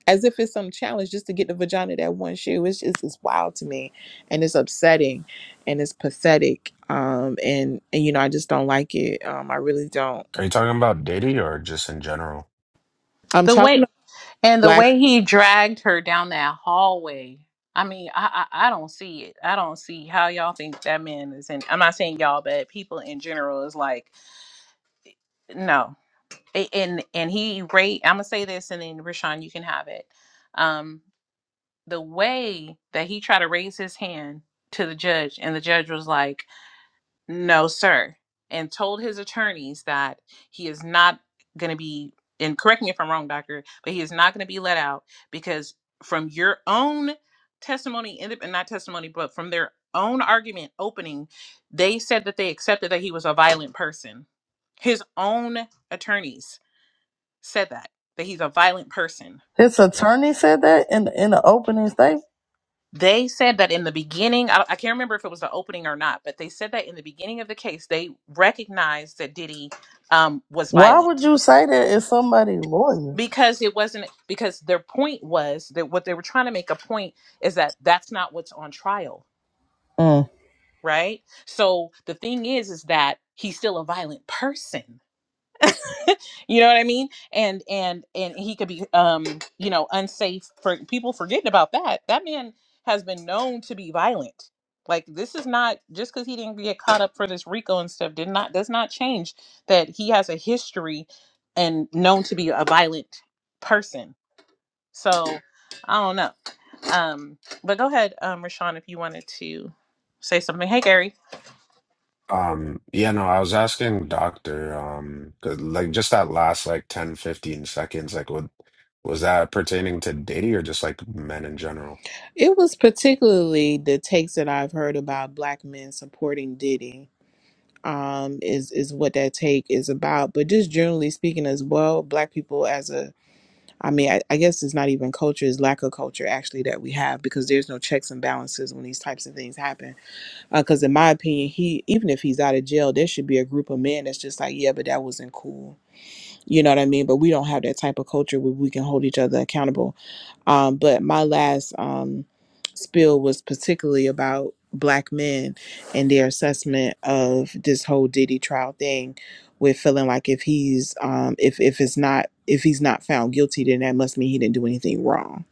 F: As if it's some challenge just to get the vagina that one shoe. It's just it's wild to me. And it's upsetting and it's pathetic. Um and and you know, I just don't like it. Um I really don't.
D: Are you talking about dating or just in general?
F: I'm
A: The way.
F: talking.
A: And the
F: Black.
A: way he dragged her down that hallway, I mean, I, I I don't see it. I don't see how y'all think that man is in. I'm not saying y'all, but people in general is like, no. A- And and he rate. I'm gonna say this, and then Rashawn, you can have it. Um, the way that he tried to raise his hand to the judge, and the judge was like no sir and told his attorneys that he is not going to be and correct me if i'm wrong doctor but he is not going to be let out because from your own testimony and and not testimony but from their own argument opening they said that they accepted that he was a violent person his own attorneys said that that he's a violent person
G: His attorney said that in in the opening statement.
A: They said that in the beginning, I, I can't remember if it was the opening or not, but they said that in the beginning of the case, they recognized that Diddy um, was
G: Why would
A: violent
G: you say that if somebody's lawyer?
A: because it wasn't because their point was that what they were trying to make a point is that that's not what's on trial,
G: Mm.
A: right? So the thing is, is that he's still a violent person you know what i mean and and and he could be um you know unsafe for people forgetting about that that man has been known to be violent like this is not just because he didn't get caught up for this rico and stuff did not does not change that he has a history and known to be a violent person so i don't know um but go ahead um rashawn if you wanted to say something hey gary
D: um yeah no i was asking doctor um 'cause, like just that last like 10 15 seconds like what was that pertaining to dating or just like men in general
F: It was particularly the takes that I've heard about black men supporting Diddy. Um, is is what that take is about. But just generally speaking, as well, black people as a, I mean, I, I guess it's not even culture; it's lack of culture actually that we have because there's no checks and balances when these types of things happen. Because in my opinion, he even if he's out of jail, there should be a group of men that's just like, yeah, but that wasn't cool You know what I mean? But we don't have that type of culture where we can hold each other accountable. Um, but my last um, spill was particularly about black men and their assessment of this whole Diddy trial thing, with feeling like if he's um, if if it's not if he's not found guilty, then that must mean he didn't do anything wrong.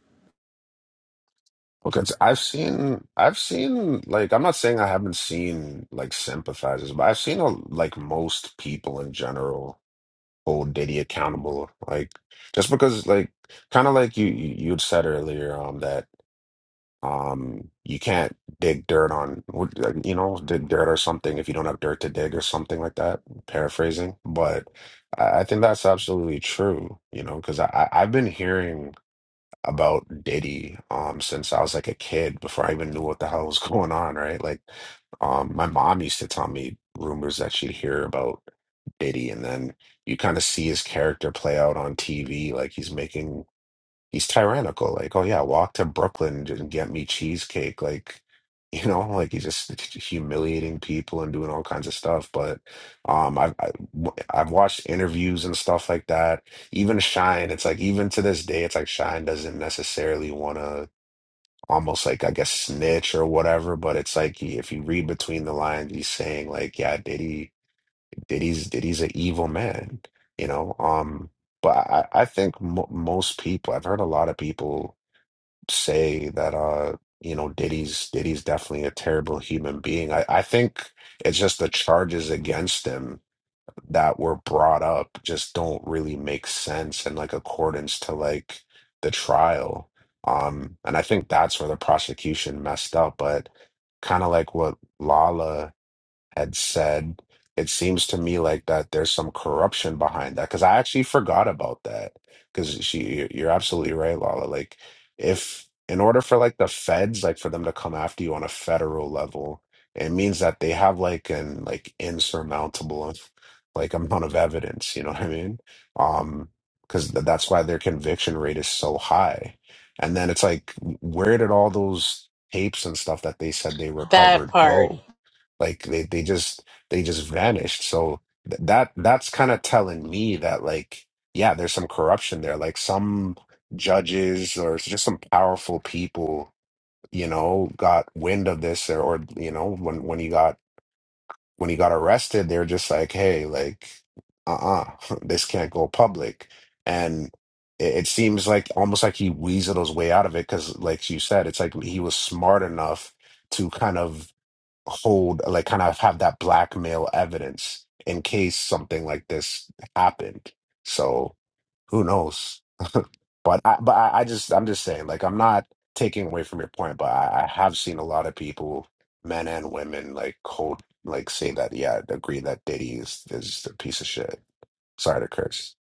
D: Because I've seen, I've seen, like, I'm not saying I haven't seen, like, sympathizers, but I've seen, a, like, most people in general hold Diddy accountable. Like, just because, like, kind of like you, you- you'd said earlier, um, that, um, you can't dig dirt on, what- like, you know, dig dirt or something if you don't have dirt to dig or something like that. Paraphrasing, but I, I think that's absolutely true, you know, because I, I, I've been hearing about Diddy um since I was like a kid before I even knew what the hell was going on, right? Like um my mom used to tell me rumors that she'd hear about Diddy and then you kind of see his character play out on TV like he's making he's tyrannical. Like, oh yeah, walk to Brooklyn and get me cheesecake. Like, you know, like he's just humiliating people and doing all kinds of stuff. But um, I've I, I've watched interviews and stuff like that. Even Shine, it's like even to this day, it's like Shine doesn't necessarily want to almost like I guess snitch or whatever. But it's like he, if you read between the lines, he's saying like, yeah, Diddy, Diddy's Diddy's an evil man. You know, um, but I, I think mo most people, I've heard a lot of people say that uh you know Diddy's Diddy's definitely a terrible human being. I, I think it's just the charges against him that were brought up just don't really make sense in like accordance to like the trial. Um and I think that's where the prosecution messed up, but kind of like what Lala had said, it seems to me like that there's some corruption behind that. Because I actually forgot about that. Because she, you- you're absolutely right, Lala. Like, if in order for like the feds, like for them to come after you on a federal level, it means that they have like an like insurmountable like amount of evidence. You know what I mean? Um, because th that's why their conviction rate is so high. And then it's like, where did all those tapes and stuff that they said they
A: That
D: recovered
A: part.
D: go? Like they they just they just vanished. So th that that's kind of telling me that like yeah, there's some corruption there. Like some judges or just some powerful people, you know, got wind of this or, or you know, when when he got when he got arrested, they're just like, hey, like uh-uh, this can't go public. And it, it seems like almost like he weaseled his way out of it because, like you said, it's like he was smart enough to kind of hold like kind of have that blackmail evidence in case something like this happened. So who knows? But I but I, I just I'm just saying like I'm not taking away from your point, but I, I have seen a lot of people, men and women, like hold like say that yeah, I'd agree that Diddy is is a piece of shit. Sorry to curse.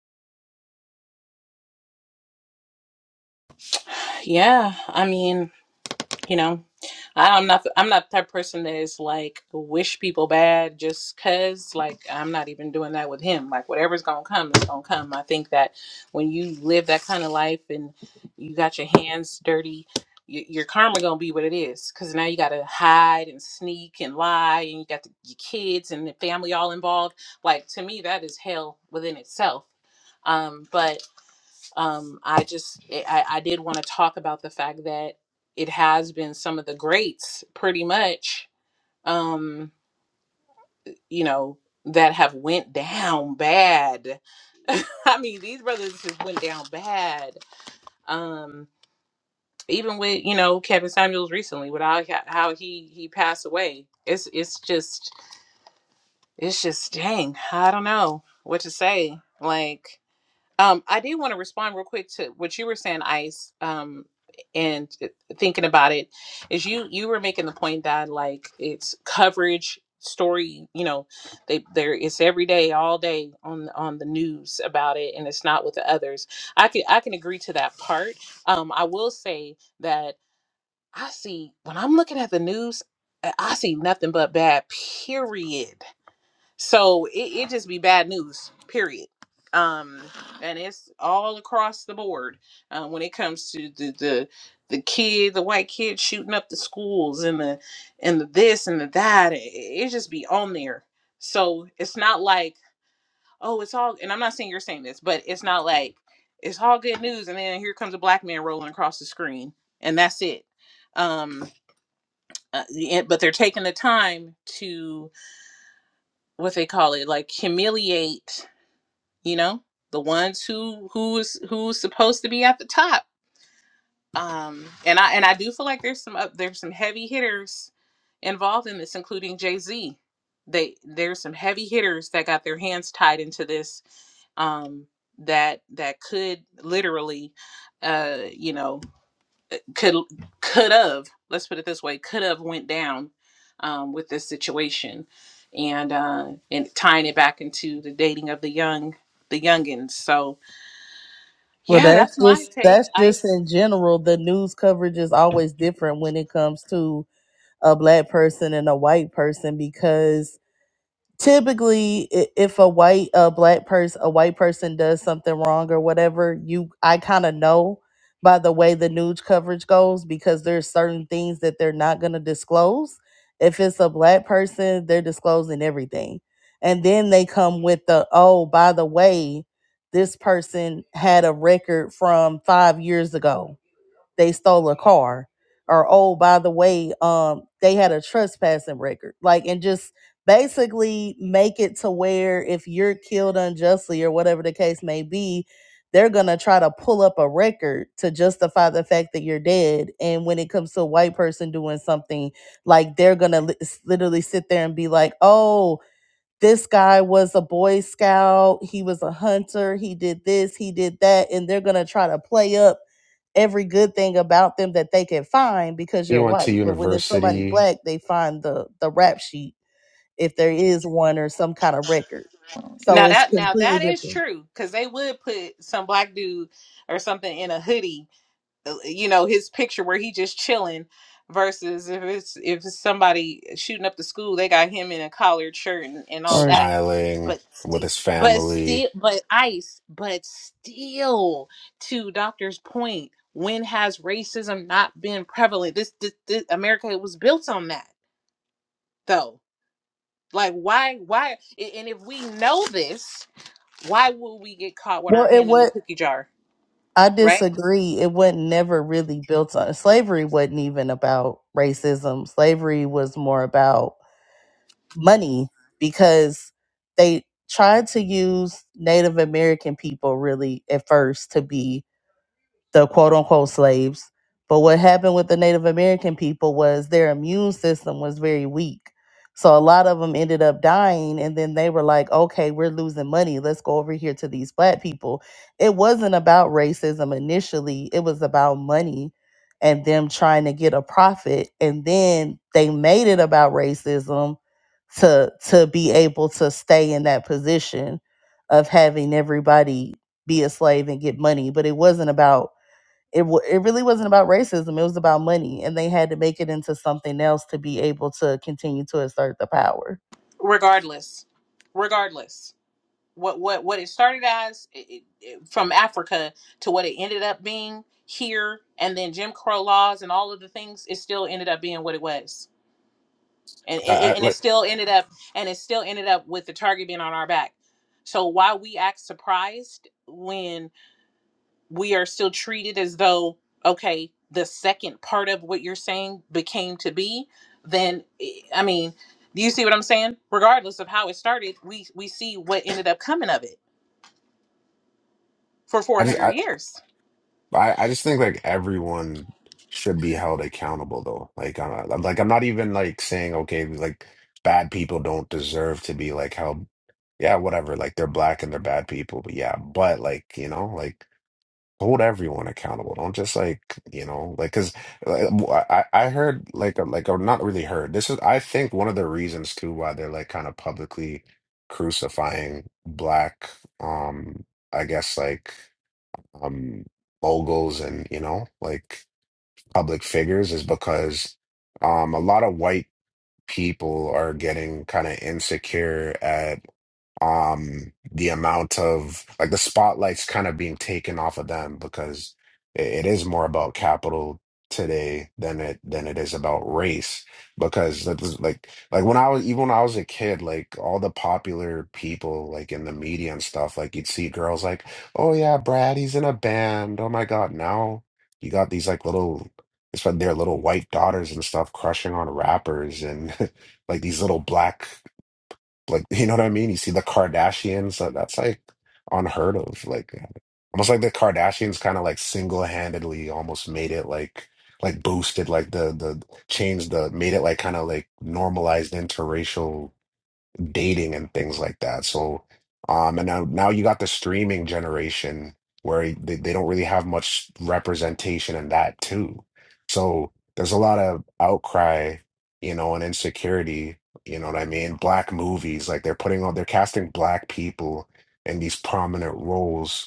A: Yeah. I mean, You know, I- am not I'm not the type of person that is like wish people bad just cause like I'm not even doing that with him. Like whatever's gonna come is gonna come. I think that when you live that kind of life and you got your hands dirty, y- your karma gonna be what it is. Cause now you gotta hide and sneak and lie, and you got the, your kids and the family all involved. Like to me, that is hell within itself. Um, but um, I just eh, I, I did want to talk about the fact that it has been some of the greats, pretty much, um, you know, that have went down bad. I mean, these brothers just went down bad. Um, even with you know Kevin Samuels recently, with how how he he passed away, it's it's just it's just dang. I don't know what to say. Like Um, I did want to respond real quick to what you were saying, Ice. Um, and thinking about it, is you you were making the point that like it's coverage story. You know, they there it's every day, all day on on the news about it, and it's not with the others. I can I can agree to that part. Um, I will say that I see when I'm looking at the news, I I see nothing but bad. Period so it, it just be bad news, period. Um, and it's all across the board um, when it comes to the, the the kid, the white kid shooting up the schools and the and the this and the that. It, it just be on there. So it's not like oh, it's all. And I'm not saying you're saying this, but it's not like it's all good news. And then here comes a black man rolling across the screen, and that's it. Um, uh, yeah, but they're taking the time to what they call it, like humiliate you know the ones who who's who's supposed to be at the top um and i and i do feel like there's some up there's some heavy hitters involved in this including jay-z they there's some heavy hitters that got their hands tied into this um that that could literally uh you know could could have let's put it this way could have went down um with this situation and uh and tying it back into the dating of the young the youngins so
G: Well,
A: yeah,
G: that's
A: that's my
G: just
A: take.
G: that's just
A: Ice.
G: in general. The news coverage is always different when it comes to a black person and a white person because typically i- if a white a black person a white person does something wrong or whatever you i kind of know by the way the news coverage goes because there's certain things that they're not going to disclose if it's a black person they're disclosing everything and then they come with the oh by the way this person had a record from five years ago they stole a car or oh by the way um they had a trespassing record like and just basically make it to where if you're killed unjustly or whatever the case may be they're going to try to pull up a record to justify the fact that you're dead and when it comes to a white person doing something like they're going to literally sit there and be like oh this guy was a boy scout he was a hunter he did this he did that and they're going to try to play up every good thing about them that they can find because
D: He
G: you're
D: went to
G: white. But when it's somebody
D: university
G: black, they find the the rap sheet if there is one or some kind of record. So
A: Now
G: it's
A: that now
G: completely
A: that is
G: different.
A: true because they would put some black dude or something in a hoodie, uh, you know, his picture where he just chilling. Versus if it's if it's somebody shooting up the school, they got him in a collared shirt and, and all
G: All right.
A: that.
D: smiling
A: But
D: with
A: still,
D: his
A: but still,
D: family.
A: but ice, but still, to Doctor's point, when has racism not been prevalent? This, this, this America was built on that though Like why why a- and if we know this, why will we get caught with
G: Well,
A: our
G: it
A: hand in the
G: what
A: cookie jar,
G: I
A: right?
G: disagree. It wasn't never really built on slavery. wasn't even about racism. Slavery was more about money because they tried to use Native American people really at first to be the quote unquote slaves. But what happened with the Native American people was their immune system was very weak. So a lot of them ended up dying. And then they were like, okay, we're losing money. Let's go over here to these black people. It wasn't about racism initially, it was about money and them trying to get a profit. And then they made it about racism to to be able to stay in that position of having everybody be a slave and get money but it wasn't about it wa it really wasn't about racism. It was about money, and they had to make it into something else to be able to continue to assert the power.
A: Regardless. Regardless. What what what it started as i i i- from Africa to what it ended up being here and then Jim Crow laws and all of the things it still ended up being what it was. And
D: I,
A: it,
D: I
A: it- and it
D: like
A: still ended up and it still ended up with the target being on our back. So why we act surprised we are still treated as though okay the second part of what you're saying became to be then i I mean do you see what i'm saying regardless of how it started we we see what ended up coming of it for
D: I just
A: 400
D: I,
A: years
D: I, I just think like everyone should be held accountable though. Like I'm uh, I'm- like I'm not even like saying okay like bad people don't deserve to be like held. Yeah, whatever. Like they're black and they're bad people, but yeah, but like you know like hold everyone accountable. Don't just like you know like because I I I heard like uh, like or not really heard. This is I think one of the reasons too why they're like kind of publicly crucifying black um I guess like um moguls and you know like public figures is because um a lot of white people are getting kind of insecure um the amount of like the spotlight's kind of being taken off of them because it, it is more about capital today than it than it is about race because that was like like when I was even when I was a kid like all the popular people like in the media and stuff like you'd see girls like oh yeah Brad he's in a band oh my God now you got these like little it's like their little white daughters and stuff crushing on rappers and like these little black like, you know what I mean? You see the Kardashians, uh, that's like unheard of. Like, almost like the Kardashians kind of like single-handedly almost made it like like boosted like the the changed the made it like kind of like normalized interracial dating and things like that. So, um, and now now you got the streaming generation where they, they don't really have much representation in that too. So there's a lot of outcry, you know, and insecurity, you know what I mean? Black movies, like they're putting on, they're casting black people in these prominent roles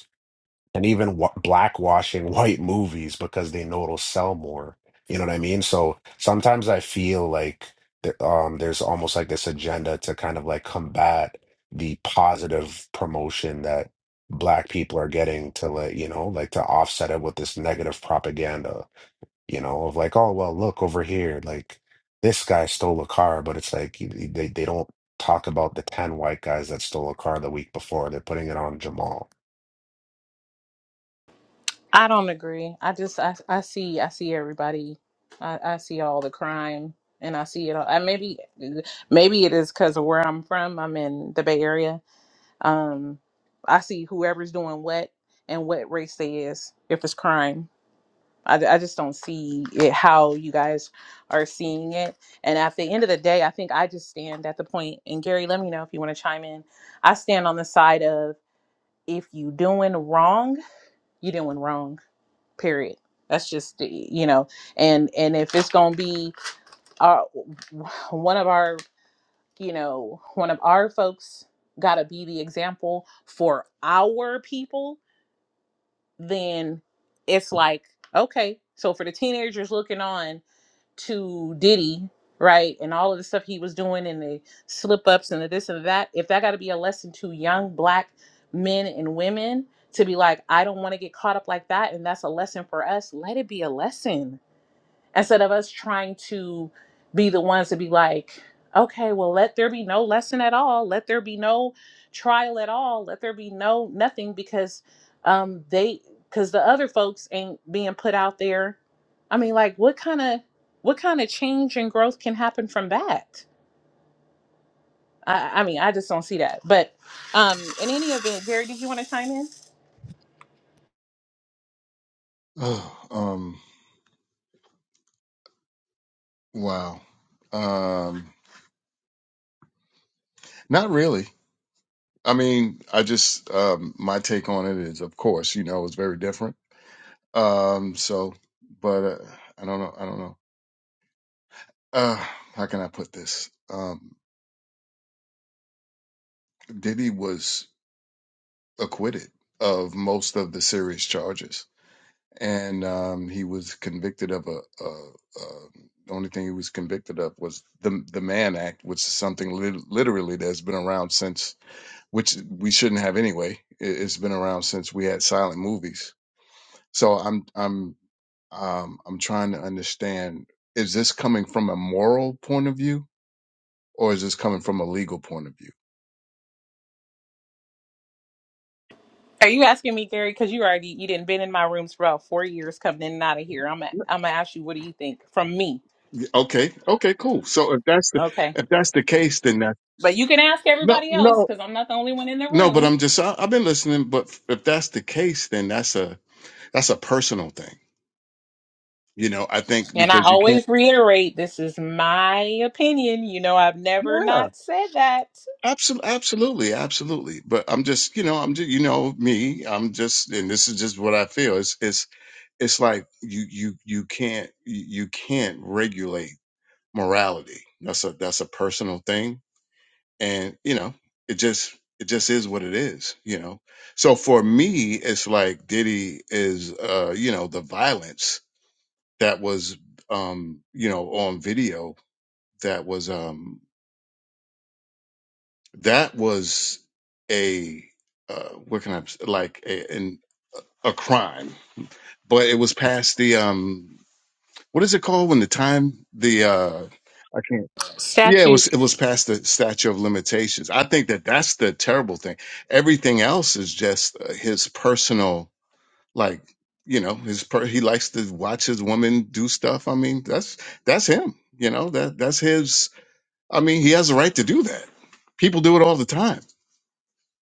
D: and even wa- blackwashing white movies because they know it'll sell more. You know what I mean? So sometimes I feel like th- um, there's almost like this agenda to kind of like combat the positive promotion that black people are getting to like you know like to offset it with this negative propaganda you know of like oh well look over here like this guy stole a car but it's like y- y- they, they don't talk about the 10 white guys that stole a car the week before they're putting it on jamal
A: i don't agree i just i, I see i see everybody I, I see all the crime and i see it all i maybe maybe it is because of where i'm from i'm in the bay area um i see whoever's doing what and what race they is if it's crime I, I just don't see it how you guys are seeing it. And at the end of the day, I think I just stand at the point, and Gary, let me know if you want to chime in. I stand on the side of if you doing wrong, you doing wrong, period. That's just, eh, you know, and, and if it's going to be our, one of our, you know, one of our folks got to be the example for our people, then it's like, okay, so for the teenagers looking on, to Diddy, right, and all of the stuff he was doing and the slip ups and the this and that, if that got to be a lesson to young black men and women to be like, I don't want to get caught up like that, and that's a lesson for us, let it be a lesson instead of us trying to be the ones to be like, okay, well, let there be no lesson at all. Let there be no trial at all. Let there be no nothing because um, they, because the other folks ain't being put out there. I mean, like, what kind of, what kind of change and growth can happen from that? I, I mean, I just don't see that. But um, in any event, Gary, did you want to chime in?
H: Oh, um, wow. Um, not really. I mean, I just um, my take on it is, of course, you know, it's very different. Um, so, but uh, I don't know. I don't know. Uh, how can I put this? Um, Diddy was acquitted of most of the serious charges, and um, he was convicted of a. a, a the only thing he was convicted of was the the Mann Act, which is something lit- literally that's been around since which we shouldn't have anyway. It, it's been around since we had silent movies. So I'm I'm um, I'm trying to understand: is this coming from a moral point of view, or is this coming from a legal point of view?
A: Are you asking me, Gary? Because you already you didn't been in my rooms for about four years, coming in and out of here. I'm i I'm gonna ask you, what do you think from me?
H: Okay, okay, cool. So if that's the
A: Okay.
H: if that's the case, then that
A: But you can ask
H: no
A: everybody else
H: no
A: because I'm not the only one in the
H: no. But
A: room.
H: I'm just I, I've been listening. But if that's the case, then that's a that's a personal thing. You know, I think
A: And I
H: because you can't.
A: always reiterate this is my opinion. You know, I've never not said that.
H: Absolutely, absolutely, absolutely. But I'm just, you know, I'm just, you know, me. I'm just, and this is just what I feel. It's, it's, it's like you, you, you can't, you you can't regulate morality. That's a, that's a personal thing, and you know, it just, it just is what it is. You know, so for me, it's like Diddy is, uh, you know, the violence that was, um, you know, on video that was, um That was a uh, what can I like a an, a crime, but it was past the um what is it called when the time the uh I can't yeah it was
A: Statute.
H: it was past the statute of limitations. I think that that's the terrible thing. Everything else is just uh, his personal like you know his per- he likes to watch his woman do stuff. I mean that's that's him. You know that that's his. I mean he has a right to do that. People do it all the time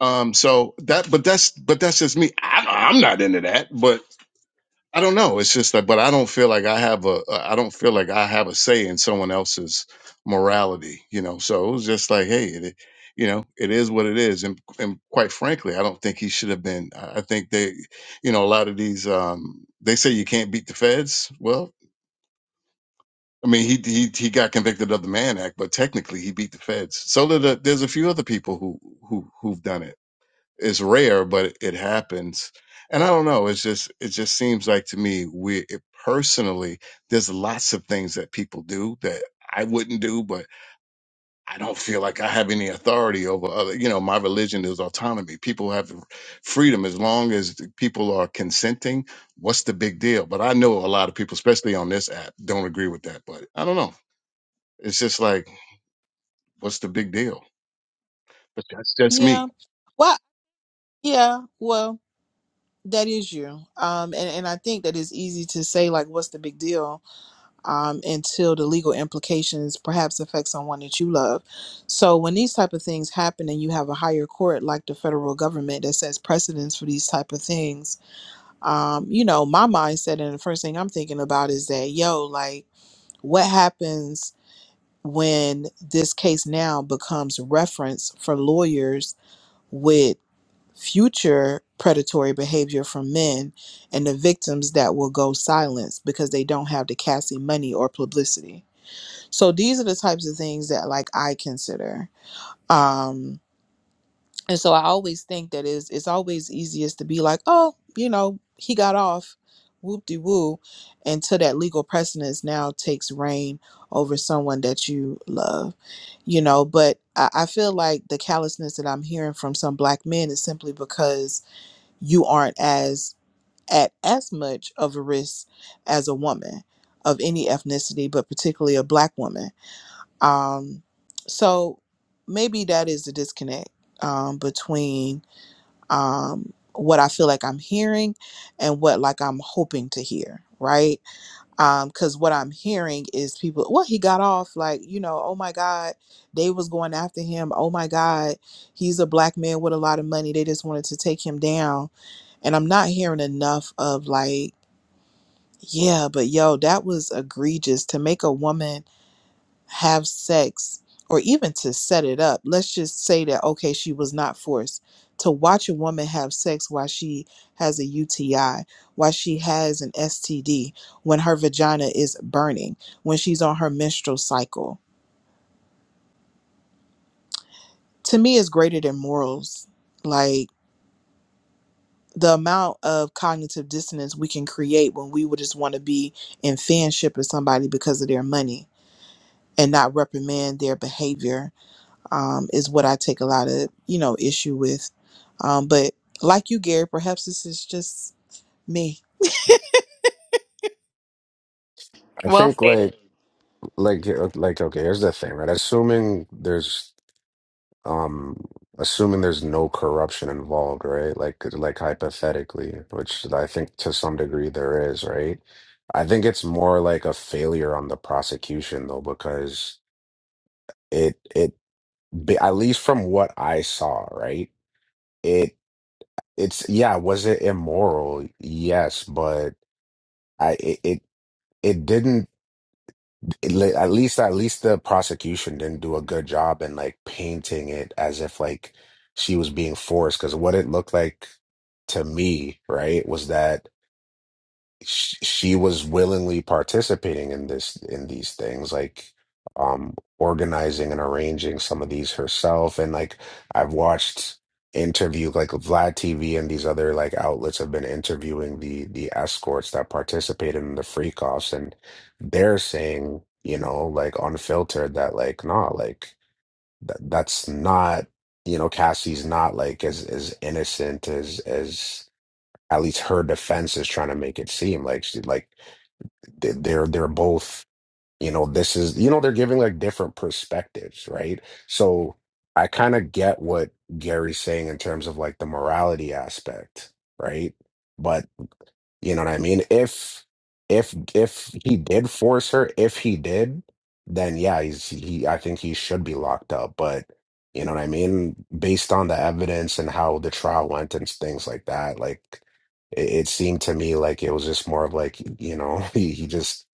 H: Um, so that, but that's, but that's just me. I, I'm not into that, but I don't know. It's just that, but I don't feel like I have a, uh, I don't feel like I have a say in someone else's morality, you know? So it was just like, Hey, it, you know, it is what it is. And, and quite frankly, I don't think he should have been, I I think they, you know, a lot of these, um, they say you can't beat the feds. Well, I mean, he, he, he got convicted of the Mann Act, but technically he beat the feds. So did a, there's a few other people who, who, who've done it it's rare, but it happens. And I don't know. It's just it just seems like to me we it, personally there's lots of things that people do that I wouldn't do, but I don't feel like I have any authority over other. You know, my religion is autonomy. People have freedom as long as the people are consenting. What's the big deal? But I know a lot of people, especially on this app, don't agree with that. But I don't know. It's just like, what's the big deal? But that's just me.
F: Yeah. Well, yeah, well, that is you. Um, and, and I think that it's easy to say, like, what's the big deal? Um, until the legal implications perhaps affect someone that you love. So when these type of things happen and you have a higher court like the federal government that sets precedence for these type of things, um, you know, my mindset and the first thing I'm thinking about is that, yo, like, what happens when this case now becomes reference for lawyers with future predatory behavior from men and the victims that will go silence because they don't have the Cassie money or publicity. So these are the types of things that like I consider. Um and so I always think that is it's always easiest to be like, oh, you know, he got off, whoop de woo, until that legal precedence now takes reign over someone that you love, you know. But I, I feel like the callousness that I'm hearing from some black men is simply because you aren't as at as much of a risk as a woman of any ethnicity, but particularly a black woman. Um, so maybe that is the disconnect um, between um, what I feel like I'm hearing and what like I'm hoping to hear, right? Um, Because what I'm hearing is people, well, he got off like, you know, oh my God, they was going after him. Oh my God, he's a black man with a lot of money. They just wanted to take him down. And I'm not hearing enough of like, yeah, but yo, that was egregious to make a woman have sex or even to set it up let's just say that okay she was not forced to watch a woman have sex while she has a UTI while she has an STD when her vagina is burning when she's on her menstrual cycle to me is greater than morals like the amount of cognitive dissonance we can create when we would just want to be in fanship with somebody because of their money and not reprimand their behavior um, is what I take a lot of you know issue with. Um, but like you, Gary, perhaps this is just me,
D: i
A: Well
D: think like
A: stated.
D: like you like okay here's the thing right assuming there's um assuming there's no corruption involved right like like hypothetically which i think to some degree there is right i think it's more like a failure on the prosecution though because it it be- at least from what i saw right it it's yeah was it immoral yes but i it it, it didn't it le- at least at least the prosecution didn't do a good job in like painting it as if like she was being forced because what it looked like to me right was that sh- she was willingly participating in this in these things like um organizing and arranging some of these herself and like I've watched interview like Vlad TV and these other like outlets have been interviewing the the escorts that participated in the freak offs and they're saying you know like unfiltered that like nah like that that's not you know Cassie's not like as as innocent as as at least her defense is trying to make it seem like she like they- they're they're both you know this is you know they're giving like different perspectives right so i kind of get what gary's saying in terms of like the morality aspect right But. You know what I mean? If if if he did force her, if he did, then yeah, he's he I think he should be locked up. But you know what I mean? Based on the evidence and how the trial went and things like that, like it, it seemed to me like it was just more of like, you know, he, he just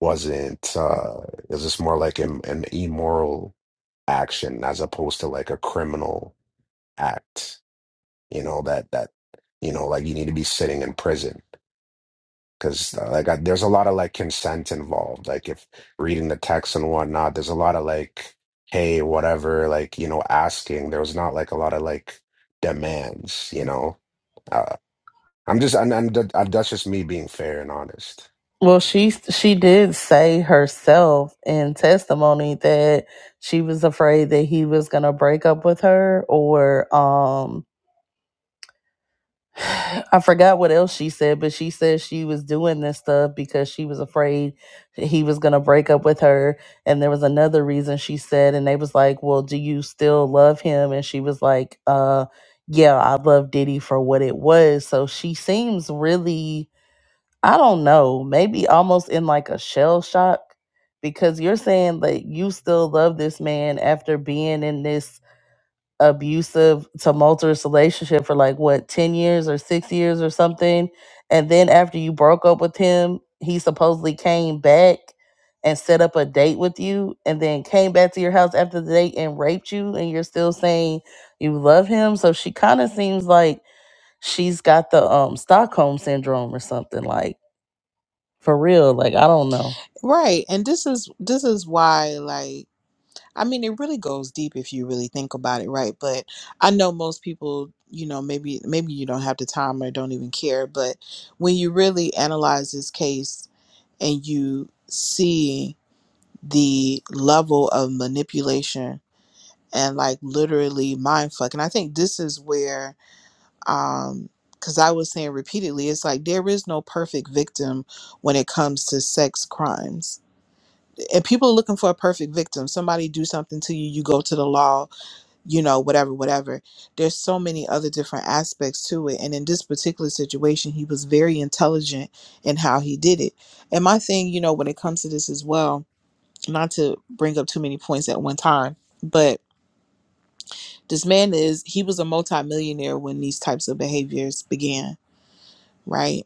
D: wasn't uh it was just more like an, an immoral action as opposed to like a criminal act, you know, that that you know, like you need to be sitting in prison because like I, there's a lot of like consent involved like if reading the text and whatnot there's a lot of like hey whatever like you know asking there was not like a lot of like demands you know uh, i'm just and, and th- uh, that's just me being fair and honest
G: Well, she she did say herself in testimony that she was afraid that he was going to break up with her, or um I forgot what else she said, but she said she was doing this stuff because she was afraid that he was gonna break up with her. And there was another reason she said, and they was like, "Well, do you still love him?" And she was like, "Uh, yeah, I love Diddy for what it was." So she seems really, I don't know, maybe almost in like a shell shock because you're saying that you still love this man after being in this abusive, tumultuous relationship for like what, 10 years or six years or something. And then after you broke up with him, he supposedly came back and set up a date with you and then came back to your house after the date and raped you. And you're still saying you love him. So she kind of seems like she's got the um, Stockholm syndrome or something like for real. Like, I don't know.
F: right? And this is this is why, like, I mean, it really goes deep if you really think about it, right? But I know most people, you know, maybe maybe you don't have the time or don't even care, but when you really analyze this case and you see the level of manipulation and like literally mind fuck and i think this is where um because i was saying repeatedly it's like there is no perfect victim when it comes to sex crimes and people are looking for a perfect victim somebody do something to you you go to the law you know whatever whatever there's so many other different aspects to it and in this particular situation he was very intelligent in how he did it and my thing you know when it comes to this as well not to bring up too many points at one time but this man is he was a multimillionaire when these types of behaviors began right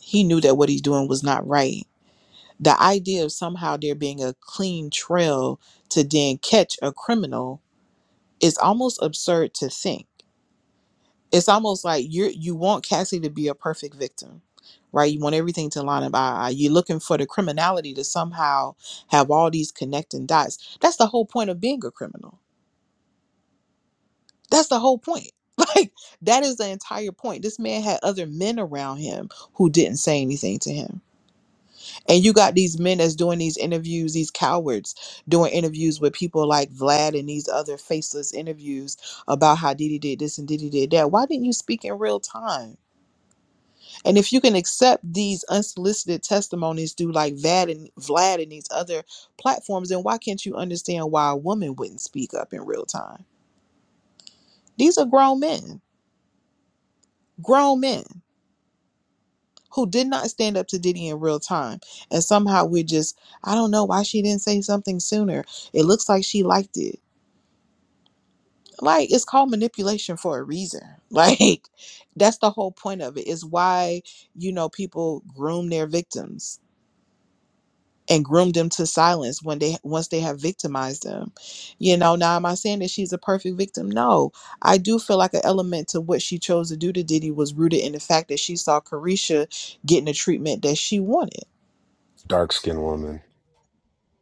F: He knew that what he's doing was not right. The idea of somehow there being a clean trail to then catch a criminal is almost absurd to think. It's almost like you you want Cassie to be a perfect victim, right? You want everything to line up. eye. eye. You're looking for the criminality to somehow have all these connecting dots. That's the whole point of being a criminal. That's the whole point. Like that is the entire point. This man had other men around him who didn't say anything to him And you got these men that's doing these interviews, these cowards doing interviews with people like Vlad and these other faceless interviews about how Diddy did this and Diddy did that. Why didn't you speak in real time? And if you can accept these unsolicited testimonies through like Vlad and Vlad and these other platforms, then why can't you understand why a woman wouldn't speak up in real time? These are grown men, grown men. who did not stand up to Diddy in real time. And somehow we're just, I don't know why she didn't say something sooner. It looks like she liked it. Like it's called manipulation for a reason. Like that's the whole point of it. Is why you know people groom their victims and groom them to silence when they once they have victimized them. You know, now am I saying that she's a perfect victim? No. I do feel like an element to what she chose to do to Diddy was rooted in the fact that she saw Carisha getting the treatment that she wanted
D: dark skinned woman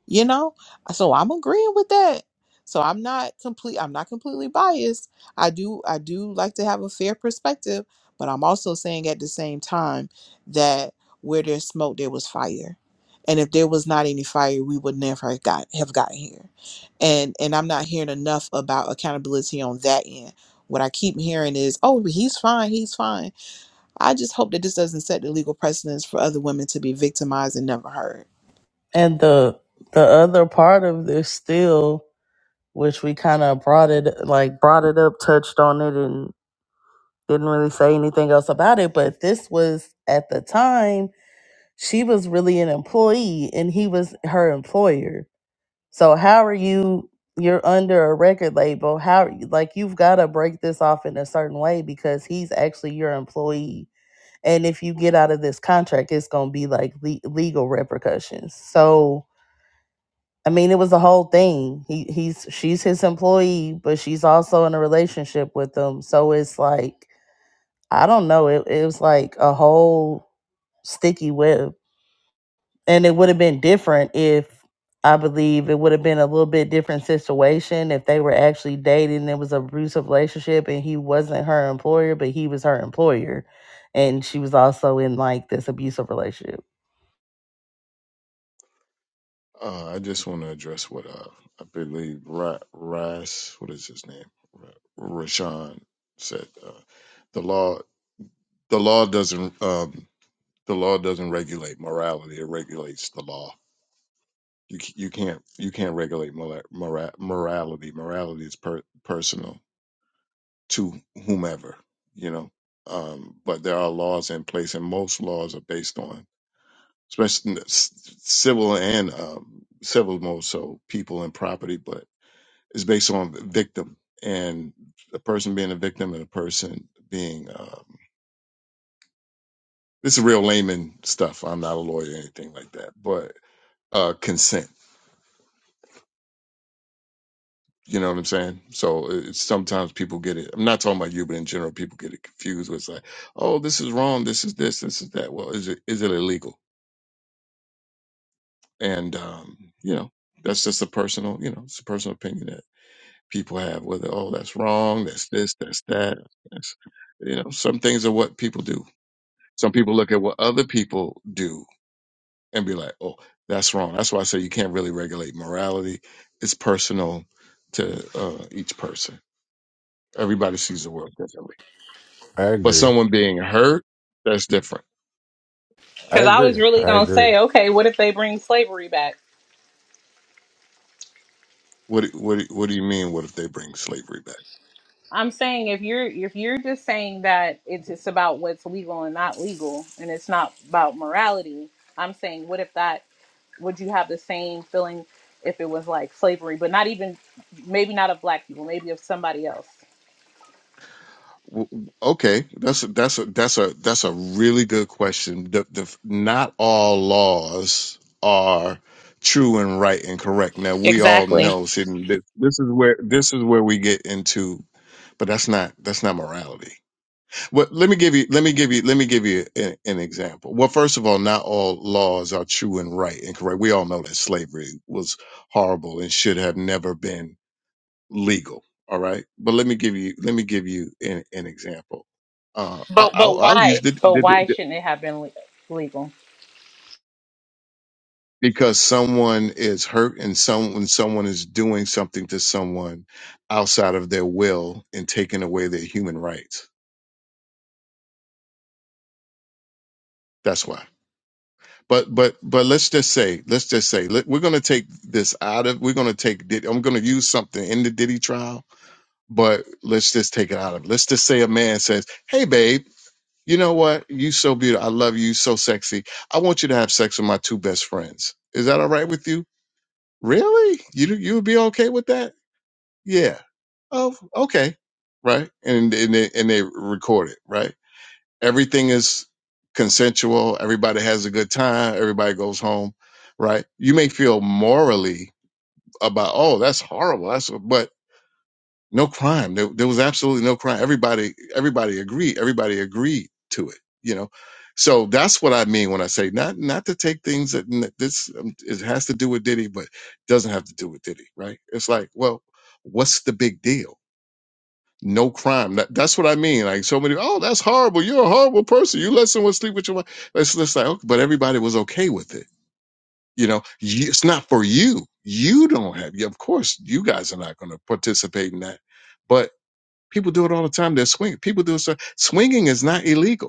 F: you know so i'm agreeing with that so i'm not complete i'm not completely biased i do i do like to have a fair perspective but i'm also saying at the same time that where there's smoke there was fire and if there was not any fire we would never have got have gotten here and and i'm not hearing enough about accountability on that end what i keep hearing is oh he's fine he's fine i just hope that this doesn't set the legal precedence for other women to be victimized and never heard
G: And the, the other part of this still which we kind of brought it like brought it up, touched on it, and didn't really say anything else about it. But this was at the time she was really an employee and he was her employer. So how are you? You're under a record label. How like you've got to break this off in a certain way because he's actually your employee. And if you get out of this contract, it's gonna be like le- legal repercussions. So I mean, it was the whole thing. He he's she's his employee, but she's also in a relationship with him. So it's like I don't know. It it was like a whole sticky web, and it would have been different if I believe it would have been a little bit different situation if they were actually dating. and It was a abusive relationship, and he wasn't her employer, but he was her employer, and she was also in like this abusive relationship.
H: Uh, I just want to address what uh, I believe Ra- Rice, what is his name, Ra- Rashawn said. Uh, the law, the law doesn't, um, the law doesn't regulate morality. It regulates the law. You c- you can't you can't regulate mora- mora- morality. Morality is per- personal to whomever you know. Um, but there are laws in place, and most laws are based on, especially in the s- civil and um, civil more so people and property, but is based on victim and a person being a victim and a person being um, this is real layman stuff. I'm not a lawyer or anything like that, but uh, consent. You know what I'm saying? So it's, sometimes people get it. I'm not talking about you, but in general, people get it confused. With like, oh, this is wrong. This is this. This is that. Well, is it is it illegal? And um, you know, that's just a personal. You know, it's a personal opinion that people have. Whether oh, that's wrong. That's this. That's that. That's, you know, some things are what people do Some people look at what other people do and be like, "Oh, that's wrong." That's why I say you can't really regulate morality. It's personal to uh, each person. Everybody sees the world differently.
D: i
H: But
D: agree
H: someone being hurt, that's different.
D: i
A: Because I was
D: agree
A: really
D: i
A: gonna
D: agree
A: say, okay, what if they bring slavery back?
H: What do- what do- what do you mean? What if they bring slavery back?
A: I'm saying if you're if you're just saying that it's it's about what's legal and not legal, and it's not about morality. I'm saying, what if that? would you have the same feeling if it was like slavery, but not even maybe not of black people, maybe of somebody else?
H: W- w- Okay, that's a, that's a that's a that's a really good question. The, the, not all laws are true and right and correct. Now we all
A: Exactly.
H: know. See, this, this is where this is where we get into but that's not that's not morality. Well, let me give you let me give you let me give you an, an example. Well, first of all, not all laws are true and right and correct. We all know that slavery was horrible and should have never been legal. All right, but let me give you let me give you an, an example. Uh, I,
A: But but
H: I'll, I'll
A: why?
H: use the,
A: But
H: the, the
A: why
H: the-
A: shouldn't it have been le- legal?
H: because someone is hurt and some when someone is doing something to someone outside of their will and taking away their human rights. That's why. but but but let's just say let's just say let, we're going to take this out of we're going to take Diddy- i'm going to use something in the diddy trial but let's just take it out of it. let's just say a man says hey babe you know what you so beautiful i love you you so sexy i want you to have sex with my two best friends is that all right with you really you you would be okay with that yeah oh okay right and and they, and they record it right everything is consensual everybody has a good time everybody goes home right you may feel morally about oh that's horrible that's but no crime there, there was absolutely no crime everybody everybody agreed everybody agreed to it you know so that's what i mean when i say not not to take things that n- this um, it has to do with diddy but doesn't have to do with diddy right it's like well what's the big deal no crime. That, that's what I mean. Like so many, oh, that's horrible. You're a horrible person. You let someone sleep with your wife. It's just like, okay, but everybody was okay with it. You know, you, it's not for you. You don't have. Yeah, of course, you guys are not going to participate in that. But people do it all the time. They're swinging. People do it. so- Swinging is not illegal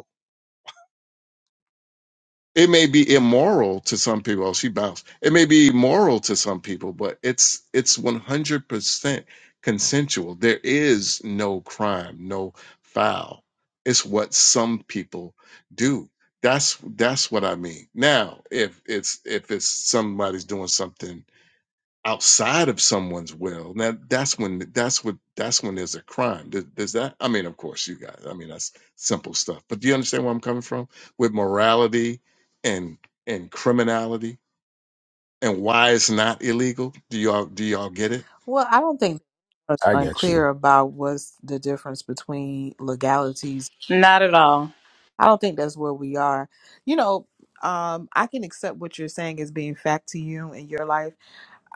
H: It may be immoral to some people. Oh, she bounced. It may be immoral to some people, but it's it's one hundred percent consensual. There is no crime, no foul. It's what some people do. That's that's what I mean. Now, if it's if it's somebody's doing something outside of someone's will now that's when that's what that's when there's a crime does, does that i mean of course you guys i mean that's simple stuff but do you understand where i'm coming from with morality and and criminality and why it's not illegal do y'all do y'all get it
F: Well, I don't think that's
D: i get you
F: unclear about what's the difference between legalities.
A: Not at all.
F: I don't think that's where we are. You know, um, I can accept what you're saying as being fact to you in your life.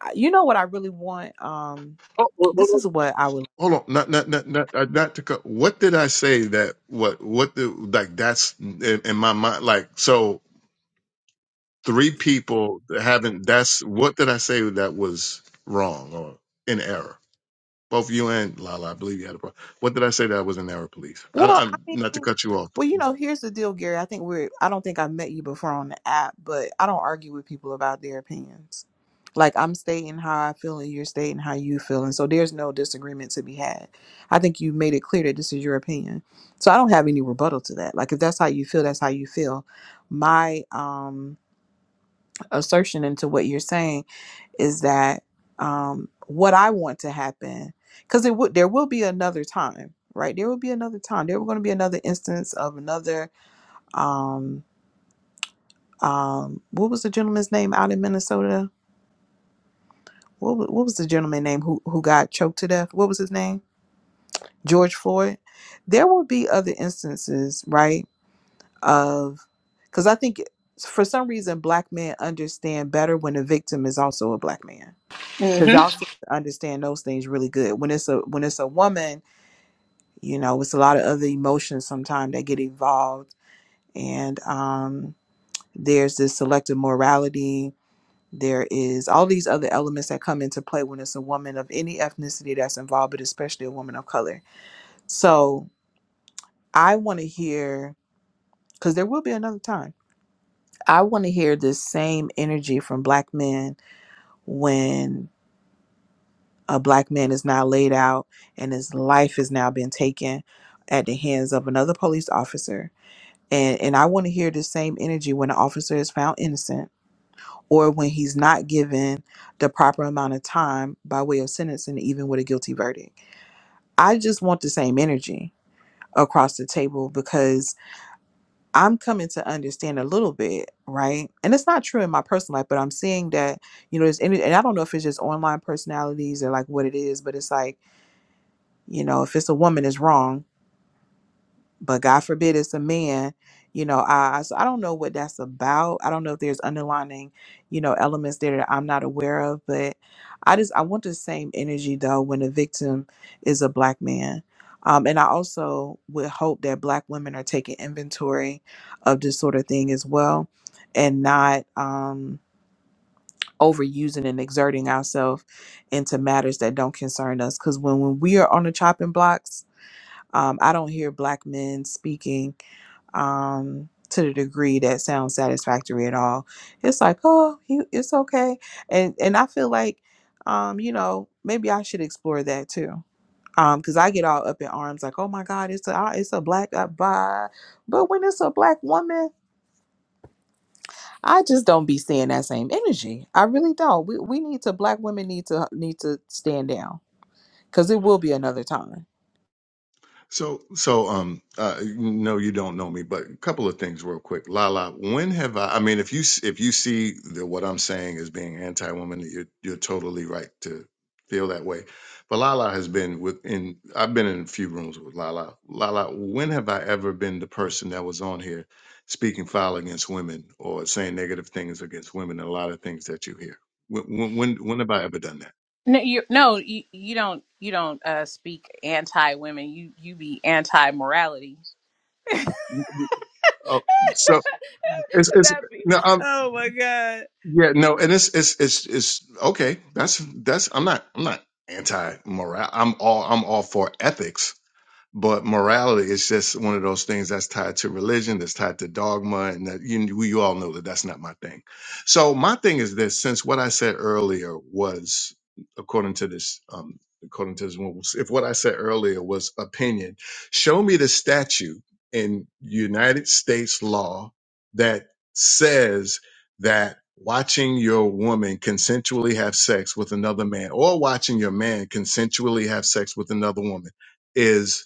F: I- You know what I really want? Um,
H: Oh, well, well,
F: this
H: well,
F: is what I would
H: hold on, not not not not uh, not to cut. What did I say that what what the like that's in, in my mind like so three people that haven't that's what did I say that was wrong or in error? Both you and Lala, I believe you had a problem. What did I say that was in error, please? I,
F: Well, I
H: I'm not to
F: mean,
H: cut you off.
F: well, you know, here's the deal, Gary. I think we're, I don't think I've met you before on the app, but I don't argue with people about their opinions. Like, I'm stating how I feel and you're stating how you feel. And so there's no disagreement to be had. I think you made it clear that this is your opinion. So I don't have any rebuttal to that. Like, if that's how you feel, that's how you feel. My um, assertion into what you're saying is that um, what I want to happen, because it would there will be another time, right? There will be another time. There will going to be another instance of another. Um, um, what was the gentleman's name out in Minnesota? What, wa- what was the gentleman name who who got choked to death? What was his name? George Floyd. There will be other instances, right? Of because I think for some reason black men understand better when the victim is also a black man because
A: hmm
F: y'all seem to understand those things really good. When it's a when it's a woman, you know, it's a lot of other emotions sometimes that get involved, and um, there's this selective morality. There is all these other elements that come into play when it's a woman of any ethnicity that's involved, but especially a woman of color. So I want to hear because there will be another time. I want to hear this same energy from black men when a black man is now laid out and his life is now been taken at the hands of another police officer and and i want to hear the same energy when an officer is found innocent or when he's not given the proper amount of time by way of sentencing even with a guilty verdict i just want the same energy across the table because i'm coming to understand a little bit right and it's not true in my personal life but i'm seeing that you know there's any and i don't know if it's just online personalities or like what it is but it's like you know if it's a woman it's wrong but god forbid it's a man you know i I- so i don't know what that's about i don't know if there's underlining you know elements there that i'm not aware of but i just i want the same energy though when the victim is a black man um, and i also would hope that black women are taking inventory of this sort of thing as well and not um overusing and exerting ourselves into matters that don't concern us because when, when we are on the chopping blocks um, I don't hear black men speaking um, to the degree that sounds satisfactory at all. It's like, oh, he, it's okay, and and I feel like, um, you know, maybe I should explore that too. Um, because I get all up in arms, like, oh my God, it's a ah, it's a black uh, blah. But when it's a black woman, I just don't be seeing that same energy. I really don't. We we need to black women need to need to stand down because it will be another time
H: So, so, um, uh, no, you don't know me, but a couple of things real quick. Lala, when have I, I mean, if you, s- if you see that what I'm saying is being anti-woman, you're, you're totally right to feel that way. But Lala has been within, I've been in a few rooms with Lala. Lala, when have I ever been the person that was on here speaking foul against women or saying negative things against women? And a lot of things that you hear. When, when, when when have I ever done that?
A: No, you no you, you don't you don't uh, speak anti women. You you be anti morality.
H: Mm, mm, Oh, so it's, it's,
A: That be,
H: no.
A: oh my god.
H: Yeah, no, and it's it's it's it's okay. That's that's I'm not I'm not anti moral. I'm all I'm all for ethics but morality is just one of those things that's tied to religion that's tied to dogma and that you, we- you all know that that's not my thing so my thing is this since what i said earlier was according to this um according to this one, if what i said earlier was opinion show me the statute in united states law that says that watching your woman consensually have sex with another man or watching your man consensually have sex with another woman is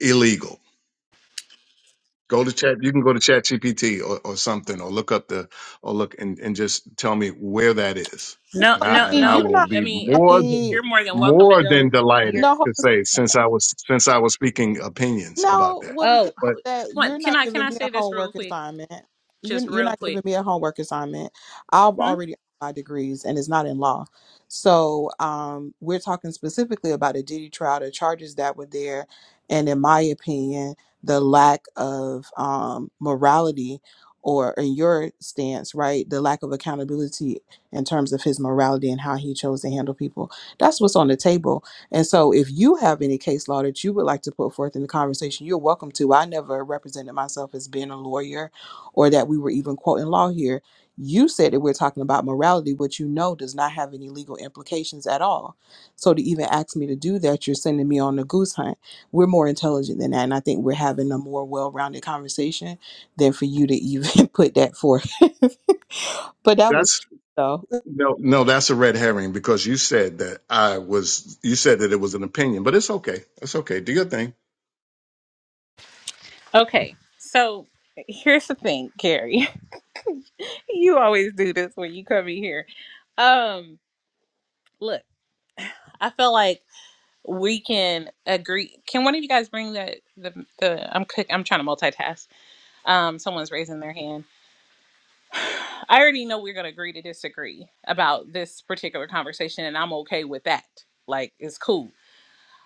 H: illegal. Go to chat. You can go to ChatGPT or, or something or look up the or look and, and just tell me where that is.
F: Well,
A: No,
H: And
F: I
H: I
A: no,
H: and
F: mean,
H: I
A: no.
F: you're
H: will
F: not.
A: I
H: be
A: mean, i
F: I
H: more
A: i-
H: than
A: you're
F: mean,
A: more than welcome to
H: more than
A: go.
H: delighted
A: You're.
F: no, hold on
H: to say since I was since I was speaking opinions about
F: No,
H: that.
F: well, the thing
A: Oh,
H: But
A: ho-
F: is that you're
A: what? Can
F: not
A: I? Can
F: giving
A: I
F: me a
A: say this real
F: homework
A: quick?
F: assignment. You're
A: Just
F: you're
A: real
F: not giving
A: quick.
F: me a homework assignment. I've already earned my degrees, and it's not in law. So, um, we're talking specifically about a Diddy trial, the charges that were there, and in my opinion, the lack of um morality, or in your stance, right, the lack of accountability in terms of his morality and how he chose to handle people. That's what's on the table and so, if you have any case law that you would like to put forth in the conversation, you're welcome to. I never represented myself as being a lawyer or that we were even quoting law here. You said that we're talking about morality, which you know does not have any legal implications at all. So, to even ask me to do that, you're sending me on a goose hunt. We're more intelligent than that. And I think we're having a more well rounded conversation than for you to even put that forth. but that was
H: that's
F: cute, though.
H: no no that's a red herring because you said that I was you said that it was an opinion, but it's okay. It's okay. Do your thing.
A: Okay, so here's the thing, Carrie. you always do this when you come in here. Um, look, I feel like we can agree. Can one of you guys bring the the, the I'm cook, I'm trying to multitask. Um, someone's raising their hand. I already know we're gonna agree to disagree about this particular conversation, and I'm okay with that. Like, it's cool.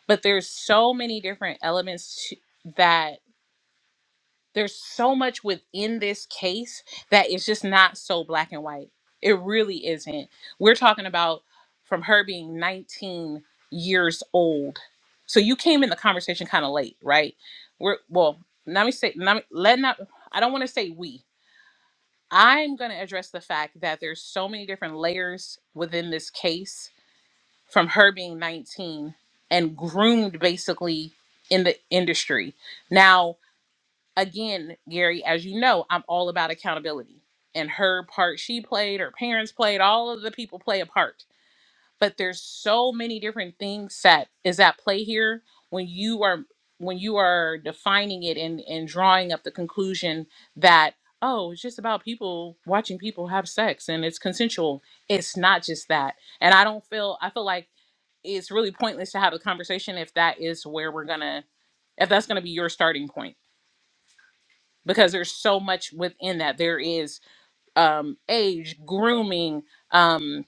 A: But there's so many different elements to, that there's so much within this case that is just not so black and white. It really isn't. We're talking about from her being 19 years old. So you came in the conversation kind of late, right? We're well, let me say let, me, let not I don't want to say we. I'm going to address the fact that there's so many different layers within this case from her being 19 and groomed basically in the industry. Now, again, Gary, as you know, I'm all about accountability. And her part she played, her parents played, all of the people play a part. But there's so many different things that is at play here when you are when you are defining it and, and drawing up the conclusion that, oh, it's just about people watching people have sex and it's consensual. It's not just that. And I don't feel I feel like it's really pointless to have a conversation if that is where we're gonna if that's gonna be your starting point because there's so much within that there is um, age grooming um,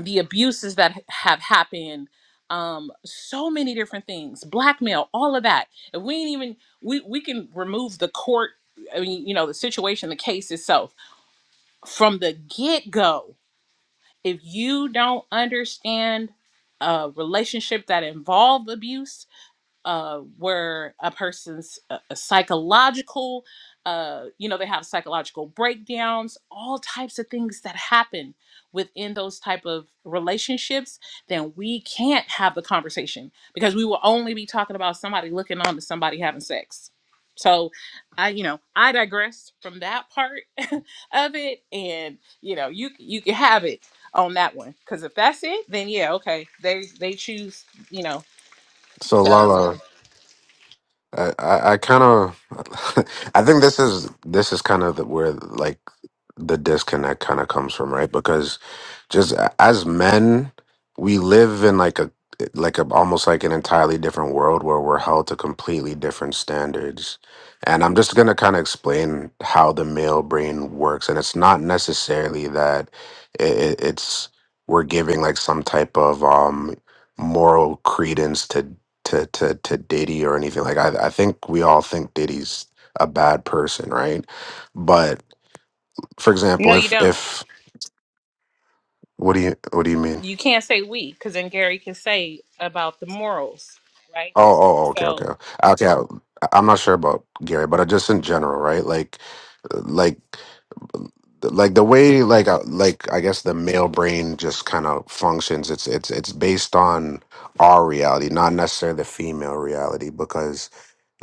A: the abuses that h- have happened um, so many different things blackmail all of that if we ain't even we, we can remove the court i mean you know the situation the case itself from the get-go if you don't understand a relationship that involved abuse uh, where a person's uh, uh, psychological, uh, you know, they have psychological breakdowns, all types of things that happen within those type of relationships, then we can't have the conversation because we will only be talking about somebody looking on to somebody having sex. So, I you know I digressed from that part of it, and you know you you can have it on that one because if that's it, then yeah, okay, they they choose you know
D: So
A: to. um,
D: Lala, I I, I kind of I think this is this is kind of the, where like the disconnect kind of comes from, right? Because just a- as men we live in like a like a almost like an entirely different world where we're held to completely different standards and i'm just going to kind of explain how the male brain works and it's not necessarily that it, it's we're giving like some type of um moral credence to to to, to diddy or anything like I, I think we all think diddy's a bad person right but for
A: No,
D: example
A: you
D: if
A: don't.
D: if what do you what do you mean
A: You can't say we, because then Gary can say about the morals, right?
D: Oh, oh, oh, okay, okay,
A: So,
D: okay. I, I'm not sure about Gary, but I just in general, right? Like, like, like the way, like, uh, like I guess the male brain just kind of functions. It's, it's, it's based on our reality, not necessarily the female reality. Because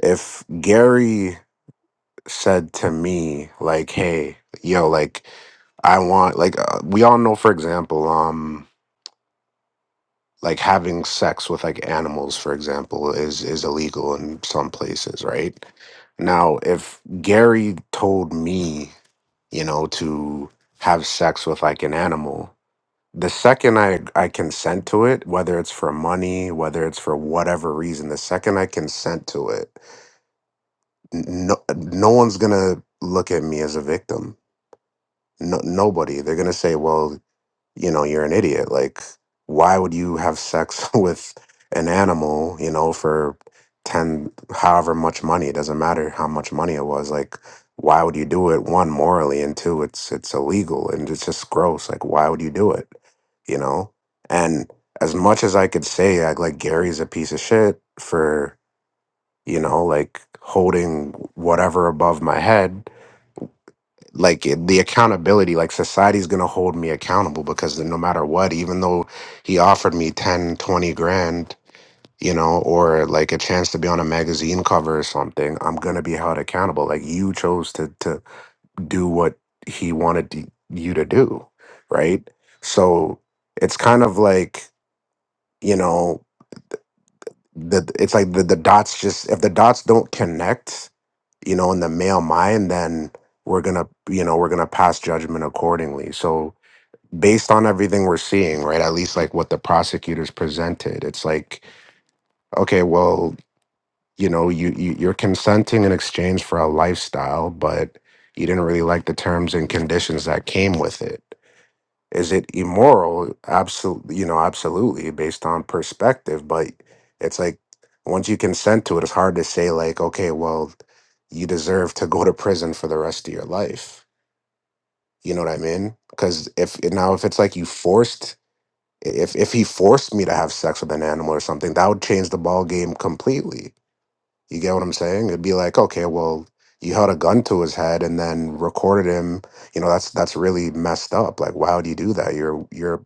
D: if Gary said to me, like, "Hey, yo, like, I want," like, uh, we all know, for example, um. like having sex with like animals for example is is illegal in some places right now if gary told me you know to have sex with like an animal the second i i consent to it whether it's for money whether it's for whatever reason the second i consent to it n- no no one's gonna look at me as a victim no, nobody they're gonna say well you know, you're an idiot. Like, why would you have sex with an animal, you know, for 10, however much money? It doesn't matter how much money it was. Like, why would you do it? One, morally, and two, it's it's illegal and it's just gross. Like, why would you do it? You know? And as much as I could say, I, like, Gary's a piece of shit for, you know, like holding whatever above my head, like it- the accountability like society's going to hold me accountable because no matter what even though he offered me 10, 20 grand you know or like a chance to be on a magazine cover or something i'm going to be held accountable like you chose to to do what he wanted to, you to do right so it's kind of like you know the it's like the, the dots just if the dots don't connect you know in the male mind then we're gonna you know we're gonna pass judgment accordingly so based on everything we're seeing right at least like what the prosecutors presented it's like okay well you know you, you you're consenting in exchange for a lifestyle but you didn't really like the terms and conditions that came with it is it immoral? Absolutely, you know, absolutely, based on perspective. But it's like once you consent to it, it's hard to say like, okay, well, you deserve to go to prison for the rest of your life. You know what I mean? Because if now if it's like you forced, if if he forced me to have sex with an animal or something, that would change the ball game completely. You get what I'm saying? It'd be like, okay, well, you held a gun to his head and then recorded him you know that's that's really messed up like why would you do that you're you're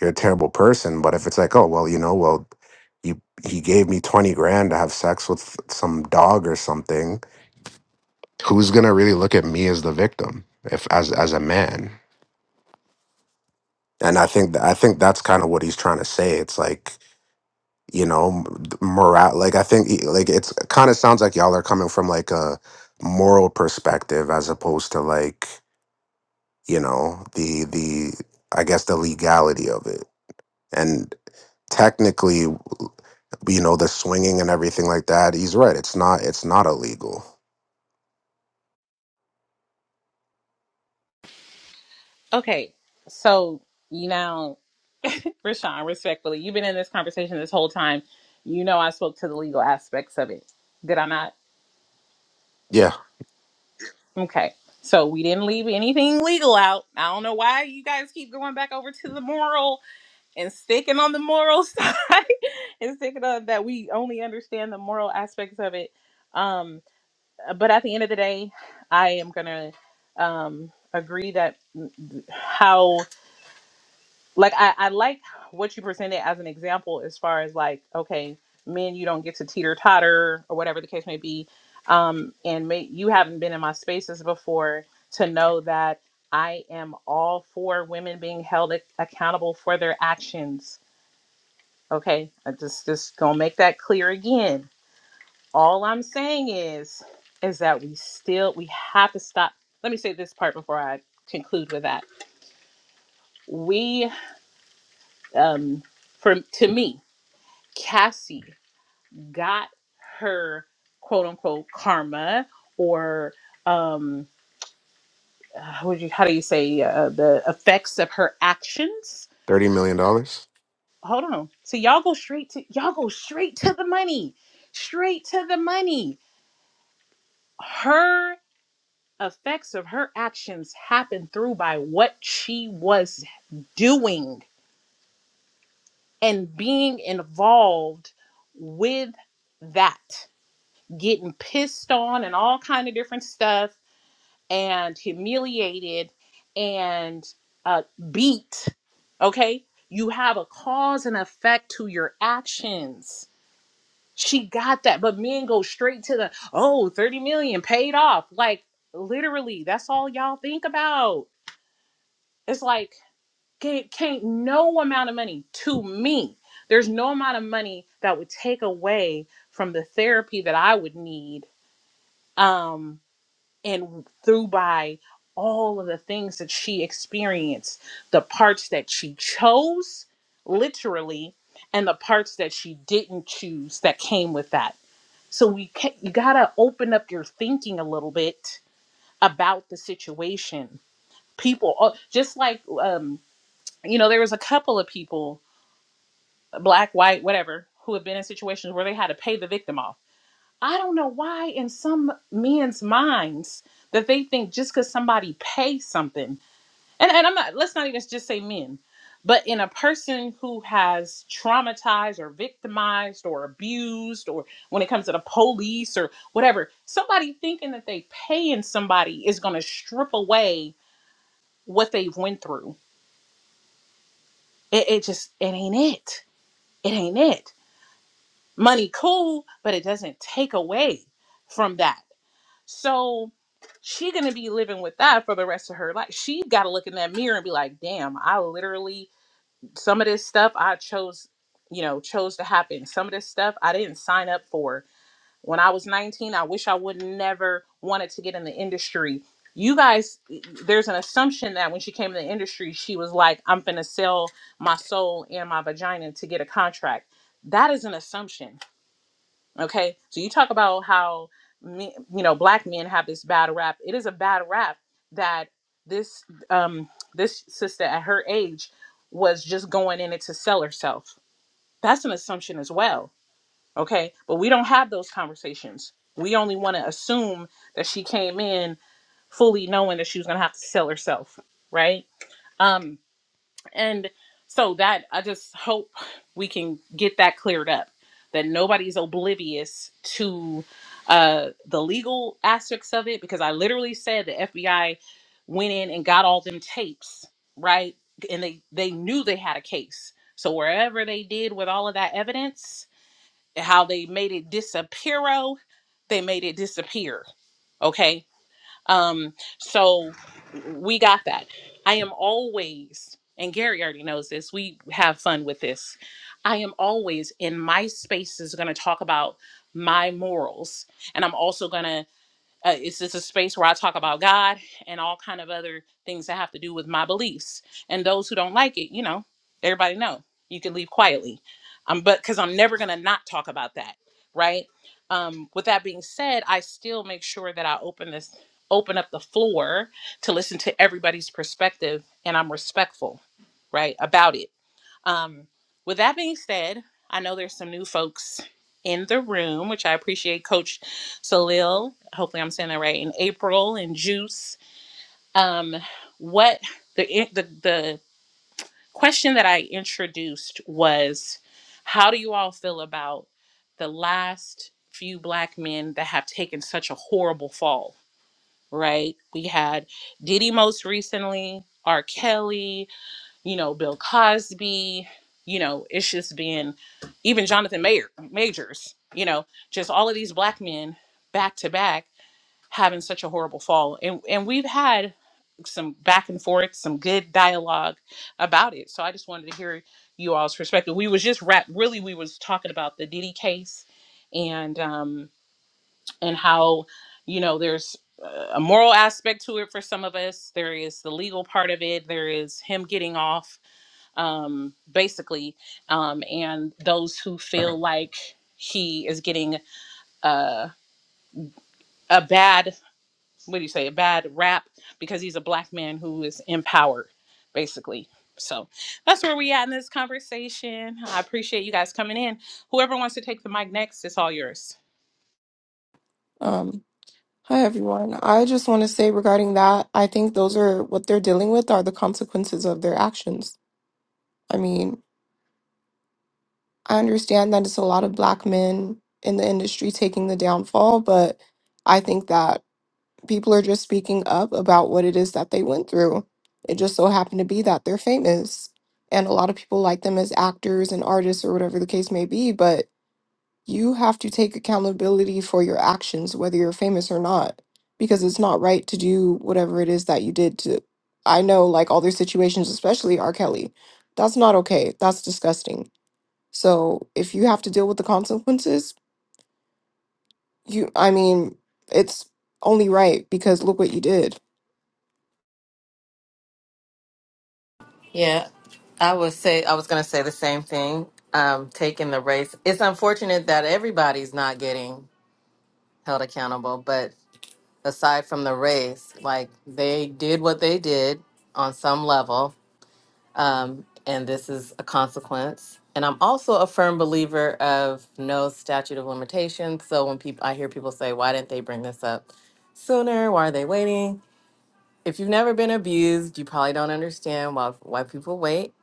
D: you're a terrible person. But if it's like, oh well, you know, well, you he gave me twenty grand to have sex with some dog or something, who's gonna really look at me as the victim if as as a man? And I think that I think that's kind of what he's trying to say. It's like you know, morale. Like I think he- like it's it kind of sounds like y'all are coming from like a moral perspective as opposed to like you know the the I guess the legality of it. and. technically, you know, the swinging and everything like that. He's right. It's not. It's not illegal.
A: okay. So, you know, Rashawn, respectfully, you've been in this conversation this whole time. You know, I spoke to the legal aspects of it. Did I not?
D: Yeah,
A: Okay. So, we didn't leave anything legal out. I don't know why you guys keep going back over to the moral and sticking on the moral side and sticking on that we only understand the moral aspects of it. Um, but at the end of the day, I am gonna um, agree that how like I, I like what you presented as an example as far as like okay, men you don't get to teeter totter or whatever the case may be, um, and may, you haven't been in my spaces before to know that I am all for women being held ac- accountable for their actions. Okay, I just just gonna make that clear again all i'm saying is is that we still we have to stop let me say this part before i conclude with that we um for to me cassie got her quote unquote karma or um uh, what do you how do you say uh, the effects of her actions
D: thirty million dollars.
A: hold on so y'all go straight to y'all go straight to the money straight to the money Her. effects of her actions happen through by what she was doing and being involved with that getting pissed on and all kind of different stuff and humiliated and uh, beat okay you have a cause and effect to your actions she got that but men go straight to the oh, 30 million paid off like literally that's all y'all think about it's like can't, can't no amount of money to me there's no amount of money that would take away from the therapy that i would need um and through by all of the things that she experienced the parts that she chose literally and the parts that she didn't choose that came with that so we can you gotta open up your thinking a little bit about the situation people oh, just like um you know there was a couple of people black, white, whatever, who have been in situations where they had to pay the victim off. I don't know why, in some men's minds, that they think just because somebody pays something, and, and I'm not, let's not even just say men, but in a person who has traumatized or victimized or abused, or when it comes to the police or whatever, somebody thinking that they paying somebody is going to strip away what they've went through. It, it just, it ain't it. It ain't it money cool but it doesn't take away from that so she gonna be living with that for the rest of her life she gotta look in that mirror and be like damn i literally some of this stuff i chose you know chose to happen some of this stuff i didn't sign up for when i was 19 i wish i would never wanted to get in the industry you guys there's an assumption that when she came in the industry she was like i'm gonna sell my soul and my vagina to get a contract that is an assumption Okay, so you talk about how me, you know black men have this bad rap. It is a bad rap that this um this sister at her age was just going in it to sell herself. That's an assumption as well. Okay, but we don't have those conversations. We only want to assume that she came in fully knowing that she was gonna have to sell herself, right? Um, and so that I just hope we can get that cleared up that nobody's oblivious to uh, the legal aspects of it because I literally said the FBI went in and got all them tapes, right? And they they knew they had a case. So wherever they did with all of that evidence, how they made it disappear, they made it disappear. Okay? Um, so we got that. I am always, and Gary already knows this, we have fun with this. I am always in my spaces going to talk about my morals. And I'm also going to uh, it's just a space where i talk about god and all kind of other things that have to do with my beliefs and those who don't like it you know everybody know you can leave quietly um but because i'm never gonna not talk about that right um with that being said i still make sure that i open this open up the floor to listen to everybody's perspective and i'm respectful right about it um, with that being said, I know there's some new folks in the room, which I appreciate Coach Salil. Hopefully I'm saying that right, in April and Juice. Um, what the the the question that I introduced was how do you all feel about the last few black men that have taken such a horrible fall? Right? We had Diddy most recently, R. Kelly, you know, Bill Cosby, you know, it's just been even Jonathan Mayer, Majors, you know, just all of these black men back to back having such a horrible fall. And and we've had some back and forth, some good dialogue about it. So I just wanted to hear you all's perspective. We was just wrap really we was talking about the Diddy case and um and how, you know, there's uh, a moral aspect to it for some of us. There is the legal part of it. There is him getting off um, basically, um, and those who feel like he is getting uh, a bad, what do you say, a bad rap because he's a black man who is empowered, basically. So that's where we at in this conversation. I appreciate you guys coming in. Whoever wants to take the mic next, it's all yours.
I: Um, hi everyone. I just want to say regarding that, I think those are what they're dealing with are the consequences of their actions. I mean, I understand that it's a lot of black men in the industry taking the downfall, but I think that people are just speaking up about what it is that they went through. It just so happened to be that they're famous. And a lot of people like them as actors and artists or whatever the case may be, but You have to take accountability for your actions, whether you're famous or not, because it's not right to do whatever it is that you did to. I know, like, all their situations, especially R. Kelly. That's not okay. That's disgusting. So if you have to deal with the consequences, you, I mean, it's only right because look what you did.
J: Yeah, I would say I was going to say the same thing. Um, taking the race, it's unfortunate that everybody's not getting held accountable. But aside from the race, like they did what they did on some level, um, and this is a consequence. And I'm also a firm believer of no statute of limitations. So when people, I hear people say, "Why didn't they bring this up sooner? Why are they waiting?" if you've never been abused, you probably don't understand why why people wait.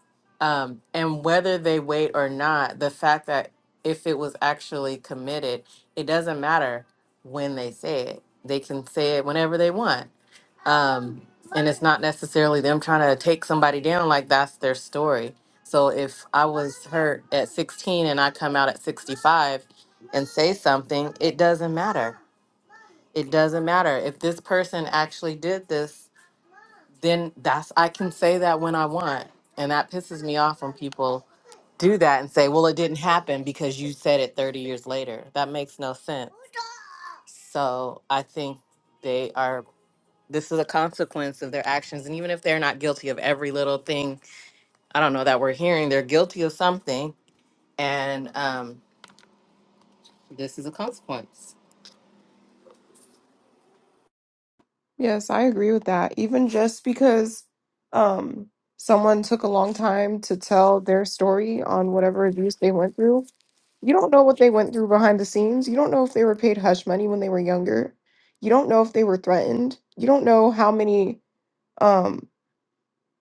J: Um, and whether they wait or not, the fact that if it was actually committed, it doesn't matter when they say it. They can say it whenever they want. Um, and it's not necessarily them trying to take somebody down, like that's their story. So if I was hurt at 16 and I come out at 65 and say something, it doesn't matter. It doesn't matter. If this person actually did this then that's I can say that when I want. And that pisses me off when people do that and say, well, it didn't happen because you said it 30 years later. That makes no sense. So I think they are, this is a consequence of their actions. And even if they're not guilty of every little thing, I don't know, that we're hearing, they're guilty of something. And um, this is a consequence.
I: Yes, I agree with that. Even just because um, someone took a long time to tell their story on whatever abuse they went through, you don't know what they went through behind the scenes. You don't know if they were paid hush money when they were younger. You don't know if they were threatened. You don't know how many. um,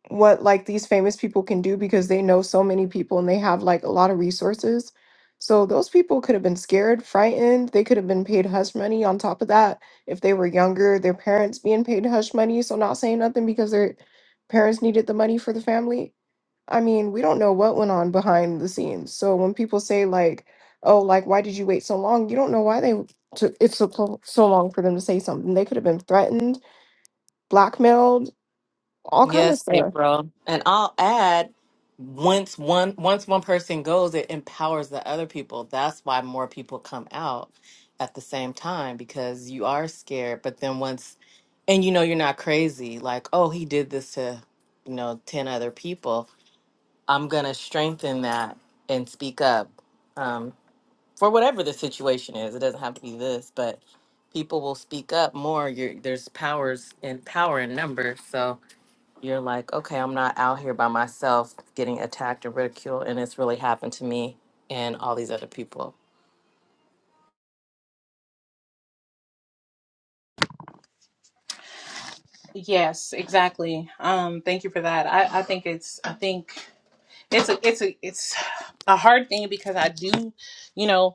I: what like these famous people can do because they know so many people and they have like a lot of resources. So those people could have been scared, frightened. They could have been paid hush money on top of that if they were younger, their parents being paid hush money, so not saying nothing because their parents needed the money for the family. I mean, we don't know what went on behind the scenes. So when people say like, "Oh, like why did you wait so long?" You don't know why they w- took it so so long for them to say something. They could have been threatened, blackmailed, all kind of
J: Yes,
I: stuff.
J: April. And I'll add, once one once one person goes, it empowers the other people. That's why more people come out at the same time because you are scared, but then once and you know you're not crazy, like, oh, he did this to, you know, 10 other people. I'm going to strengthen that and speak up. Um for whatever the situation is. It doesn't have to be this, but people will speak up more. You're, there's powers in power in numbers. So you're like, okay, I'm not out here by myself getting attacked and ridiculed, and it's really happened to me and all these other people.
A: Yes, exactly. Um, thank you for that. I, I think it's I think it's a it's a it's a hard thing because I do, you know.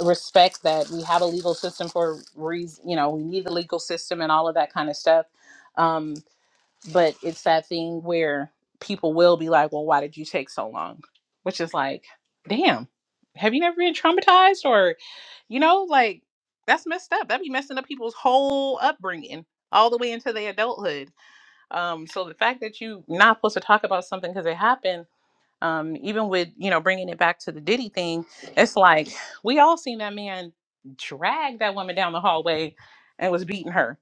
A: respect that we have a legal system for reason you know we need the legal system and all of that kind of stuff um but it's that thing where people will be like well why did you take so long which is like damn have you never been traumatized or you know like that's messed up that'd be messing up people's whole upbringing all the way into their adulthood um so the fact that you not supposed to talk about something because it happened um, even with you know bringing it back to the Diddy thing, it's like we all seen that man drag that woman down the hallway and was beating her,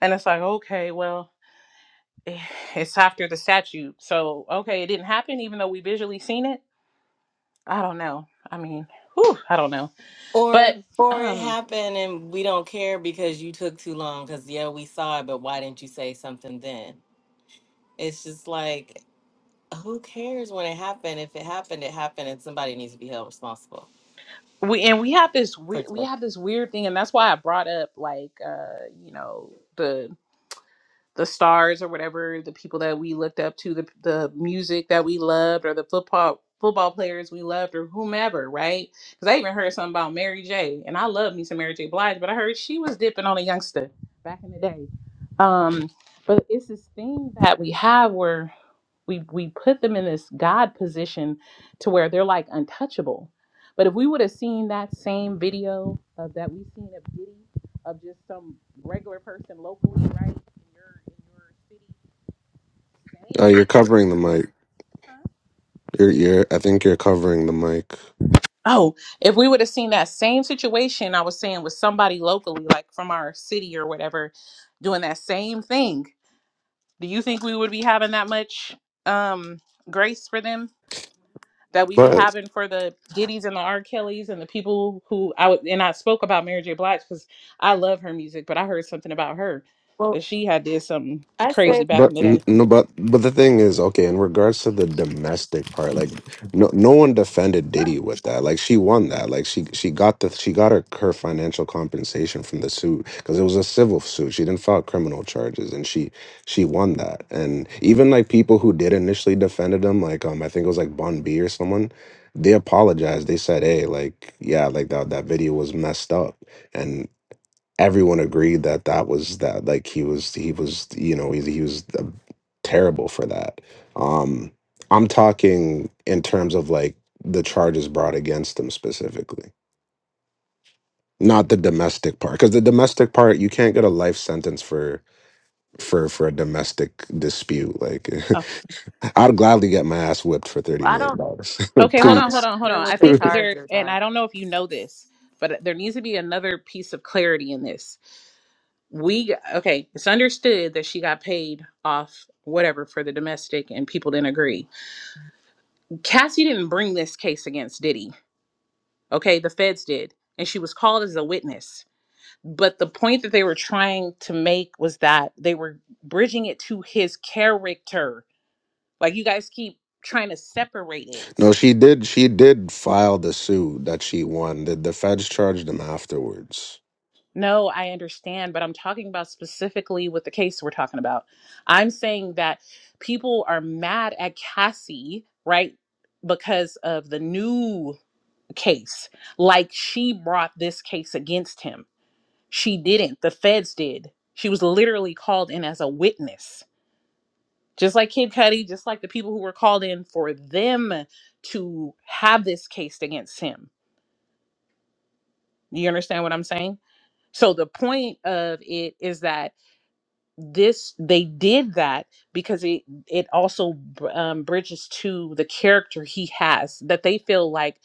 A: and it's like okay, well, eh, it's after the statute, so okay, it didn't happen, even though we visually seen it. I don't know. I mean, whew, I don't know,
J: Or,
A: but
J: or it
A: um,
J: happened and we don't care because you took too long. Because yeah, we saw it, but why didn't you say something then? It's just like, who cares when it happened? If it happened, it happened, and somebody needs to be held responsible.
A: we and we have this we,
J: For
A: we
J: sure.
A: have this weird thing, and that's why I brought up like uh, you know. the stars or whatever, the people that we looked up to, the the music that we loved, or the football football players we loved, or whomever, right? Because I even heard something about Mary J. and I love me some Mary J. Blige, but I heard she was dipping on a youngster back in the day. Um, but it's this thing that we have where we we put them in this God position to where they're like untouchable. But if we would have seen that same video of, that we seen of Diddy of just some regular person locally, right, in your in your city, same
D: Uh, you're covering the mic.
A: huh?
D: You're, you're. I think you're covering the mic.
A: Oh, if we would have seen that same situation I was saying with somebody locally, like from our city or whatever, doing that same thing, do you think we would be having that much um grace for them that we be
D: But.
A: having for the Giddies and the R. Kellys and the people who I would and I spoke about Mary J. Blige because I love her music, but I heard something about her
J: Well,
A: that she had did something
J: I
D: But,
A: crazy
J: say
A: back
D: but
A: in the
D: n-
A: day.
D: no, but but the thing is, okay, in regards to the domestic part, like no no one defended Diddy with that. Like she won that. Like she she got the she got her, her financial compensation from the suit because it was a civil suit. She didn't file criminal charges, and she she won that. And even like people who did initially defended him, like um I think it was like Bon B or someone, they apologized. They said, hey, like yeah, like that that video was messed up, everyone agreed that that was that like he was he was you know he, he was uh, terrible for that um i'm talking in terms of like the charges brought against him specifically not the domestic part because the domestic part you can't get a life sentence for for for a domestic dispute like
A: Uh,
D: i'd gladly get my ass whipped for 30
J: I
D: million
J: don't.
D: dollars
A: Okay, hold
J: I'm
A: on, hold
J: not
D: please
A: on, hold
J: sure
A: on. I
J: what the
A: think there,
J: charges
A: and I
J: are.
A: don't know if you know this, but there needs to be another piece of clarity in this. We, okay, it's understood that she got paid off whatever for the domestic, and people didn't agree. Cassie didn't bring this case against Diddy, okay? The feds did, and she was called as a witness. But the point that they were trying to make was that they were bridging it to his character. Like, you guys keep trying to separate
D: no
A: it.
D: she did she did file the suit that she won the, the feds charged him afterwards
A: No, I understand, but I'm talking about specifically with the case we're talking about. I'm saying that people are mad at Cassie, right? Because of the new case. Like she brought this case against him. She didn't. The feds did. She was literally called in as a witness. Just like Kid Cudi, just like the people who were called in for them to have this case against him. You understand what I'm saying? So the point of it is that this they did that because it it also um, bridges to the character he has that they feel like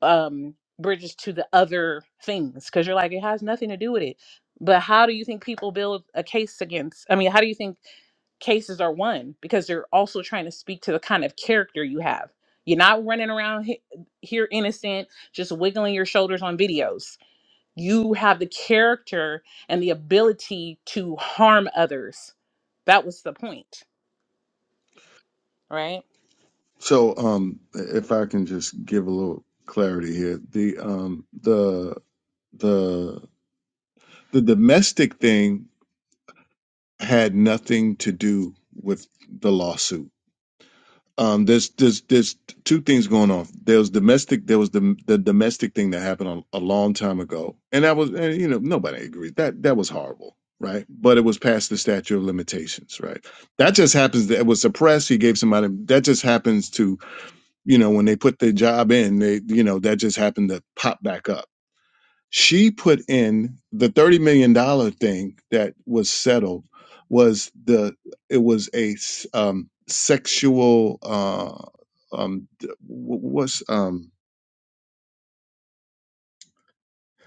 A: um bridges to the other things because you're like it has nothing to do with it but how do you think people build a case against i mean how do you think cases are won because they're also trying to speak to the kind of character you have you're not running around he- here innocent just wiggling your shoulders on videos you have the character and the ability to harm others. That was the point, right?
H: So, um, if I can just give a little clarity here, the um, the the The domestic thing had nothing to do with the lawsuit. Um, there's there's there's two things going on. There was domestic. There was the the domestic thing that happened a, a long time ago, and that was and, you know nobody agreed that that was horrible, right? But it was past the statute of limitations, right? That just happens. That it was suppressed. He gave somebody that just happens to you know when they put their job in, they you know that just happened to pop back up she put in the 30 million dollar thing that was settled was the it was a s- um sexual uh um d- wh- what's um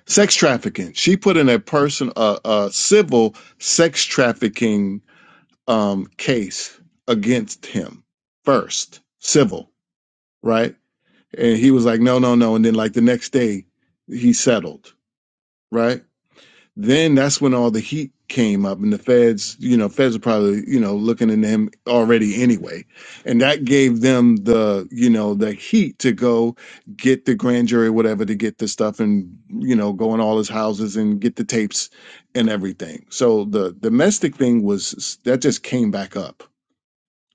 H: sex trafficking she put in a person a, a civil sex trafficking um case against him first civil right and he was like no no no and then like the next day he settled right Then that's when all the heat came up, and the feds, you know, feds are probably, you know, looking into him already anyway, and that gave them the, you know, the heat to go get the grand jury, whatever, to get the stuff and, you know, go in all his houses and get the tapes and everything. So the domestic thing was that just came back up.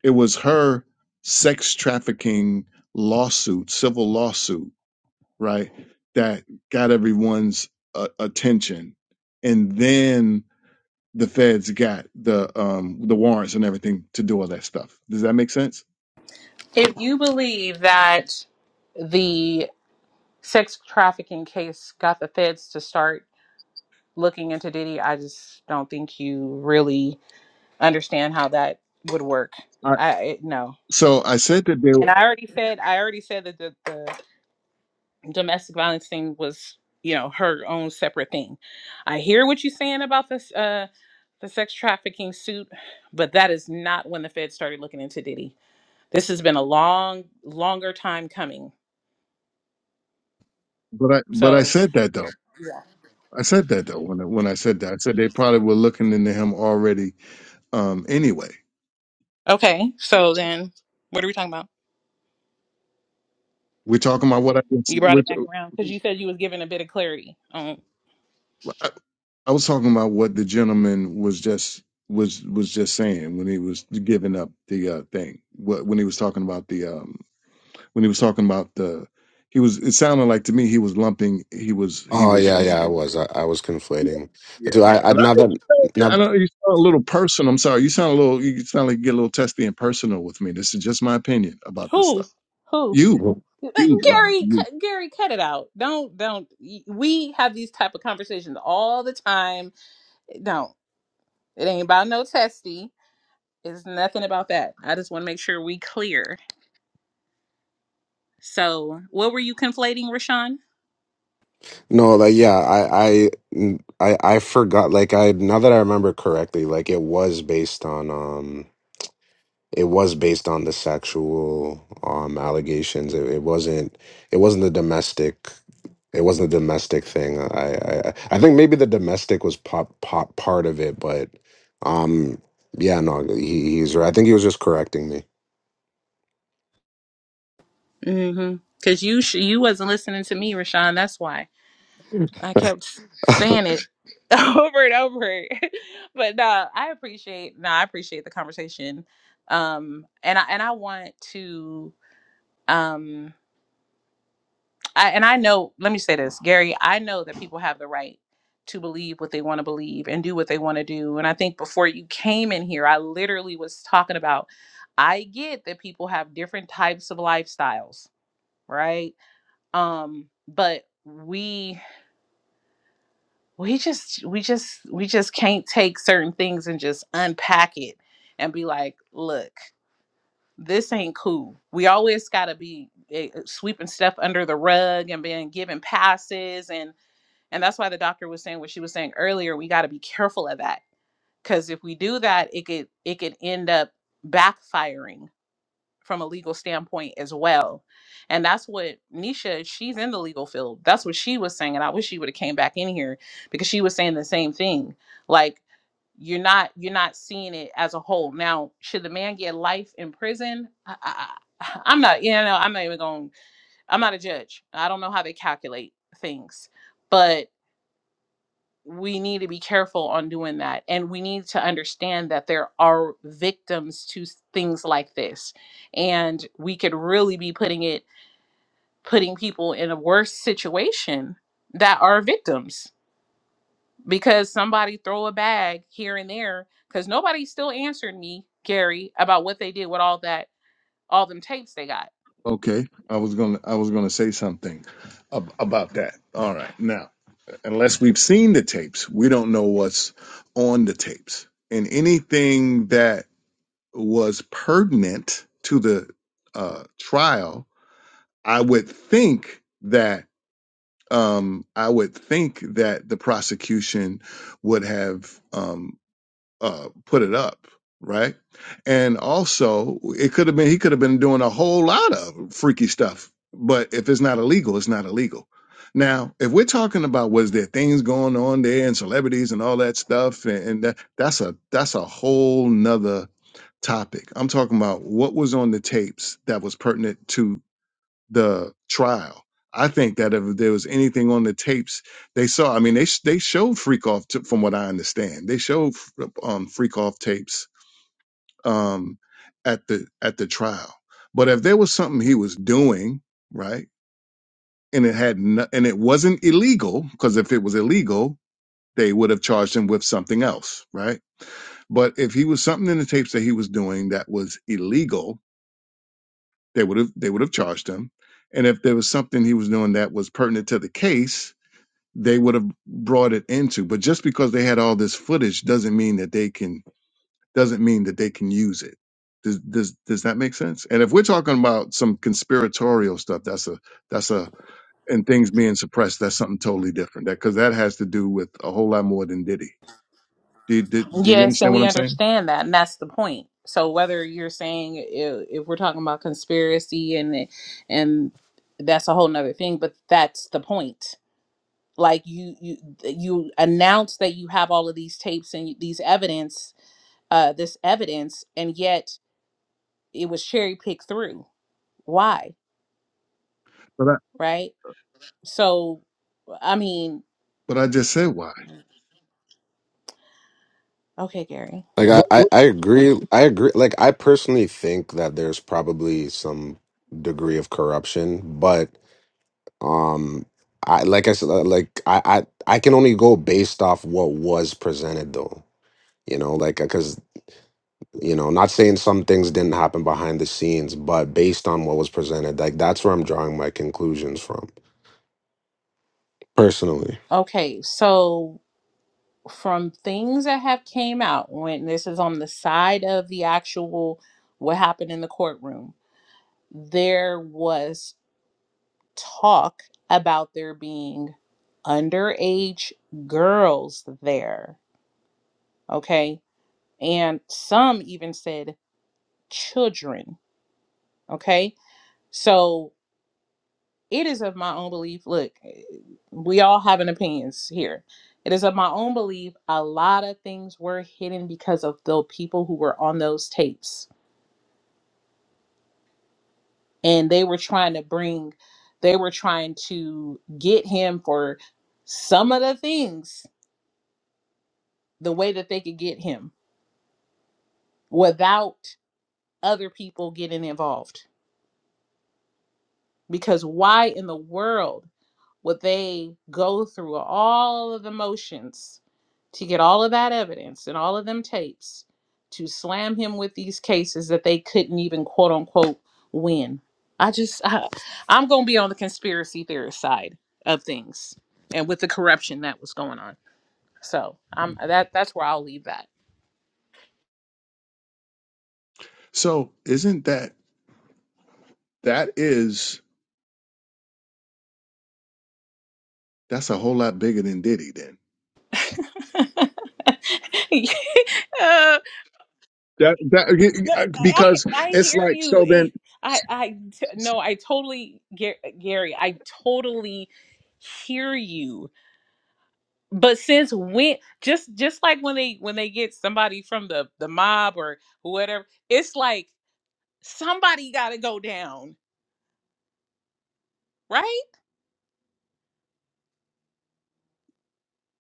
H: It was her sex trafficking lawsuit, civil lawsuit right? That got everyone's uh, attention, and then the feds got the um the warrants and everything to do all that stuff. Does that make sense?
A: If you believe that the sex trafficking case got the feds to start looking into Diddy, I just don't think you really understand how that would work.
H: I,
A: I it- no.
H: so I said that they, were-
A: And I already said I already said that the, the domestic violence thing was you know her own separate thing i hear what you're saying about this uh the sex trafficking suit but that is not when the feds started looking into diddy this has been a long longer time coming
H: but I but I
A: so
H: said that though. I said that though when I, when I said that I said they probably were looking into him already. Um, anyway,
A: okay so then what are we talking about
H: we're talking about what I
A: you brought it
H: which
A: back around because you said you was giving a bit of clarity on
H: uh, I was talking about what the gentleman was just was was just saying when he was giving up the uh, thing. What when he was talking about the um when he was talking about the he was it sounded like to me he was lumping he was he
D: Oh
H: was
D: yeah, yeah, I
H: lumping
D: was. I, I was
H: yeah
D: conflating the
H: yeah
D: two. I, I
H: and I
D: now
H: think
D: that
H: you sound,
D: now
H: I know you sound a little personal. I'm sorry you sound a little you sound like you get a little testy and personal with me. This is just my opinion about this
A: who
H: stuff.
A: who
H: You
A: Uh,
H: you Lana,
A: gary
H: you
A: cut, gary cut it out don't don't y- we have these type of conversations all the time don't it ain't about no testy It's nothing about that. I just want to make sure we clear. So, what were you conflating, Rashawn?
D: no, like yeah, I I I I forgot. Like I now that I remember correctly, like it was based on um, it was based on the sexual um allegations. It, it wasn't. It wasn't the domestic. It wasn't the domestic thing. I I I think maybe the domestic was pop pop part of it, but um, yeah, no, he he's right. I think he was just correcting me.
A: Mm-hmm. Because you sh- you wasn't listening to me, Rashawn. That's why. I kept saying it over and over. but no, I appreciate no, I appreciate the conversation. Um and I and I want to um I and I know, let me say this, Gary, I know that people have the right to believe what they want to believe and do what they want to do. And I think before you came in here, I literally was talking about I get that people have different types of lifestyles, right? Um but we we just we just we just can't take certain things and just unpack it and be like look this ain't cool we always got to be eh, eh, sweeping stuff under the rug and being given passes and and that's why the doctor was saying what she was saying earlier we got to be careful of that because if we do that it could it could end up backfiring from a legal standpoint as well. And that's what Nisha, she's in the legal field. That's what she was saying. And I wish she would have came back in here because she was saying the same thing. Like you're not you're not seeing it as a whole. Now, should the man get life in prison? I, I, I- I'm not, you know, I'm not even going. I'm not a judge. I don't know how they calculate things, but we need to be careful on doing that and we need to understand that there are victims to s- things like this and we could really be putting it putting people in a worse situation that are victims because somebody throw a bag here and there because nobody still answered me gary about what they did with all that all them tapes they got
H: okay? I was gonna I was gonna say something ab- about that. All right now. unless we've seen the tapes, we don't know what's on the tapes. And anything that was pertinent to the uh, trial, I would think that um, I would think that the prosecution would have. Um, uh, put it up, right? And also, it could have been he could have been doing a whole lot of freaky stuff. But if it's not illegal, it's not illegal. Now, if we're talking about was there things going on there and celebrities and all that stuff, and, and that, that's a that's a whole nother topic. I'm talking about what was on the tapes that was pertinent to the trial. I think that if there was anything on the tapes they saw, I mean, they sh- they showed Freakoff to, from what I understand, they showed f- um, Freakoff tapes um, at the at the trial. But if there was something he was doing right, and it had no, and it wasn't illegal, because if it was illegal, they would have charged him with something else, right? But if he was something in the tapes that he was doing that was illegal, they would have they would have charged him and if there was something he was doing that was pertinent to the case they would have brought it into but just because they had all this footage doesn't mean that they can doesn't mean that they can use it does does does that make sense and if we're talking about some conspiratorial stuff that's a that's a and things being suppressed that's something totally different that because that has to do with a whole lot more than diddy do you, do, do you
A: Yes, and
H: understand what
A: we
H: i'm saying
A: understand that, and that's the point. So whether you're saying if, if we're talking about conspiracy and and that's a whole nother thing, but that's the point. Like you you you announce that you have all of these tapes and these evidence, uh, this evidence, and yet it was cherry picked through. Why?
H: but i
A: Right? So I mean,
H: but i just said why
A: okay, Gary.
D: Like I,
H: What,
D: I,
H: what
D: I agree. I agree. Like I personally think that there's probably some degree of corruption, but um, I like I said, uh, like I, I, I can only go based off what was presented, though. You know, like because you know, not saying some things didn't happen behind the scenes, but based on what was presented, like that's where I'm drawing my conclusions from personally.
A: Okay, so from things that have came out when this is on the side of the actual what happened in the courtroom there was talk about there being underage girls there okay and some even said children okay so it is of my own belief. Look, we all have an opinions here. It is of my own belief. A lot of things were hidden because of the people who were on those tapes, and they were trying to bring, they were trying to get him for some of the things the way that they could get him without other people getting involved. Because why in the world? what they go through all of the motions to get all of that evidence and all of them tapes to slam him with these cases that they couldn't even quote unquote win. I just I, I'm going to be on the conspiracy theorist side of things and with the corruption that was going on. So, I'm that that's where I'll leave that.
H: so isn't that that is That's a whole lot bigger than Diddy. Then
A: uh,
H: That
A: But I
H: that because
A: I I
H: it's
A: hear
H: like
A: you.
H: so then
A: It, I I t- no, I totally Ga- Gary. I totally hear you. But since when just just like when they when they get somebody from the the mob or whatever, it's like somebody got to go down, right?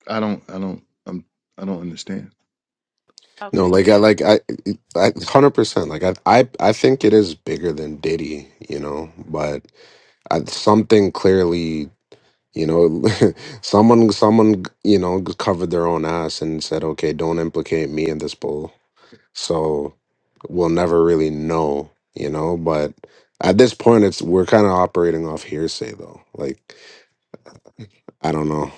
H: I don't, I don't, I'm, I don't understand.
D: No,
A: Okay.
D: like I, like I, I, hundred percent. Like I, I, I think it is bigger than Diddy. You know, but. I, something clearly, you know, someone, someone, you know, covered their own ass and said, okay, don't implicate me in this bull. So we'll never really know, you know, but at this point, it's, we're kind of operating off hearsay though. Like, I don't know.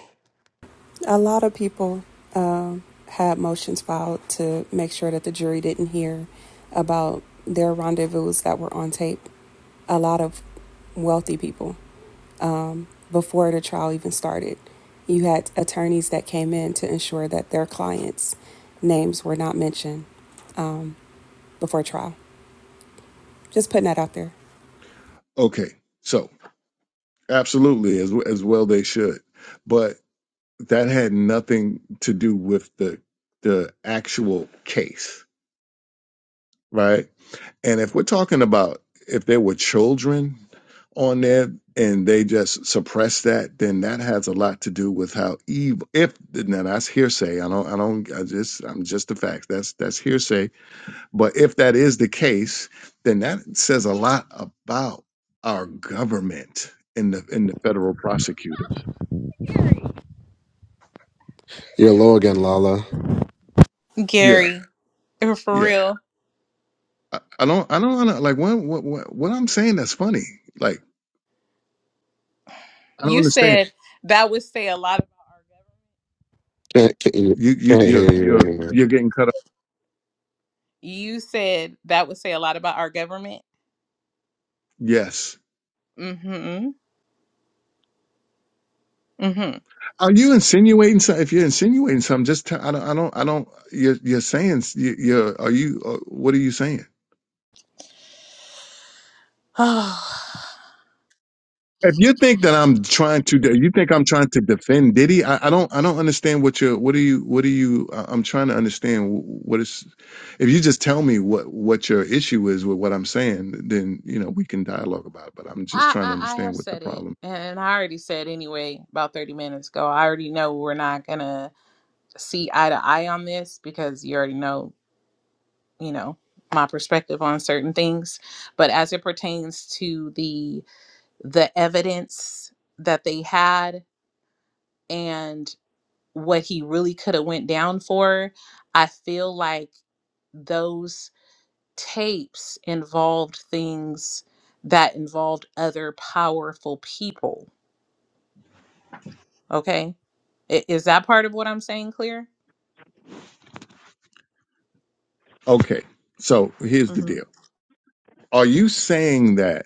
C: A lot of people uh, had motions filed to make sure that the jury didn't hear about their rendezvous that were on tape. A lot of wealthy people before the trial even started. You had attorneys that came in to ensure that their clients' names were not mentioned um, before trial. Just putting that out there.
H: Okay, so absolutely, as as well they should, but that had nothing to do with the the actual case, right? And if we're talking about if there were children on there and they just suppress that, then that has a lot to do with how evil. If now that's hearsay. I don't. I don't. I just. I'm just the facts. That's that's hearsay. But if that is the case, then that says a lot about our government and the and the federal prosecutors.
D: You're low again, Lala.
H: Yeah.
A: Gary, for
H: Yeah.
A: real.
H: I, I don't. I don't want to like what what what what I'm saying. That's funny. Like I don't
A: You
H: understand.
A: said that would say a lot.
D: Can't, can't,
H: You you
D: can't
H: you
D: hear you
H: you're
D: anymore.
H: you're getting cut off.
A: You said that would say a lot about our government.
H: Yes.
A: Mhm. Mhm.
H: Are you insinuating something? If you're insinuating something, just tell, I don't, I don't, I don't, you're, you're saying, you- you're, are you, uh, what are you saying? If you think that I'm trying to, de- you think I'm trying to defend Diddy, I, I don't, I don't understand what you're, what are you, what are you, I- I'm trying to understand wh- what is, if you just tell me what, what your issue is with what I'm saying, then, you know, we can dialogue about it, but I'm just
A: I,
H: trying to
A: I I
H: understand
A: have
H: what the
A: said it,
H: problem.
A: and I already said anyway about thirty minutes ago. I already know we're not gonna see eye to eye on this because you already know, you know, my perspective on certain things. But as it pertains to the the evidence that they had and what he really could have went down for, I feel like those tapes involved things that involved other powerful people Okay. I- Is that part of what I'm saying clear?
H: Okay. So here's the
A: hmm
H: deal. Are you saying that?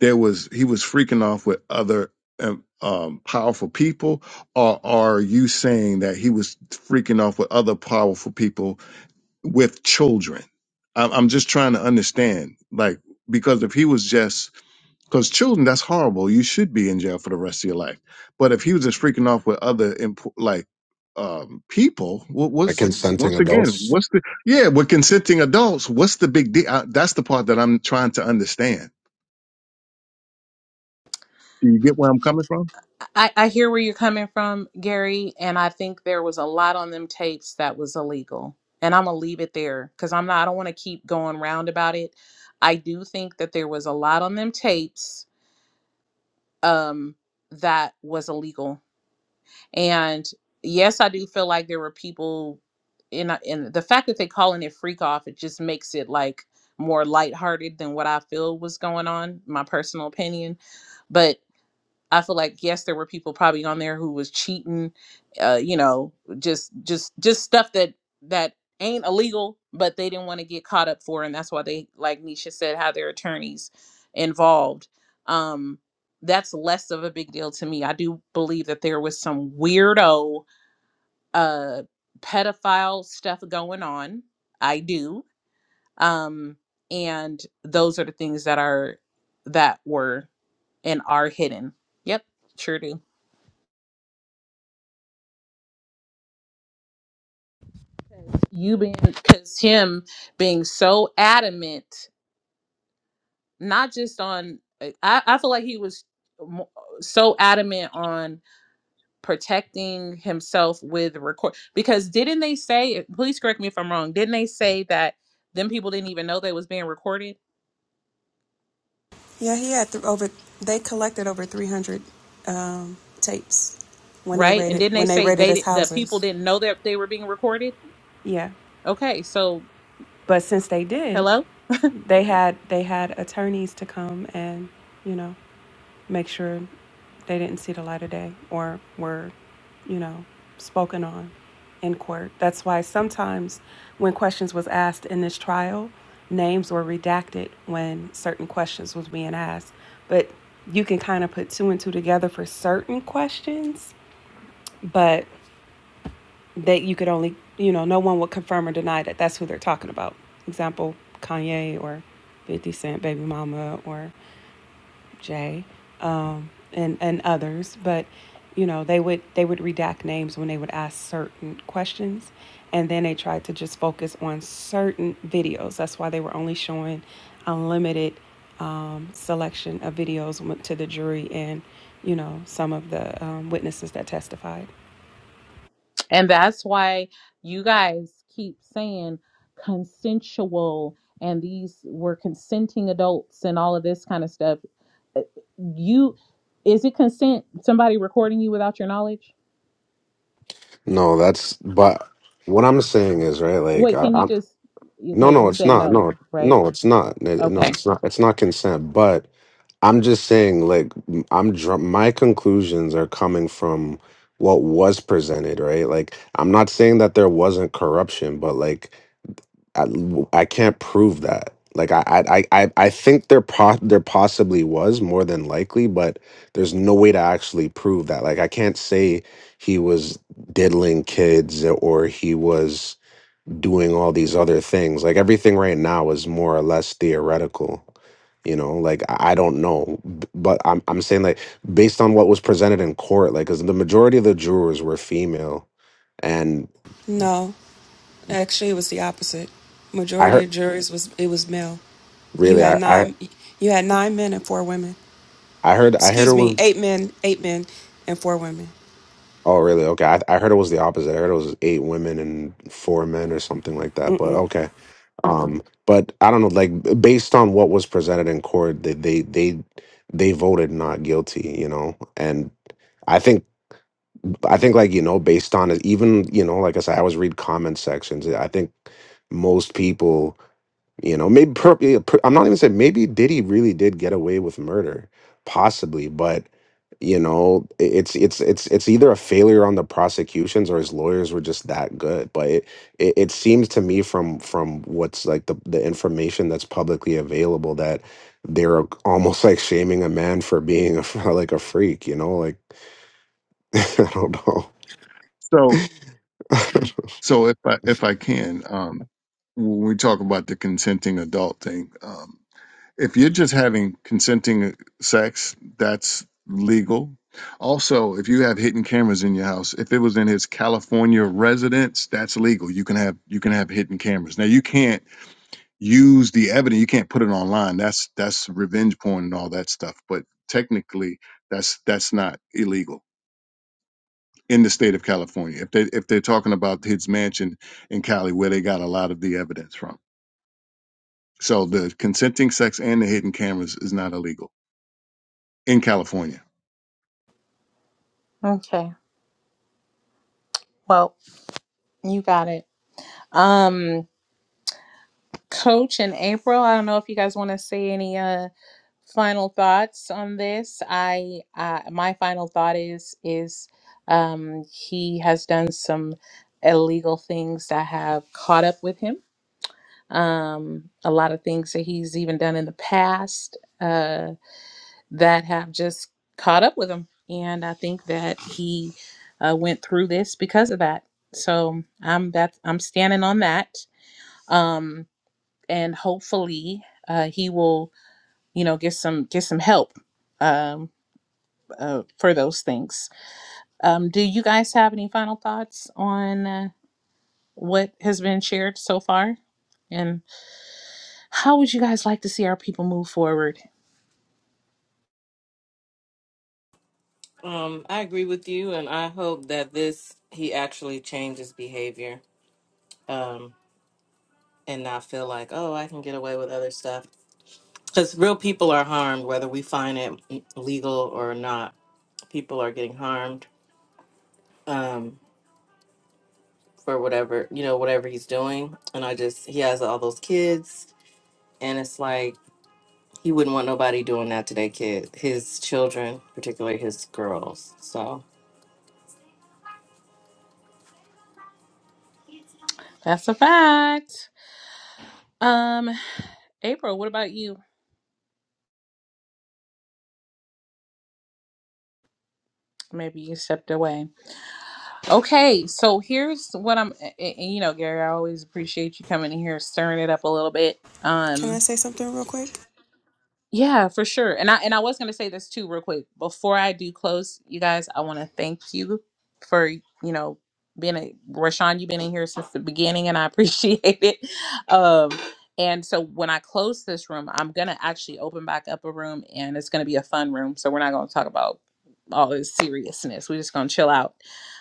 H: there was he was freaking off with other um, um, powerful people, or are you saying that he was freaking off with other powerful people with children? I'm, I'm just trying to understand, like, because if he was just because children, that's horrible. You should be in jail for the rest of your life. But if he was just freaking off with other impo- like um, people, what
D: Like
H: was
D: consenting
H: once again,
D: adults.
H: what's the yeah with consenting adults? What's the big deal? I- That's the part that I'm trying to understand. Do you get where I'm coming from?
A: I, I hear where you're coming from, Gary, and I think there was a lot on them tapes that was illegal. And I'm gonna leave it there because I'm not I don't wanna keep going round about it. I do think that there was a lot on them tapes um that was illegal And yes, I do feel like there were people in and the fact that they calling it freak off, it just makes it like more lighthearted than what I feel was going on, my personal opinion. but. I feel like yes, there were people probably on there who was cheating, uh, you know, just just just stuff that that ain't illegal, but they didn't want to get caught up for, and that's why they, like Nisha said, have their attorneys involved. Um, that's less of a big deal to me. I do believe that there was some weirdo uh pedophile stuff going on. I do. Um, and those are the things that are that were and are hidden. Yep, sure do. you being because him being so adamant not just on uh, i i feel like he was mo- so adamant on protecting himself with record because didn't they say please correct me if i'm wrong didn't they say that them people didn't even know they was being recorded
C: Yeah, he had th- over. They collected over three hundred um, tapes when they
A: right and
C: raided
A: didn't they
C: when they
A: say
C: raided
A: they
C: his
A: di- the people
C: houses.
A: didn't know that they were being recorded
C: Yeah.
A: okay so
C: But since they did,
A: hello
C: they had they had attorneys to come and you know make sure they didn't see the light of day or were you know spoken on in court that's why sometimes when questions was asked in this trial names were redacted when certain questions was being asked but you can kind of put two and two together for certain questions but that you could only, you know, no one would confirm or deny that that's who they're talking about. Example, Kanye or 50 Cent, Baby Mama or Jay, um, and and others. But you know, they would they would redact names when they would ask certain questions, and then they tried to just focus on certain videos. That's why they were only showing unlimited um, selection of videos went to the jury and you know some of the um, witnesses that testified.
A: And that's why you guys keep saying consensual and these were consenting adults and all of this kind of stuff. You is it consent somebody recording you without your knowledge?
D: No, that's, but what I'm saying is, right, like,
A: Wait,
D: I,
A: can you
D: I'm,
A: just
D: no,
A: okay,
D: no,
A: you
D: it's
A: said
D: not.
A: no,
D: No,
A: right?
D: no, it's not. It- No,
A: Okay.
D: it's not. It's not consent, but I'm just saying, like, m- I'm dr- my conclusions are coming from what was presented, right? Like, I'm not saying that there wasn't corruption, but like, I, I can't prove that. Like, I, I, I, I I think there po- there possibly was more than likely, but there's no way to actually prove that. Like, I can't say he was diddling kids or he was doing all these other things. Like everything right now is more or less theoretical. You know, like I I don't know, b- but I'm I'm saying like based on what was presented in court, like because the majority of the jurors were female, and
C: No, Actually, it was the opposite.
D: I
C: Majority
D: heard
C: of juries was it was male. You
D: really
C: had
D: I I,
C: nine you had nine men and four women.
D: I heard I heard it
C: Excuse me,
D: was
C: eight men, eight men and four women.
D: oh really okay I, I heard it was the opposite I heard it was eight women and four men or something like that but
C: Mm-mm.
D: okay um but I don't know like b- based on what was presented in court they they they they voted not guilty you know and I think I think like you know based on it, even you know like I said, I always read comment sections. I think most people you know maybe per, yeah, per- I'm not even saying maybe Diddy really did get away with murder, possibly, but you know i- it's it's it's it's either a failure on the prosecutions or his lawyers were just that good but it it, it seems to me from from what's like the, the information that's publicly available that they're almost like shaming a man for being a, like a freak you know like i don't know
H: So, so if I if I can, um, when we talk about the consenting adult thing, um, if you're just having consenting uh, sex, that's legal. Also, if you have hidden cameras in your house, if it was in his California residence, that's legal. You can have you can have hidden cameras. Now you can't. use the evidence. You can't put it online. That's that's revenge porn and all that stuff. But technically, that's that's not illegal in the state of California. If they if they're talking about his mansion in Cali, where they got a lot of the evidence from. So the consenting sex and the hidden cameras is not illegal in California.
A: Okay. Well, you got it. Um coach and April, I don't know if you guys want to say any uh final thoughts on this i uh, my final thought is is um, he has done some illegal things that have caught up with him um, a lot of things that he's even done in the past uh, that have just caught up with him and i think that he uh, went through this because of that so i'm that i'm standing on that um, and hopefully uh, he will you know get some get some help Um uh, for those things. Um, do you guys have any final thoughts on uh, what has been shared so far? And how would you guys like to see our people move forward?
J: Um, I agree with you, and I hope that this he actually changes behavior. um, and not feel like, oh, I can get away with other stuff. Because real people are harmed, whether we find it legal or not. People are getting harmed um, for whatever, you know, whatever he's doing. And I just, he has all those kids. And it's like, he wouldn't want nobody doing that to their kid, his children, particularly his girls. So
A: That's a fact. Um, April, what about you? Maybe you stepped away. Okay, so here's what I'm, a- and, you know, Gary, I always appreciate you coming in here, stirring it up a little bit.
C: Can
A: Um,
C: I say something real quick?
A: Yeah, for sure. And I and I was gonna say this too, real quick. Before I do close, you guys, I wanna thank you for, you know, being a Rashawn, you've been in here since the beginning and I appreciate it. Um and so when I close this room, I'm gonna actually open back up a room and it's gonna be a fun room. So we're not gonna talk about all this seriousness. We're just gonna chill out.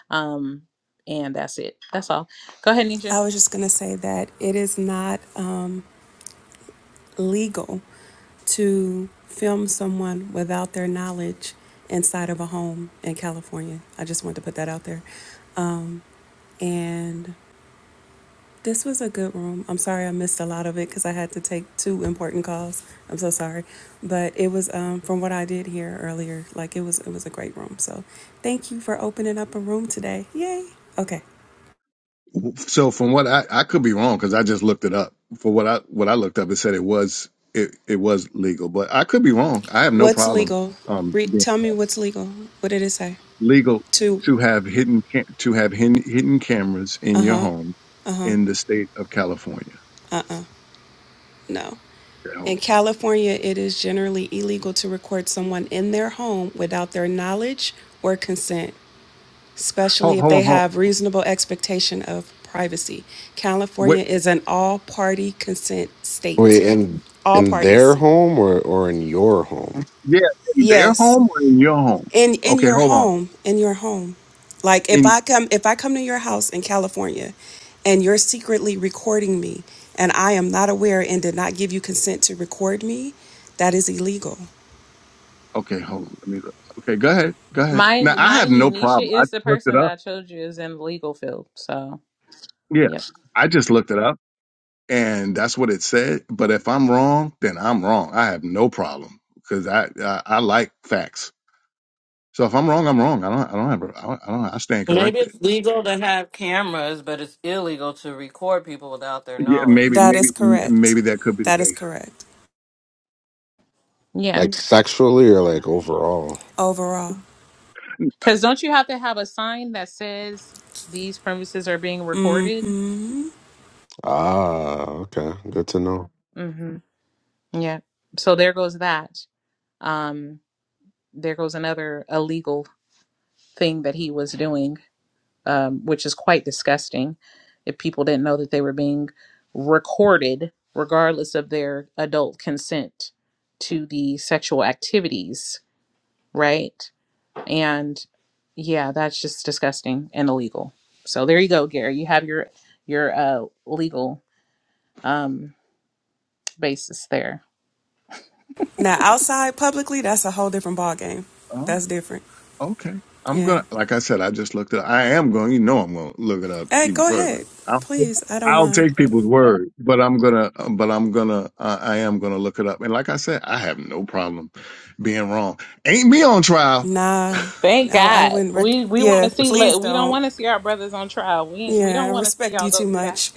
A: Um and that's it. That's all. Go ahead, Nisha.
C: I was just going to say that it is not um, legal to film someone without their knowledge inside of a home in California. I just wanted to put that out there. Um, and This was a good room. I'm sorry I missed a lot of it because I had to take two important calls. I'm so sorry, but it was um, from what I did hear earlier. Like it was, it was a great room. So, thank you for opening up a room today. Yay! Okay,
H: W- So from what I I could be wrong because I just looked it up. For what I what I looked up, it said it was it, it was legal, but I could be wrong. I have no
C: what's
H: problem
C: legal?
H: um,
C: Re-
H: being
C: tell me what's legal. What did it say?
H: legal
C: Two.
H: to have hidden ca- to have hidden, hidden cameras in
C: Uh
H: your
C: huh.
H: home
C: Uh huh.
H: in the state of California.
C: Uh uh. No.
H: Okay, hold
C: In
H: on,
C: California, it is generally illegal to record someone in their home without their knowledge or consent. especially
H: hold,
C: if
H: hold
C: they
H: on, hold on.
C: have reasonable expectation of privacy.
H: Wait,
C: California is an all-party consent state.
D: Wait, in
C: All
D: in their
C: parties.
D: home or or in your home?
H: yeah, in their
C: Yes.
H: home or in your home?
C: In in
H: Okay,
C: your
H: hold on.
C: home, in your home. Like if
H: In
C: I come if I come to your house in California and you're secretly recording me and I am not aware and did not give you consent to record me, that is illegal.
H: okay, hold on. Let me look. Okay, go ahead, go ahead.
A: My
H: Now I
A: my
H: have no
A: Unisha
H: problem. I
A: is the
H: just looked
A: person
H: it
A: that
H: up.
A: I told you is in the legal field. So
H: Yeah,
A: yep.
H: I just looked it up, and that's what it said. But if I'm wrong, then I'm wrong. I have no problem because I, I I like facts. So if I'm wrong, I'm wrong. I don't I don't have a, I do not have ai I don't- I stand
J: maybe
H: corrected.
J: it's legal to have cameras, but it's illegal to record people without their
H: Yeah, maybe,
J: knowledge.
C: That
H: maybe,
C: is
H: m-
C: correct.
H: maybe that could be the
C: That is
H: case.
C: correct.
A: Yeah.
D: Like sexually or like overall?
C: Overall.
A: Because don't you have to have a sign that says these premises are being recorded?
C: Mm-hmm.
D: Ah, okay. Good to know.
A: hmm Yeah. So there goes that. Um, there goes another illegal thing that he was doing, um, which is quite disgusting if people didn't know that they were being recorded, regardless of their adult consent to the sexual activities, right? and yeah that's just disgusting and illegal so there you go gary you have your your uh legal um basis there
C: Now, outside publicly, that's a whole different ball game.
H: Oh,
C: That's different.
H: okay. I'm
C: Yeah.
H: gonna, like I said, I just looked it. up. I am going. You know, I'm gonna look it up
C: Hey,
H: even
C: go
H: further.
C: ahead,
H: I'll,
C: please. I don't
H: I'll
C: mind.
H: take people's word, but I'm gonna, but I'm gonna, uh, I am gonna look it up. And like I said, I have no problem being wrong. Ain't me on trial.
C: Nah,
A: thank
C: I, I
A: god
C: wouldn't rec.
A: we we want
C: Yeah,
A: to see le-
C: please
A: we don't
C: don't.
A: want to see our brothers on trial we we
C: Yeah, I
A: don't want to see
C: respect you
A: y'all go
C: too
A: through that
C: much.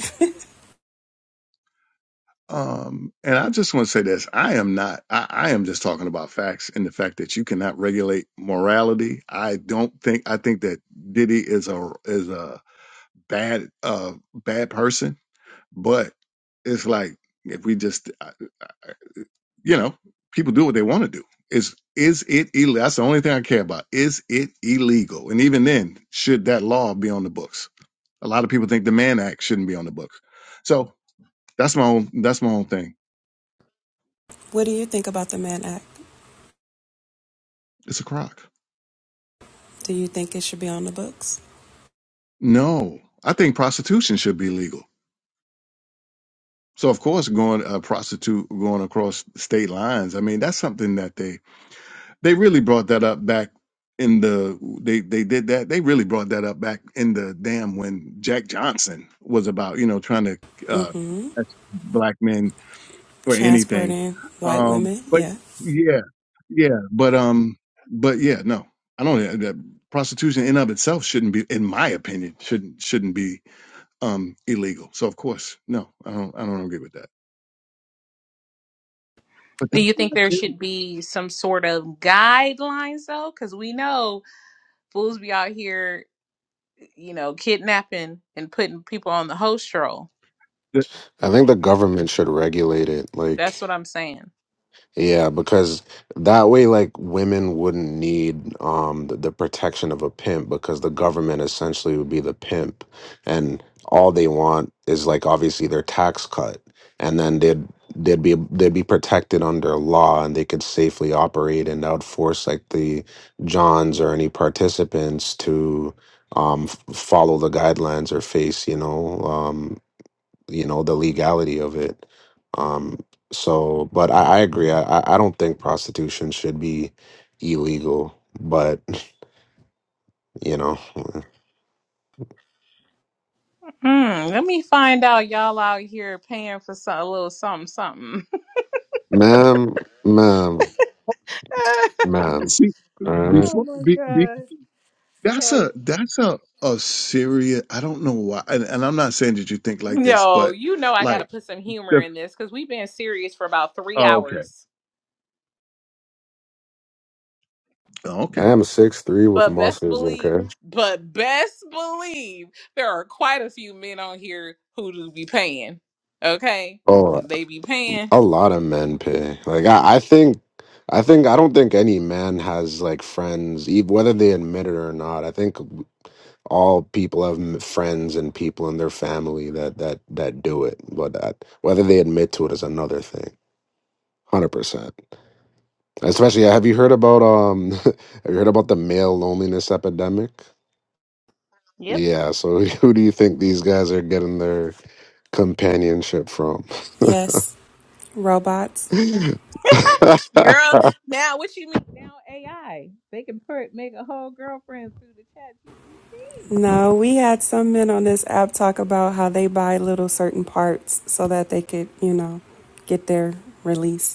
H: Um, and I just want to say this: I am not. I, I am just talking about facts and the fact that you cannot regulate morality. I don't think. I think that Diddy is a is a. bad uh bad person but it's like if we just I- I- you know people do what they want to do is is it illegal that's the only thing i care about is it illegal and even then should that law be on the books a lot of people think the mann act shouldn't be on the books so that's my own that's my own thing
C: what do you think about the Mann Act?
H: it's a crock
C: Do you think it should be on the books?
H: no i think prostitution should be legal so of course going uh, prostitute going across state lines i mean that's something that they They really brought that up back in the they they did that. They really brought that up back in the damn when Jack Johnson was about, you know, trying to uh
C: Mm-hmm.
H: catch black men for anything.
C: Transporting white
H: Um
C: women.
H: but
C: Yeah.
H: yeah. Yeah, but um but yeah, no. I don't uh, that prostitution in of itself shouldn't be in my opinion shouldn't shouldn't be um illegal. So of course, no. I don't I don't agree with that. But
A: do you think there
H: that,
A: should be some sort of guidelines though because we know fools be out here you know kidnapping and putting people on the host roll
H: the,
D: I think the government should regulate it. Like
A: that's what i'm saying
D: Yeah, because that way, like women wouldn't need um the, the protection of a pimp because the government essentially would be the pimp, and all they want is like obviously their tax cut, and then they'd they'd be they'd be protected under law and they could safely operate and that would force like the Johns or any participants to um f- follow the guidelines or face you know um you know the legality of it um so but i, I agree I, I I don't think prostitution should be illegal but you know
A: Mm, let me find out y'all out here paying for some, a little something, something.
D: ma'am ma'am ma'am
H: see
D: all right
A: oh
H: before
A: my god.
H: That's a
A: Ay.
H: that's a a serious. I don't know why, and, and I'm not saying that you think like this,
A: No,
H: but
A: you know I gotta
H: like
A: put some humor
H: the
A: in this because we've been serious for about three
H: oh, okay,
A: hours.
H: oh,
D: i
H: okay,
D: am six three with
A: But best
D: muscles
A: believe,
D: okay
A: but best believe there are quite a few men on here who do be paying. Okay?
D: oh
A: They be paying.
D: A lot of men pay. Like I, I think, I think I don't think any man has like friends, ev- whether they admit it or not. I think all people have m- friends and people in their family that that that do it. But that, whether they admit to it is another thing. Hundred percent. Especially, have you heard about um? have you heard about the male loneliness epidemic?
A: Yep.
D: Yeah. So who do you think these guys are getting their companionship from?
C: Yes. Robots.
A: Girl, now what you mean now AI? They can put make a whole girlfriend through the chat GPT.
C: No, we had some men on this app talk about how they buy little certain parts so that they could, you know, get their release.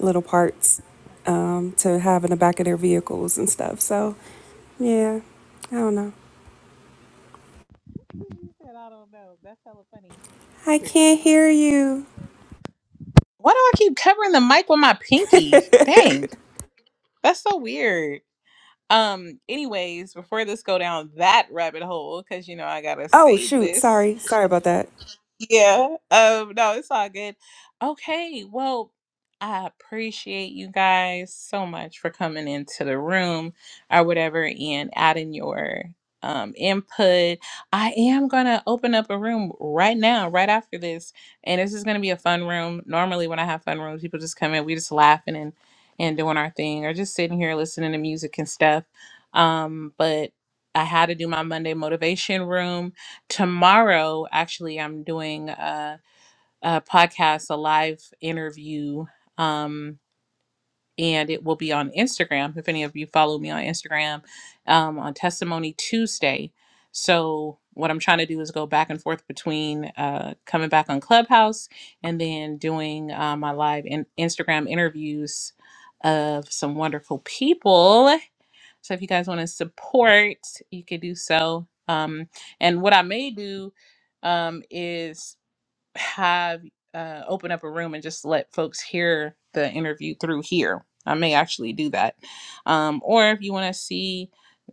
C: little parts um, to have in the back of their vehicles and stuff. So, yeah, I don't know.
A: You said, I don't know. That's hella funny.
C: I can't hear
A: Uh,
C: you.
A: Why do I keep covering the mic with my pinky? Dang, that's so weird. Um, anyways, before this go down that rabbit hole, because you know I gotta
C: Oh,
A: save
C: shoot.
A: this.
C: Sorry. Sorry about that.
A: Yeah. Um, no, it's all good. Okay, well, I appreciate you guys so much for coming into the room or whatever and adding your um input. I am gonna open up a room right now, right after this. And this is gonna be a fun room. Normally when I have fun rooms, people just come in, we just laughing and and doing our thing or just sitting here listening to music and stuff. Um, but I had to do my Monday motivation room tomorrow actually i'm doing a, a podcast a live interview um, and it will be on instagram if any of you follow me on instagram um, on testimony tuesday so what i'm trying to do is go back and forth between uh, coming back on clubhouse and then doing uh, my live in- instagram interviews of some wonderful people so if you guys want to support, you could do so. Um, and what I may do um, is have uh, open up a room and just let folks hear the interview through here. I may actually do that. Um, or if you want to see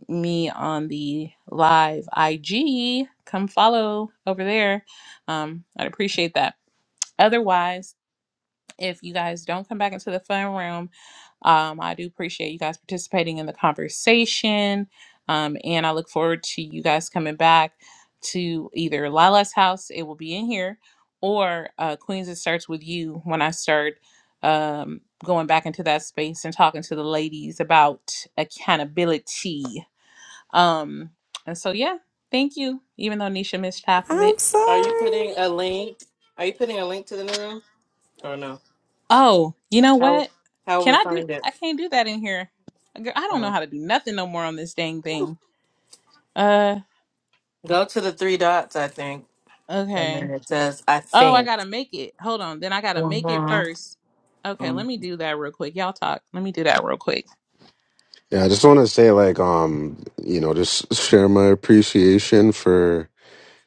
A: me on the live IG, come follow over there. Um, I'd appreciate that. Otherwise, if you guys don't come back into the fun room, um, I do appreciate you guys participating in the conversation. Um, and I look forward to you guys coming back to either Lila's house, it will be in here, or uh, Queens, it starts with you when I start um, going back into that space and talking to the ladies about accountability. Um, and so, yeah, thank you, even though Nisha missed half of it.
C: I'm
J: Are you
C: sorry.
J: putting a link? Are you putting a link to the new room? Or no?
A: Oh, you know
J: How
A: what?
J: how will
A: Can
J: we
A: I do?
J: find it?
A: I can't do that in here. Girl, I don't know
J: Um,
A: how to do nothing no more on this dang thing. Uh,
J: go to the three dots, I think, and then
A: okay.
J: it says, "I
A: Oh, I
J: think."
A: gotta make it. Hold on. Then I gotta make it
J: Mm-hmm.
A: first. Okay, let
J: Mm.
A: me do that real quick. Y'all talk. Let me do that real quick.
D: Yeah, I just want to say, like, um, you know, just share my appreciation for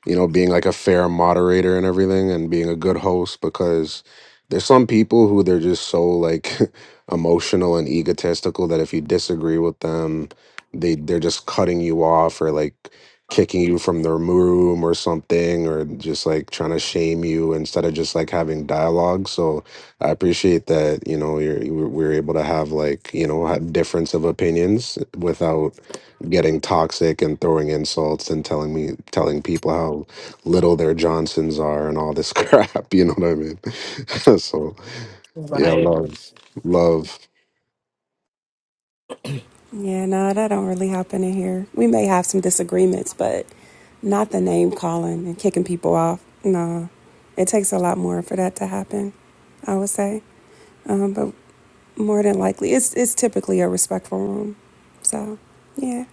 D: you know, being like a fair moderator and everything and being a good host because there's some people who they're just so like emotional and egotistical that if you disagree with them, they they're just cutting you off or like kicking you from their room or something or just like trying to shame you instead of just like having dialogue. So I appreciate that, you know, you're, you were we were able to have like, you know, have difference of opinions without getting toxic and throwing insults and telling me telling people how little their Johnsons are and all this crap. You know what I mean? so yeah,
J: Right.
D: love, love.
C: Yeah, no, that don't really happen in here. We may have some disagreements, but not the name calling and kicking people off. No, it takes a lot more for that to happen, I would say. Um, but more than likely, it's, it's typically a respectful room. So, yeah.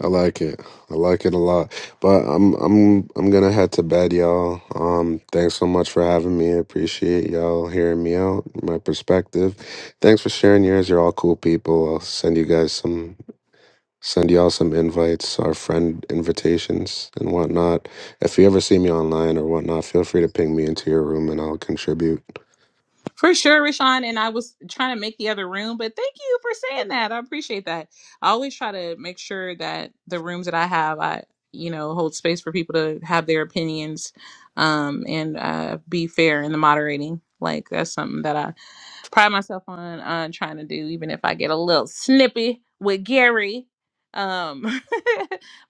D: I like it. I like it a lot. But I'm I'm I'm gonna head to bed, y'all. Um, thanks so much for having me. I appreciate y'all hearing me out, my perspective. Thanks for sharing yours. You're all cool people. I'll send you guys some Send y'all some invites, our friend invitations, and whatnot. If you ever see me online or whatnot, feel free to ping me into your room and I'll contribute.
A: For sure, Rashawn. And I was trying to make the other room, but thank you for saying that. I appreciate that. I always try to make sure that the rooms that I have, I, you know, hold space for people to have their opinions um, and uh, be fair in the moderating. Like, that's something that I pride myself on uh, trying to do, even if I get a little snippy with Gary. Um,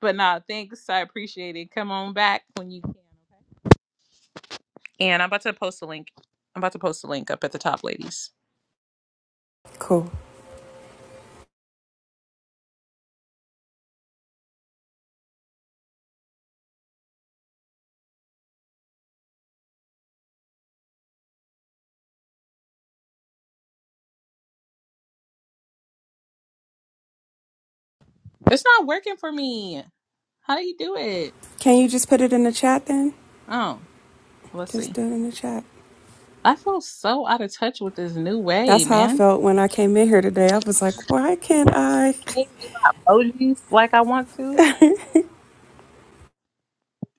A: but nah, thanks. I appreciate it. Come on back when you can. Okay. And I'm about to post a link. I'm about to post a link up at the top, ladies.
C: Cool.
A: It's not working for me. How do you do it?
C: Can you just put it in the chat then?
A: Oh, let's
C: Just
A: see.
C: do it in the chat.
A: I feel so out of touch with this new way,
C: That's how I
A: man.
C: felt when I came in here today. I was like, why can't
A: I
C: I?
A: can't even do my emojis like I want to.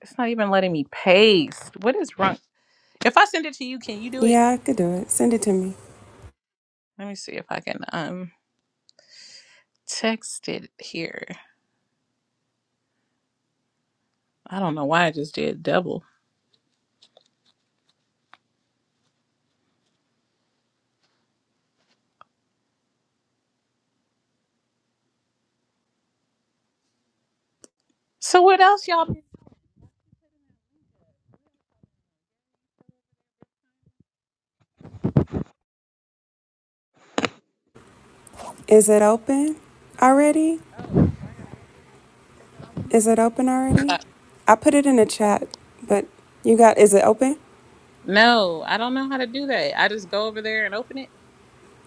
A: It's not even letting me paste. What is wrong? If I send it to you, can you do it?
C: Yeah, I could do it. Send it to me.
A: Let me see if I can um text it here. I don't know why I just did double. So what else y'all been
C: Is it open already?
A: oh,
C: Is it open already?
A: uh,
C: I put it in the chat, but you got, is it open?
A: No, I don't know how to do that. I just go over there and open it.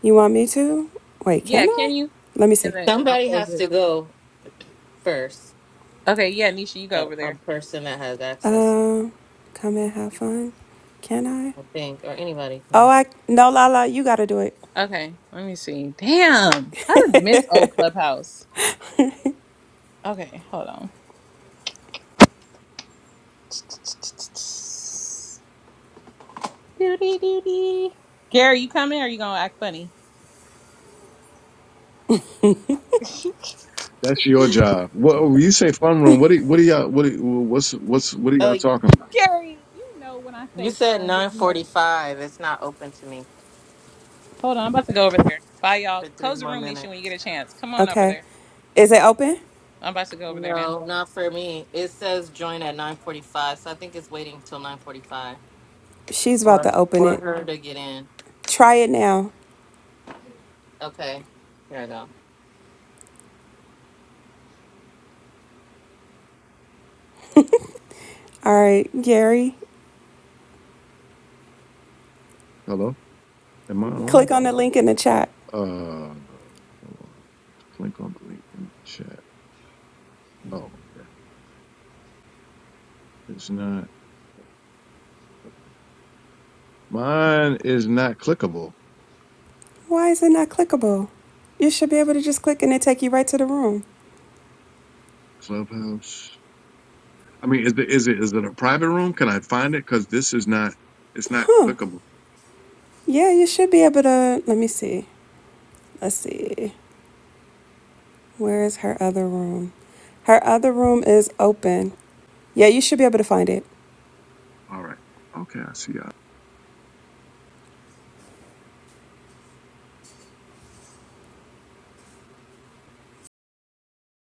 C: You want me to? Wait,
A: Yeah,
C: can I?
A: can you?
C: Let me see.
A: And then I'll
J: Somebody
A: close
J: has
A: it.
J: to go first.
A: Okay, yeah, Nisha, you go
J: A,
A: over there.
J: a person that has access,
C: Um, come and have fun. Can I?
J: I think, or anybody
C: Oh,
J: can.
C: I, no, Lala, you got to do it.
A: Okay, let me see. Damn, I done miss old Clubhouse. Okay, hold on. Doody doody. Gary, you coming or you gonna act funny?
H: that's your job. What when you say fun room? What do what do y'all what do, what's what's what are y'all
J: Oh,
H: talking about?
A: Gary, you know when I
J: you
A: say
J: said
A: fun,
J: nine
A: we we-
J: forty-five. It's not open to me.
A: Hold on, I'm about to go over
J: It's
A: there. Bye, y'all.
J: for three
A: Close the
J: more
A: room, Nisha, when you get
J: minutes.
A: a chance. Come on over
C: Okay.
A: there.
C: Is it open?
A: I'm about to go over there now.
J: No, not for me. It says join at nine forty-five, so I think it's waiting till nine forty-five,
C: She's about
J: or
C: to open
J: or
C: it.
J: her to get in.
C: Try it now.
J: Okay. Here I go.
C: All right, Gary,
H: Hello, am I
C: click
H: on?
C: on the link in the chat.
H: Uh, hold on. Click on the link in the chat. Oh, it's not. Mine is not clickable.
C: Why is it not clickable? You should be able to just click and it take you right to the room.
H: Clubhouse. I mean, is it is it is it a private room? Can I find it? Because this is not. It's not clickable.
C: Yeah, you should be able to. Let me see. Let's see. Where is her other room? Her other room is open. Yeah, you should be able to find it.
H: All right. Okay, I see.